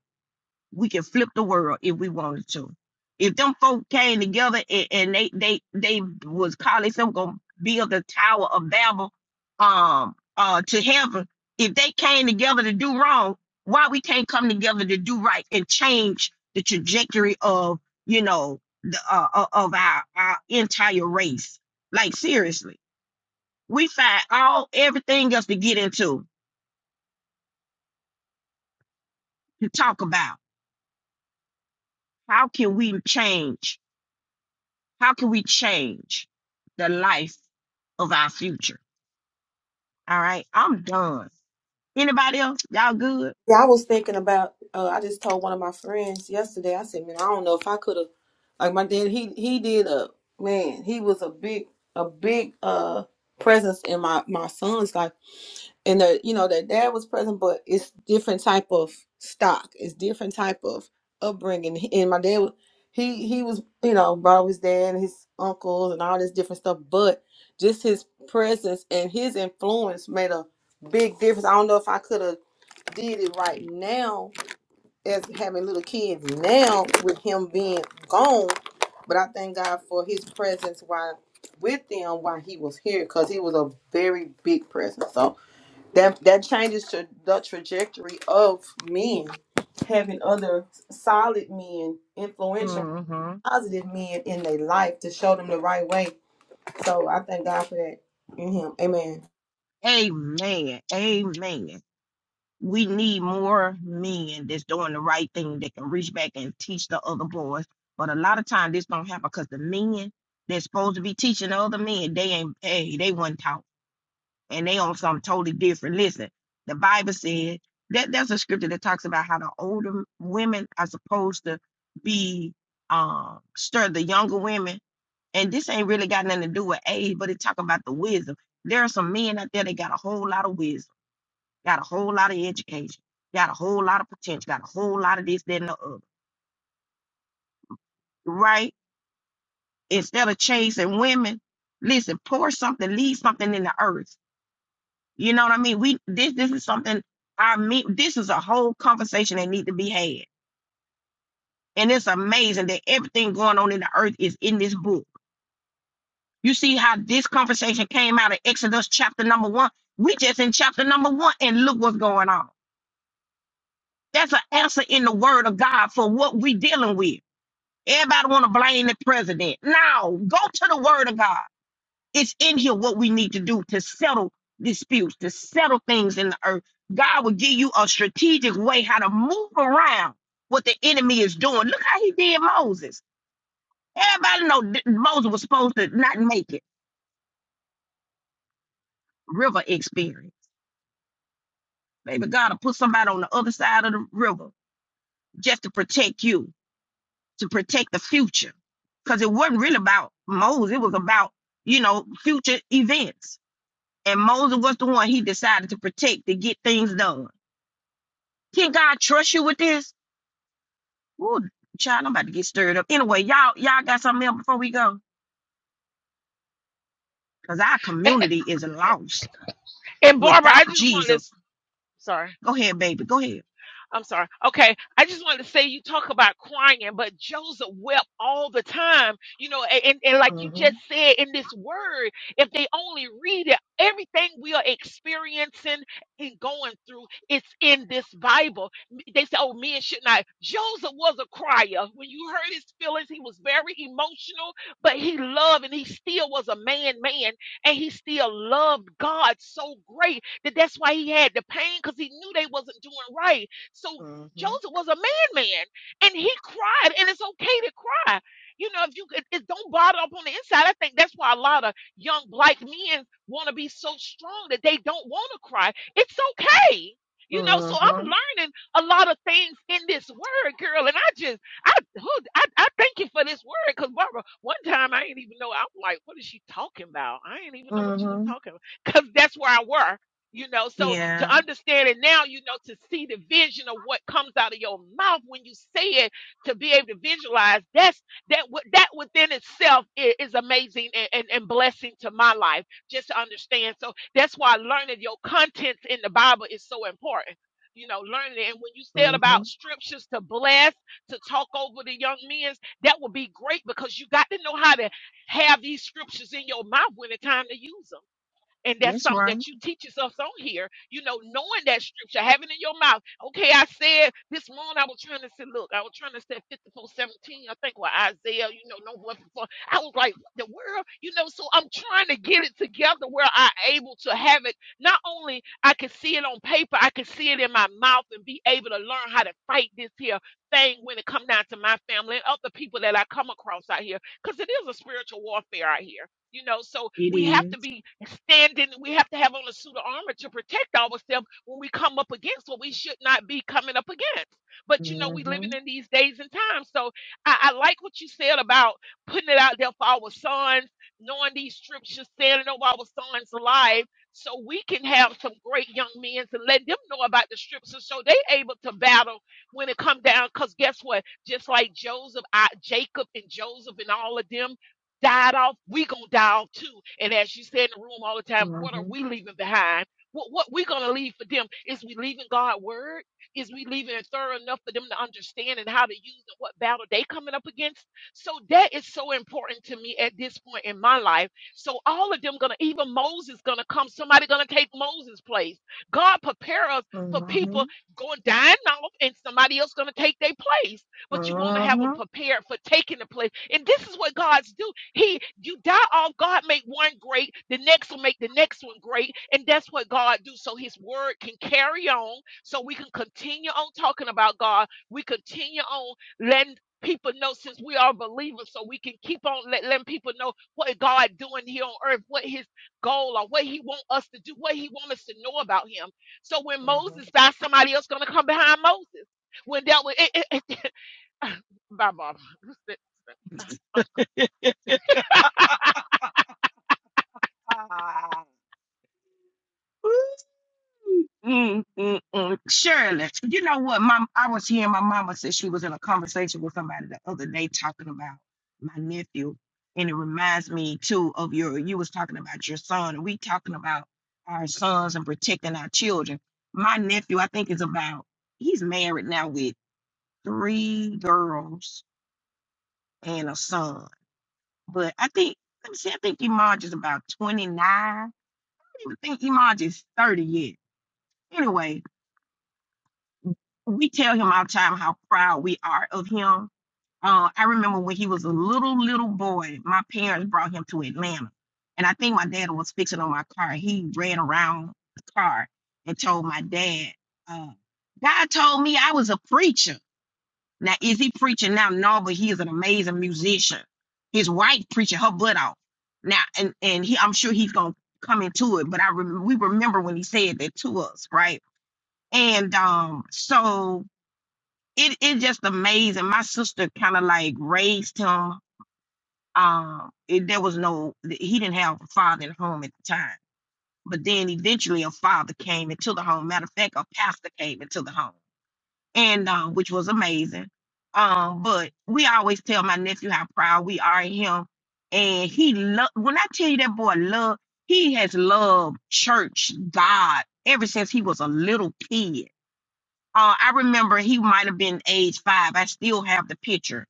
Speaker 1: we can flip the world if we wanted to. If them folk came together and, and they they they was calling some gonna build the tower of Babel um uh to heaven, if they came together to do wrong, why we can't come together to do right and change the trajectory of you know the uh, uh, of our our entire race? Like seriously, we find all everything else to get into to talk about. How can we change? How can we change the life of our future? All right, I'm done. Anybody else? Y'all good?
Speaker 7: Yeah, I was thinking about. Uh, I just told one of my friends yesterday. I said, "Man, I don't know if I could have." Like my dad, he he did a man. He was a big a big uh presence in my my son's life. and the you know their dad was present but it's different type of stock it's different type of upbringing He- and my dad wa- he he was you know brought up with his dad and his uncles and all this different stuff but just his presence and his influence made a big difference i don't know if i could have did it right now as having little kids now with him being gone but i thank god for his presence while with them while he was here because he was a very big presence so that that changes to the trajectory of men having other solid men influential
Speaker 1: Mm-hmm.
Speaker 7: positive men in their life to show them the right way so i thank god for that in him amen
Speaker 1: Amen. Amen. We need more men that's doing the right thing that can reach back and teach the other boys. But a lot of times this don't happen because the men that's supposed to be teaching the other men, they ain't hey, they wasn't taught. and they on something totally different. Listen, the Bible said that there's a scripture that talks about how the older women are supposed to be um stir the younger women. And this ain't really got nothing to do with age, but it's talking about the wisdom. There are some men out there that got a whole lot of wisdom, got a whole lot of education, got a whole lot of potential, got a whole lot of this, that, and the other. Right? Instead of chasing women, listen, pour something, leave something in the earth You know what I mean? We this this is something I mean this is a whole conversation that need to be had. And it's amazing that everything going on in the earth is in this book. You see how this conversation came out of Exodus chapter number one. We just in chapter number one and look what's going on. That's an answer in the word of God for what we dealing with. Everybody want to blame the president. No, go to the word of God. It's in here what we need to do to settle disputes, to settle things in the earth. God will give you a strategic way how to move around what the enemy is doing. Look how he did Moses. Everybody know that Moses was supposed to not make it. River experience. Baby, God will put somebody on the other side of the river just to protect you, to protect the future. Because it wasn't really about Moses, it was about, you know, future events. And Moses was the one he decided to protect to get things done. Can God trust you with this? Ooh, child, I'm about to get stirred up. Anyway, y'all, y'all got something else before we go? Because our
Speaker 6: And,
Speaker 1: community is lost
Speaker 6: and Barbara, I
Speaker 1: without
Speaker 6: just want to,
Speaker 1: Jesus.
Speaker 6: sorry.
Speaker 1: Go ahead, baby. Go ahead.
Speaker 6: I'm sorry. Okay. I just wanted to say you talk about crying, but Joseph wept all the time. You know, a- and, and like you
Speaker 1: hmm
Speaker 6: just said in this word, if they only read it, everything we are experiencing and going through, it's in this Bible. M- They say, oh, men should not. Joseph was a crier. When you heard his feelings, he was very emotional, but he loved and he still was a man, man, and he still loved God so great that that's why he had the pain because he knew they wasn't doing right so Joseph was a man, man, and he cried, and it's okay to cry. You know, if you could, it don't bottle up on the inside. I think that's why a lot of young black men want to be so strong that they don't want to cry. It's okay. You know, so
Speaker 1: hmm
Speaker 6: I'm
Speaker 1: hmm
Speaker 6: learning a lot of things in this word, girl, and I just, I, who, I, I thank you for this word, cause Barbara, one time I didn't even know. I'm like, what is she talking about? I didn't even know what she was
Speaker 1: hmm
Speaker 6: talking about, cause that's where I were. You know, so
Speaker 1: Yeah.
Speaker 6: to understand it now, you know, to see the vision of what comes out of your mouth when you say it, to be able to visualize that's that wi- that within itself i- is, amazing and, and, and blessing to my life. Just to understand, so that's why learning your contents in the Bible is so important. You know, learning it. And when you said
Speaker 1: hmm
Speaker 6: about scriptures to bless, to talk over the young men's, that would be great because you got to know how to have these scriptures in your mouth when it's time to use them and that's
Speaker 1: That's
Speaker 6: something
Speaker 1: right.
Speaker 6: that you teach us on here, you know, knowing that scripture, having it in your mouth. Okay, I said this morning, I was trying to say, look, I was trying to say 54 seventeen, I think, well, Isaiah, you know, no voice before. I was like, what the world, you know, so I'm trying to get it together where i able to have it. Not only I can see it on paper, I can see it in my mouth and be able to learn how to fight this here thing when it come down to my family and other people that I come across out here. Because it is a spiritual warfare out here you know, so
Speaker 1: It
Speaker 6: we have
Speaker 1: is.
Speaker 6: to be standing, we have to have on a suit of armor to protect ourselves when we come up against what we should not be coming up against. But you know, we
Speaker 1: Mhm,
Speaker 6: living in these days and times. So I, I like what you said about putting it out there for our sons, knowing these scriptures, standing over our sons' lives, so we can have some great young men to let them know about the scriptures so they able to battle when it come down. Because guess what? Just like Joseph, I, Jacob and Joseph and all of them died off, we gonna die off too. And as you say in the room all the time,
Speaker 1: mhm,
Speaker 6: what are we leaving behind? What what we gonna leave for them? Is we leaving God's word? Is we leaving it thorough enough for them to understand and how to use and what battle they coming up against? So that is so important to me at this point in my life. So all of them gonna even Moses gonna come, somebody gonna take Moses' place. God prepare us
Speaker 1: mhm,
Speaker 6: for people
Speaker 1: mhm.
Speaker 6: going dying off and somebody else gonna take their place but you want to have them prepared for taking the place. And this is what God's do. He, you die off. God make one great, the next will make the next one great, and that's what God do. So His word can carry on, so we can continue on talking about God. We continue on letting people know since we are believers, so we can keep on let, letting people know what God doing here on earth, what His goal or what He want us to do, what He want us to know about Him. So when
Speaker 1: Mhm.
Speaker 6: Moses died, somebody else gonna come behind Moses. When that was, it, it, it, bye, Bob.
Speaker 1: Ah. Ooh. Mm, mm, mm. Shirley, you know what? Mom, I was hearing my mama said she was in a conversation with somebody the other day talking about my nephew, and it reminds me too of your. You was talking about your son, and we talking about our sons and protecting our children. My nephew, I think, is about. He's married now with three girls and a son, but I think let me see. I think Imaj is about twenty nine. I don't even think Imaj is thirty yet. Anyway, we tell him all the time how proud we are of him. Uh, I remember when he was a little, little boy, my parents brought him to Atlanta. And I think my dad was fixing on my car. He ran around the car and told my dad, uh, God told me I was a preacher. Now, is he preaching now? No, but he is an amazing musician. His wife preaching her butt off. Now, and, and he, I'm sure he's going to come into it, but I rem- we remember when he said that to us, right? And um, so it it just amazing. My sister kind of like raised him. Um, it, there was no he didn't have a father in the home at the time, but then eventually a father came into the home. Matter of fact, a pastor came into the home, and uh, which was amazing. Um, but we always tell my nephew how proud we are of him, and he love. When I tell you that boy love, he has loved church, God ever since he was a little kid uh, I remember he might have been age five. I still have the picture,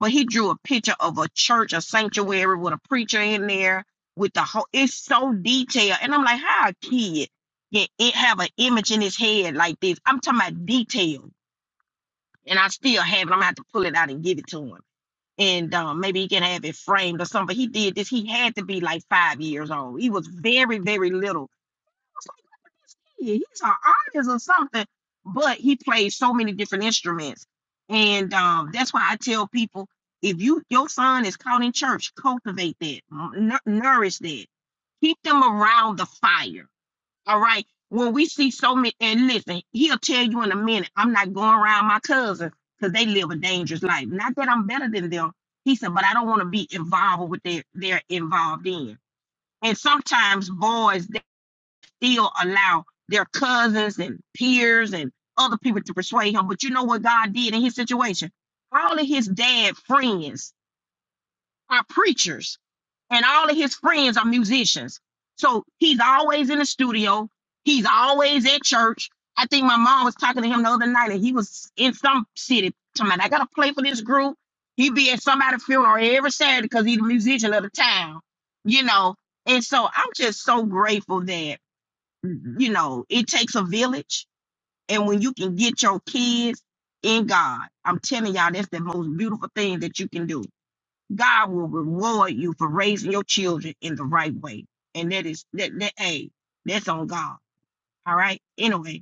Speaker 1: but he drew a picture of a church, a sanctuary with a preacher in there with the whole. It's so detailed, and I'm like, how a kid can it have an image in his head like this? I'm talking about detail, and I still have it. I'm gonna have to pull it out and give it to him, and um, maybe he can have it framed or something. But he did this. He had to be like five years old. He was very, very little. He's an artist or something. But he plays so many different instruments. And um, that's why I tell people if you your son is caught in church, cultivate that, n- nourish that, keep them around the fire. All right. When we see so many, and listen, he'll tell you in a minute, I'm not going around my cousins because they live a dangerous life. Not that I'm better than them. He said, but I don't want to be involved with what they're, they're involved in. And sometimes boys still allow their cousins and peers and other people to persuade him. But you know what God did in his situation? All of his dad friends are preachers, and all of his friends are musicians. So he's always in the studio. He's always at church. I think my mom was talking to him the other night, and he was in some city. Talking about, I gotta play for this group. He be at somebody's funeral every Saturday because he's a musician of the town, you know. And so I'm just so grateful that Mm-hmm. you know, it takes a village. And when you can get your kids in God, I'm telling y'all, that's the most beautiful thing that you can do. God will reward you for raising your children in the right way. And that is that that hey, that's on God. All right. Anyway,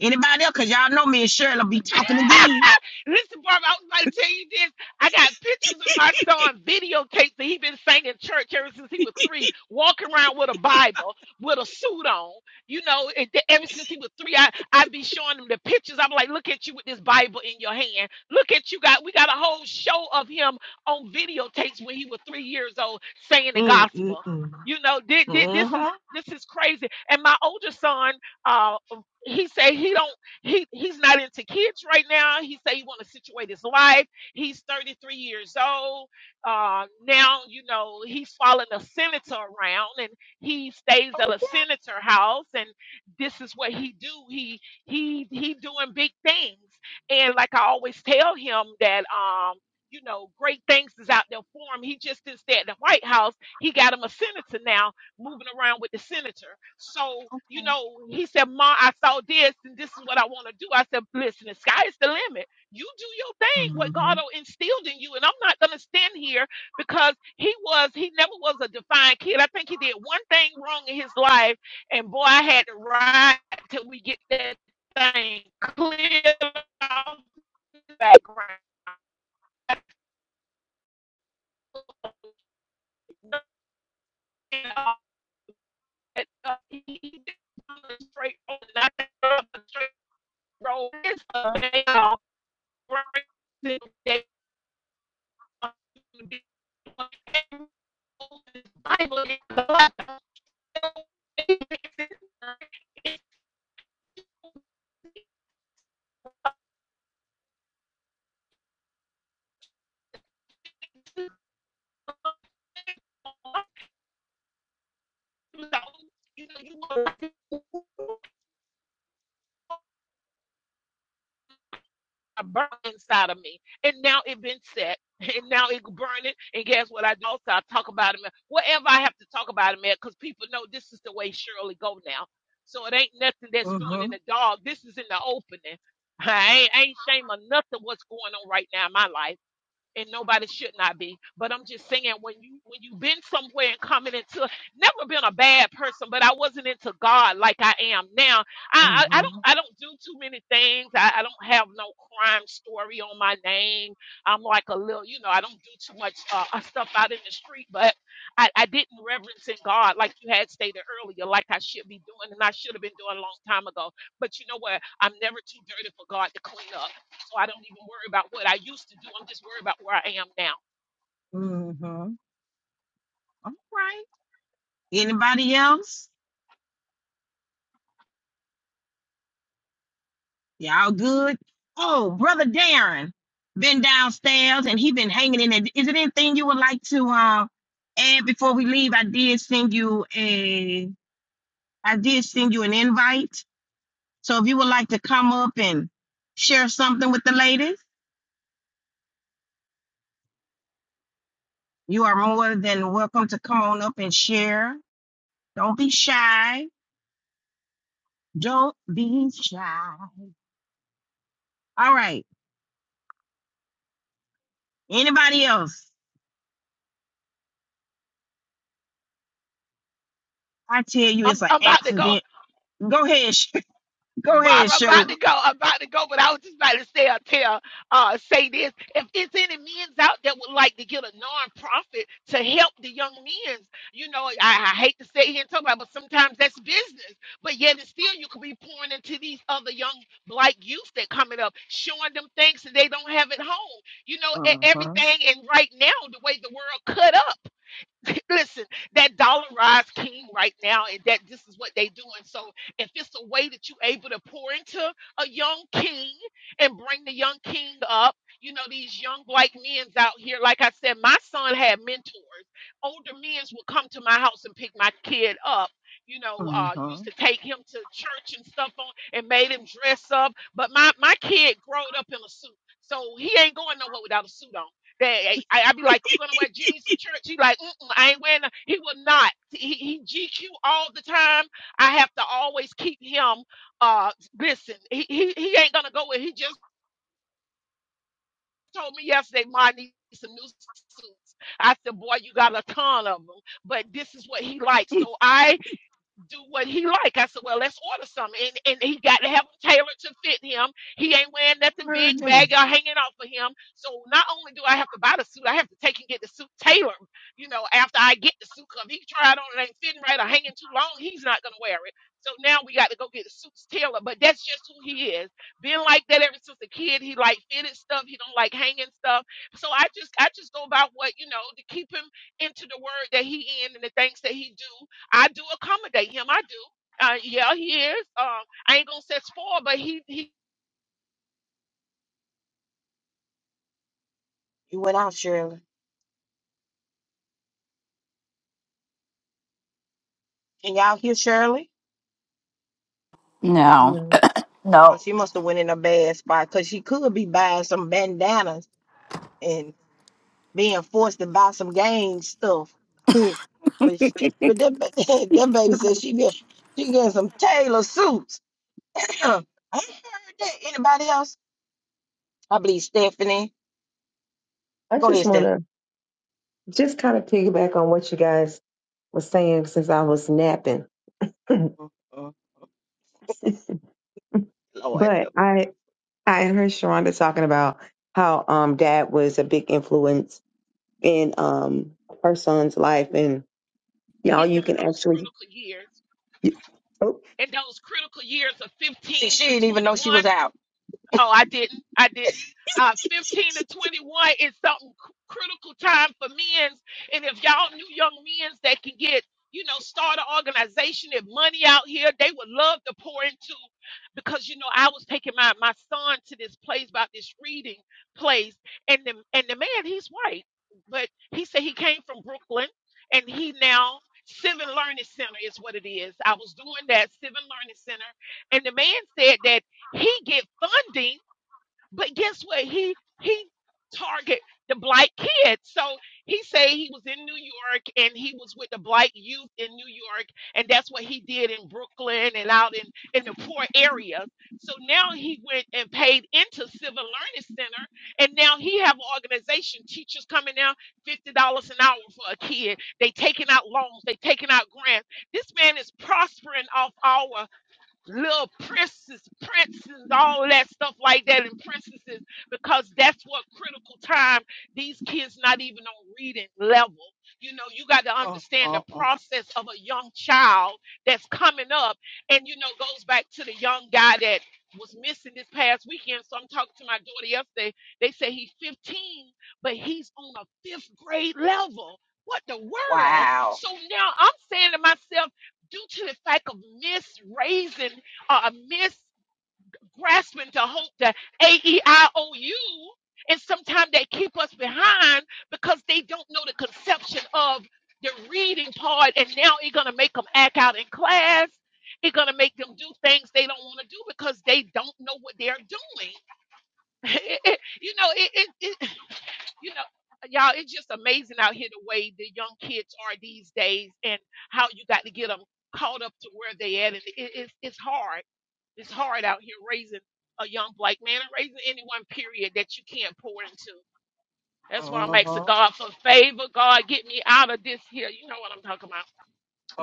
Speaker 1: anybody else? Cause y'all know me and Shirley be talking again.
Speaker 6: Listen, Barbara. I was about to tell you this. I got pictures of my son, video tapes that he been saying in church ever since he was three, walking around with a Bible, with a suit on. You know, and th- ever since he was three, I, I'd be showing him the pictures. I'm like, look at you with this Bible in your hand. Look at you got we got a whole show of him on videotapes when he was three years old saying the
Speaker 1: Mm, mm,
Speaker 6: gospel.
Speaker 1: mm.
Speaker 6: You know, thi- thi- this is
Speaker 1: Mm-hmm.
Speaker 6: this is crazy. And my older son, uh, he said he don't. He he's not into kids right now. He say he want to situate his life. He's 33 years old. Uh, now you know he's following a senator around, and he stays at a senator house, and this is what he do. He he he doing big things, and like I always tell him that um. You know, great things is out there for him. He just didn't stay at the White House. He got him a senator now moving around with the senator. So, you
Speaker 1: Okay.
Speaker 6: know, he said, Ma, I saw this and this is what I want to do. I said, Listen, the sky is the limit. You do your thing,
Speaker 1: Mm-hmm.
Speaker 6: what God instilled in you. And I'm not going to stand here because he was, he never was a defiant kid. I think he did one thing wrong in his life. And boy, I had to ride till we get that thing clear off the background. and, uh, he- did straight on and the straight road. It's a man of great day. Bible is God. It's A burn inside of me. And now it been set. And now it burning. And guess what? I do also I talk about him. at- Wherever I have to talk about him at, because people know this is the way Shirley go now. So it ain't nothing that's doing in
Speaker 1: Mm-hmm.
Speaker 6: the dog. This is in the opening. I ain't, I ain't shame of nothing what's going on right now in my life and nobody should not be. But I'm just saying when you when you've been somewhere and coming into never been a bad person, but I wasn't into God like I am now. I I, I don't
Speaker 1: Mm-hmm.
Speaker 6: I don't do too many things. I, I don't have no crime story on my name. I'm like a little you know I don't do too much uh, uh, stuff out in the street, but I, I didn't reverence in God like you had stated earlier, like I should be doing and I should have been doing a long time ago. But you know what? I'm never too dirty for God to clean up. So I don't even worry about what I used to do. I'm just worried about where I am now.
Speaker 1: Mm-hmm. Right. Anybody else? Y'all good? Oh, brother Darren been downstairs and he been hanging in there. Is it anything you would like to uh, add before we leave? I did send you a I did send you an invite. So if you would like to come up and share something with the ladies, you are more than welcome to come on up and share. Don't be shy. Don't be shy. All right. Anybody else? I tell you, it's
Speaker 6: I'm
Speaker 1: an
Speaker 6: I'm about to go.
Speaker 1: accident. Go ahead. Go ahead,
Speaker 6: Barbara, I'm
Speaker 1: Shirley.
Speaker 6: about to go. I'm about to go, but I was just about to say, uh, tell, uh, say this. If it's any men's out there would like to get a nonprofit to help the young men's, you know, I, I hate to sit here and talk about, it, but sometimes that's business. But yet, and still, you could be pouring into these other young black youth that coming up, showing them things that they don't have at home. You know, e-
Speaker 1: Uh huh.
Speaker 6: everything. And right now, the way the world cut up. Listen, that dollarized king right now, and that this is what they doing. So if it's a way that you able to pour into a young king and bring the young king up, you know, these young black men's out here, like I said, my son had mentors. Older men's would come to my house and pick my kid up. You know, uh, used to take him to church and stuff on and made him dress up. But my my kid growed up in a suit. So he ain't going nowhere without a suit on. They, I, I'd be like, you gonna wear jeans to church? He like, Mm-mm, I ain't wearing. no-" He will not. He, he GQ all the time. I have to always keep him. Uh, listen, he he, he ain't gonna go with. He just told me yesterday, Ma I need some new suits. I said, boy, you got a ton of them, but this is what he likes. So I do what he like. I said, well, let's order some, and and he got to have them tailored to fit him. He ain't wearing nothing big, baggy, or hanging off of him. So not only do I have to buy the suit, I have to take and get the suit tailored. You know, after I get the suit, cause he tried on it ain't fitting right or hanging too long, he's not gonna wear it. So now we got to go get the suits tailored. But that's just who he is. Been like that ever since a kid. He like fitted stuff. He don't like hanging stuff. So I just I just go about what you know to keep him into the word that he in and the things that he do I do accommodate him. I do. Uh, yeah, he is. Um, I ain't gonna say spoiled, but he he
Speaker 1: You went out, Shirley. Can y'all hear Shirley?
Speaker 4: No,
Speaker 8: No,
Speaker 1: Oh,
Speaker 4: no.
Speaker 1: she must have went in a bad spot because she could be buying some bandanas and being forced to buy some gang stuff. but sh but that, ba- that baby said she get she getting some tailor suits. I heard that. Anybody else? I believe Stephanie.
Speaker 8: I
Speaker 1: Go
Speaker 8: just
Speaker 1: ahead,
Speaker 8: want
Speaker 1: Stephanie.
Speaker 8: to just kind of piggyback on what you guys were saying since I was napping.
Speaker 1: Mm, mm. Lord,
Speaker 8: But
Speaker 1: help
Speaker 8: I
Speaker 1: me.
Speaker 8: I heard Sharonda talking about how um dad was a big influence in um her son's life and y'all
Speaker 6: get
Speaker 8: you
Speaker 6: them in
Speaker 8: can
Speaker 6: those
Speaker 8: actually
Speaker 6: critical years.
Speaker 8: you- oh
Speaker 6: In those critical years of
Speaker 1: see,
Speaker 6: 15
Speaker 1: she didn't
Speaker 6: to
Speaker 1: even know she
Speaker 6: 21,
Speaker 1: was out.
Speaker 6: Oh, I didn't. I didn't. Uh, 15 to 21 is something cr- critical time for men's. And if y'all knew young men's that can get, you know, start an organization and money out here, they would love to pour into. Because you know, I was taking my my son to this place about this reading place, and the and the man he's white, but he said he came from Brooklyn, and he now Civil Learning Center is what it is. I was doing that Civil Learning Center, and the man said that he get funding, but guess what? He he target the black kids. So he say he was in New York and he was with the black youth in New York, and that's what he did in Brooklyn and out in in the poor areas. So now he went and paid into Civil Learning Center, and now he have an organization. Teachers coming out fifty dollars an hour for a kid. They taking out loans. They taking out grants. This man is prospering off our little princes, princes, all that stuff like that, and princesses, because that's what critical time these kids not even on reading level. You know, you got to understand the
Speaker 1: Mm,
Speaker 6: process of a young child that's coming up, and you know, goes back to the young guy that was missing this past weekend. So I'm talking to my daughter yesterday. They say he's 15, but he's on a fifth grade level. What the world?
Speaker 1: Wow.
Speaker 6: So now I'm saying to myself due to the fact of misraising or uh, misgrasping to hope the A-E-I-O-U, and sometimes they keep us behind because they don't know the conception of the reading part, and now it's gonna make them act out in class. It's gonna make them do things they don't want to do because they don't know what they're doing. you know, it, it, it you know y'all it's just amazing out here the way the young kids are these days and how you got to get them caught up to where they at and it, it's it's hard it's hard out here raising a young black man and raising anyone period that you can't pour into that's why i'm
Speaker 1: Uh
Speaker 6: asking god for favor god get me out of this here you know what i'm talking about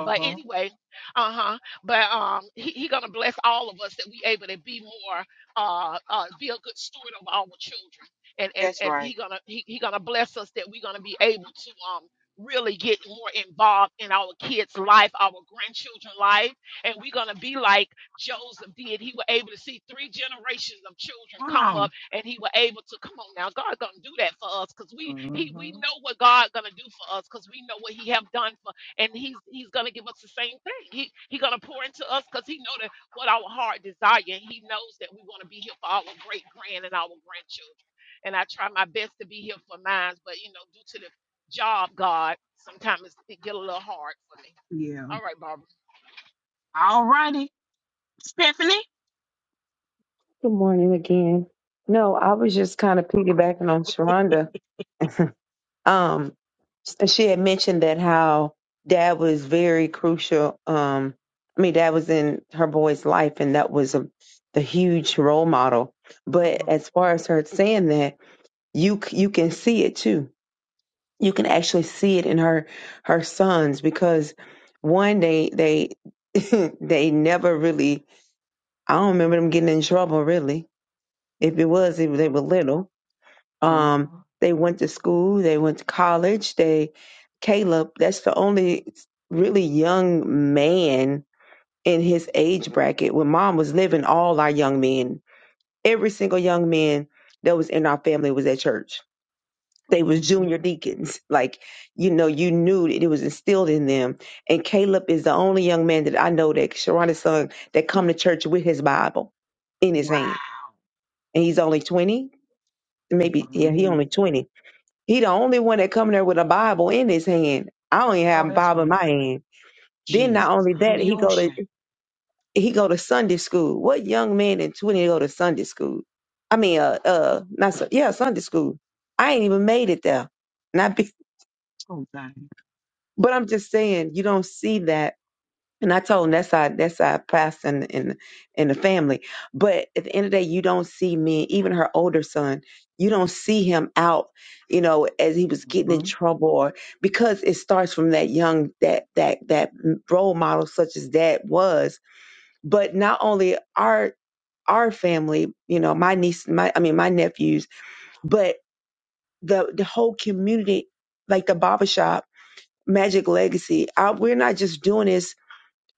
Speaker 6: but anyway, uh huh. But um, he, he gonna bless all of us that we able to be more uh, uh be a good steward of our children, and and
Speaker 1: That's
Speaker 6: and
Speaker 1: right.
Speaker 6: he gonna he, he gonna bless us that we gonna be able to um really get more involved in our kids' life, our grandchildren' life, and we're gonna be like Joseph did. He was able to see three generations of children come
Speaker 1: Come
Speaker 6: up, and he was able to come on now. God gonna do that for us, cause we
Speaker 1: on.
Speaker 6: he we
Speaker 1: huh.
Speaker 6: know what God gonna do for us, cause we know what He have done and he's he's gonna give us the same thing. He he's gonna pour into us because he know that what our heart desire. and He knows that we want to be here for our great grand and our grandchildren. And I try my best to be here for mine, but you know, due to the job, God, sometimes it get a little hard for me.
Speaker 1: Yeah.
Speaker 6: All right, Barbara.
Speaker 1: Tiffany?
Speaker 8: good morning again. No, I was just kind of piggybacking on Sharonda Um, she had mentioned that how dad was very crucial. Um, I mean, dad was in her boy's life, and that was a the huge role model. But
Speaker 1: Mhm,
Speaker 8: as far as her saying that, you c- you can see it too. You can actually see it in her her sons because one they they they never really. I don't remember them getting in trouble really. If it was, if they
Speaker 1: mhm,
Speaker 8: were little um,
Speaker 1: mhm.
Speaker 8: they went to school, they went to college. They, Caleb, that's the only really young man in his age bracket. When mom was living, all our young men, every single young man that was in our family was at church. They was junior deacons. Like, you know, you knew that it was instilled in them. And Caleb is the only young man that I know that Sharonda's son that come to church with his Bible in his
Speaker 1: Wow,
Speaker 8: hand. And he's only 20,
Speaker 1: that's
Speaker 8: maybe, yeah, he
Speaker 1: amazing.
Speaker 8: only 20 he the only one that come there with a Bible in his hand. I don't even have
Speaker 1: Oh,
Speaker 8: a
Speaker 1: that's
Speaker 8: Bible in
Speaker 1: right.
Speaker 8: my hand. Then not
Speaker 1: Jesus,
Speaker 8: only
Speaker 1: and
Speaker 8: that,
Speaker 1: the
Speaker 8: he go to
Speaker 1: ocean.
Speaker 8: he go to Sunday school. What young man in twenty go to Sunday school? I mean, uh, uh, not Sun- yeah, Sunday school. I ain't even made it there. Not be,
Speaker 1: Oh, God.
Speaker 8: but I'm just saying, you don't see that And I told him that's our that's our past in in in the family. But at the end of the day, you don't see me, even her older son, you don't see him out, you know, as he was getting in
Speaker 1: Mhm,
Speaker 8: trouble or because it starts from that young that that that role model such as that was. But not only our our family, you know, my niece, my I mean my nephews, but the the whole community, like the barbershop, Magic Legacy. I, we're not just doing this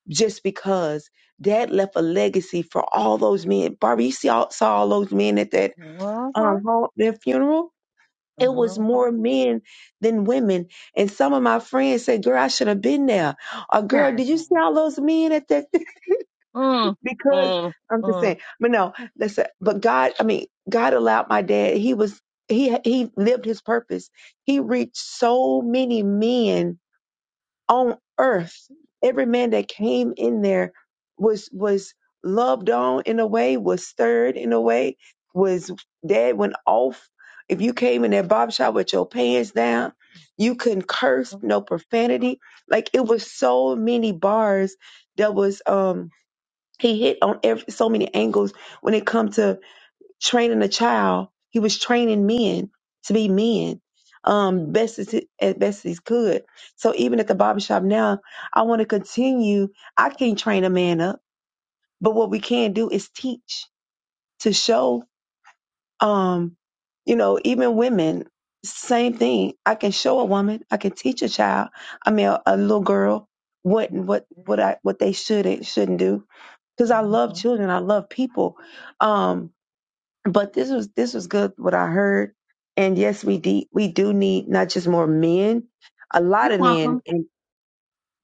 Speaker 8: just because dad left a legacy for all those men. Barbie, you see all, saw all those men at that
Speaker 1: Uh-huh.
Speaker 8: um home, their funeral. It was
Speaker 1: mhm.
Speaker 8: more men than women. And some of my friends said, Girl, I should have been there. Or girl,
Speaker 1: Yeah.
Speaker 8: did you see all those men at that
Speaker 1: Mm,
Speaker 8: because
Speaker 1: mm,
Speaker 8: I'm just
Speaker 1: mm.
Speaker 8: saying, but no, listen, but God, I mean, God allowed my dad, he was he he lived his purpose. He reached so many men on earth. Every man that came in there was was loved on in a way, was stirred in a way, was dad went off. If you came in that barber shop with your pants down, you couldn't curse, no profanity. Like it was so many bars that was um he hit on every so many angles when it comes to training a child. He was training men to be men, um, best as he, as best as he could. So even at the barbershop now, I want to continue. I can't train a man up, but what we can do is teach to show, um, you know, even women. Same thing. I can show a woman. I can teach a child. I mean, a, a little girl what what what I what they should and shouldn't do. Because I love
Speaker 1: Mhm.
Speaker 8: children. I love people. Um, but this was this was good what I heard. And yes, we de- we do need not just more men, a lot
Speaker 1: You're
Speaker 8: of men,
Speaker 1: welcome.
Speaker 8: and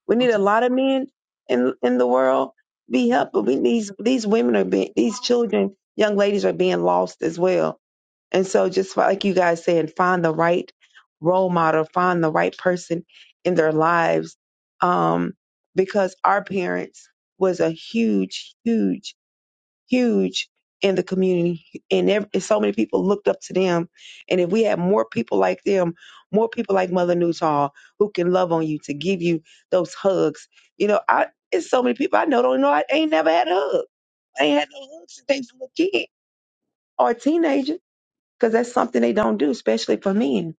Speaker 8: we
Speaker 1: I'm
Speaker 8: need a
Speaker 1: sorry.
Speaker 8: lot of men in in the world be helped. But
Speaker 1: Mhm.
Speaker 8: we these these women are being these children, young ladies are being lost as well. And so just fi- like you guys saying, find the right role model, find the right person in their lives, um, because our parents was a huge, huge huge in the community and, ev- and so many people looked up to them and if we had more people like them more people like mother newtall who can love on you to give you those hugs you know i it's so many people i know don't know i ain't never had a hug i ain't had no hugs since they was a little kid or a teenager because that's something they don't do especially for men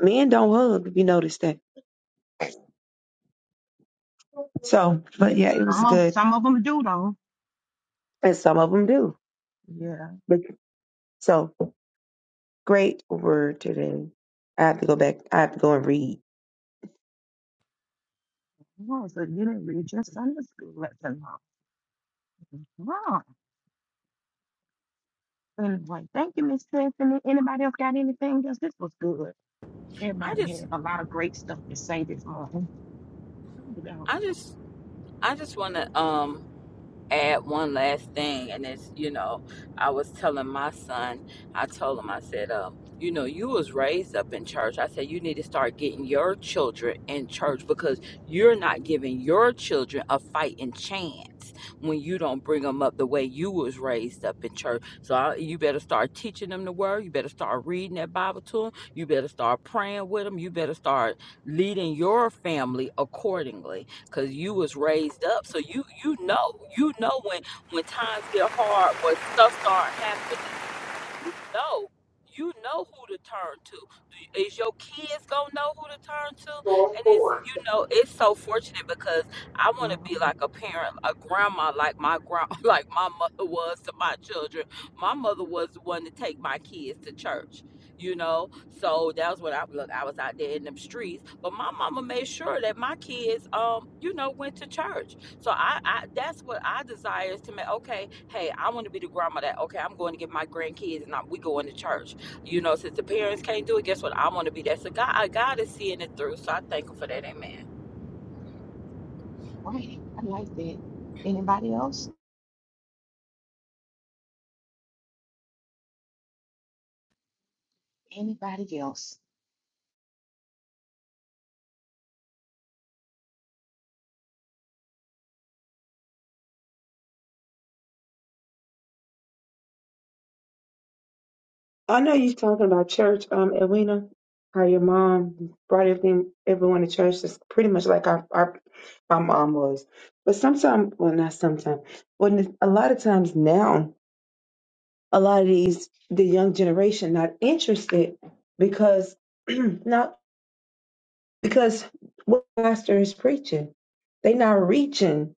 Speaker 8: men don't hug if you notice that so but yeah it was
Speaker 1: Some of
Speaker 8: good
Speaker 1: some of them do though.
Speaker 8: and some of them do
Speaker 1: Yeah.
Speaker 8: but so great word today i have to go back i have to go and read
Speaker 1: Wow. Anyway, thank you, Miss Tiffany. Anybody else got anything? Because this was good.
Speaker 4: I
Speaker 1: Everybody
Speaker 4: just,
Speaker 1: had a lot of great stuff to say this morning.
Speaker 4: I just, I just want to. Um, add one last thing, and it's you know, I was telling my son, I told him, I said, um, you know, you was raised up in church. I said you need to start getting your children in church because you're not giving your children a fighting chance when you don't bring them up the way you was raised up in church. So I, you better start teaching them the word. You better start reading that Bible to them. You better start praying with them. You better start leading your family accordingly because you was raised up so you you know you know when when times get hard when stuff start happening know. You know who to turn to. Do- Is your kids gonna know who to turn to? And it's you know it's so fortunate because I want to be like a parent, a grandma, like my grand, like my mother was to my children. My mother was the one to take my kids to church. You know, so that was what I look. I was out there in them streets, but my mama made sure that my kids, um, you know, went to church so I, I that's what I desire is to make okay, hey, I want to be the grandma that okay, I'm going to get my grandkids and I, we going to church. You know, since the parents can't do it, guess what? I want to be that. So God, I God is seeing it through. So I thank him for that. Amen.
Speaker 1: I like that. Anybody else?
Speaker 8: I know you are talking about church, um, Edwina, how your mom brought everything, everyone to church. It's pretty much like our, our my mom was. But sometimes, well, not sometimes, when a lot of times now, a lot of these the young generation not interested because not because what pastor is preaching, they not reaching.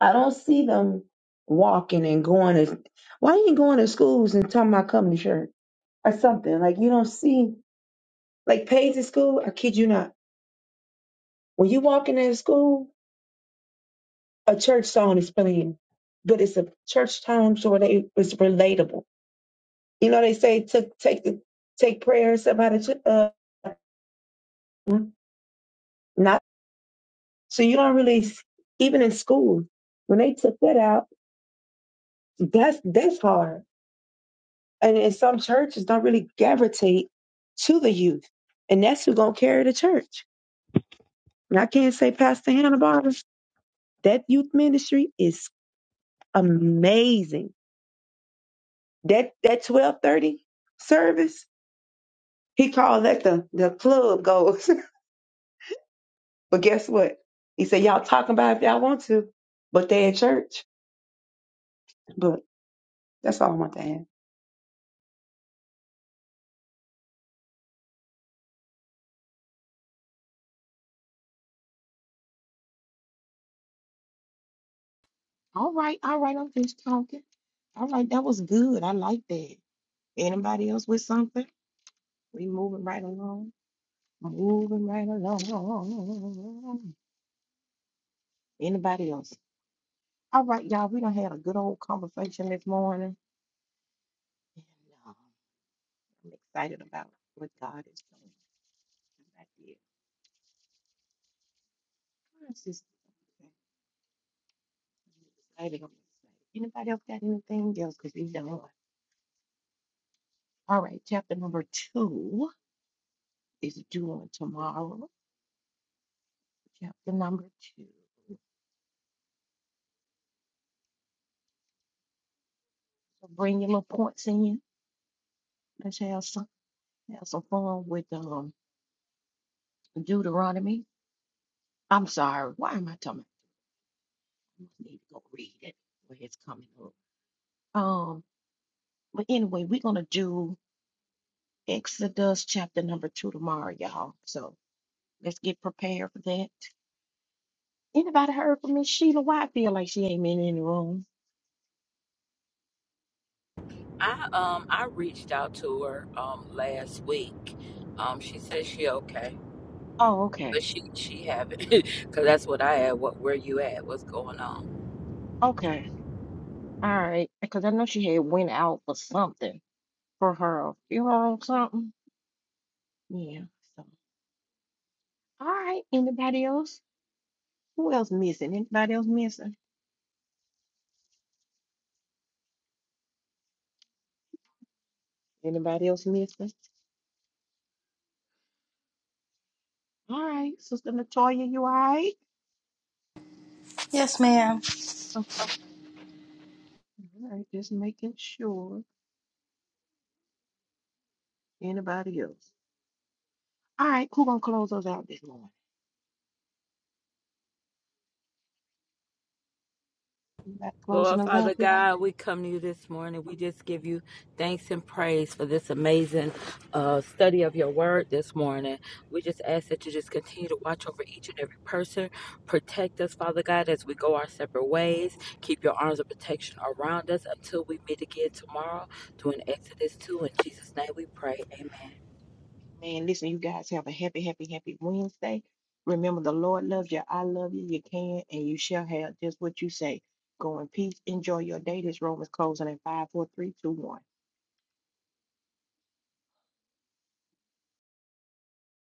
Speaker 8: I don't see them walking and going to. Why you ain't going to schools and talking about coming to church or something like you don't see? Like Paige in school, I kid you not. When you walk in that school, a church song is playing, but it's a church time so they it's relatable. You know they say to take the take prayer and stuff out of ch- uh not so you don't really s- even in school when they took that out that's that's hard and, and some churches don't really gravitate to the youth and that's who gonna carry the church and I can't say Pastor Hannah Barber that youth ministry is amazing That that twelve thirty service, he called that the the club goes. but guess what? He said y'all talking about it if y'all want to, but they at church. But that's all I want to add.
Speaker 1: All right, all right, I'm just talking. All right, that was good. I like that. Anybody else with something? We moving right along. Moving right along. Anybody else? All right, y'all, we done had a good old conversation this morning. And uh, I'm excited about what God is doing. I'm not yet- I'm just excited. I'm excited. Anybody else got anything else? Because we done. All right, chapter number two is due on tomorrow. Chapter number two. So bring your little points in you. Let's have some have some fun with um Deuteronomy. I'm sorry, why am I talking? I need to go read it where it's coming up. Um, but anyway, we're gonna do Exodus chapter number two tomorrow, y'all. So let's get prepared for that. Anybody heard from Miss Sheila? Why I feel like she ain't been in the room.
Speaker 4: I um I reached out to her um last week. Um, she said she okay. but
Speaker 1: Okay,
Speaker 4: she she have it because that's what I had. What where you at? What's going on?
Speaker 1: okay. All right, because I know she had went out for something. Her you or something. Yeah. So, all right. Anybody else? Who else missing? Anybody else missing? Anybody else missing? All right, Toya, you all right?
Speaker 3: Yes, ma'am.
Speaker 1: Okay. All right, just making sure. Anybody else? All right, who gonna close us out this morning? Anybody
Speaker 4: Lord
Speaker 1: closing us
Speaker 4: Father
Speaker 1: out this morning?
Speaker 4: God, we come to you this morning. We just give you thanks and praise for this amazing uh, study of your word this morning. We just ask that you just continue to watch over each and every person. Protect us, Father God, as we go our separate ways. Keep your arms of protection around us until we meet again tomorrow. Through an Exodus 2. In Jesus' name we pray. Amen.
Speaker 1: Man, listen, you guys have a happy, happy, happy Wednesday. Remember, the Lord loves you. I love you. You can and you shall have just what you say. Go in peace. Enjoy your day. This room is closing in five, four, three, two, one.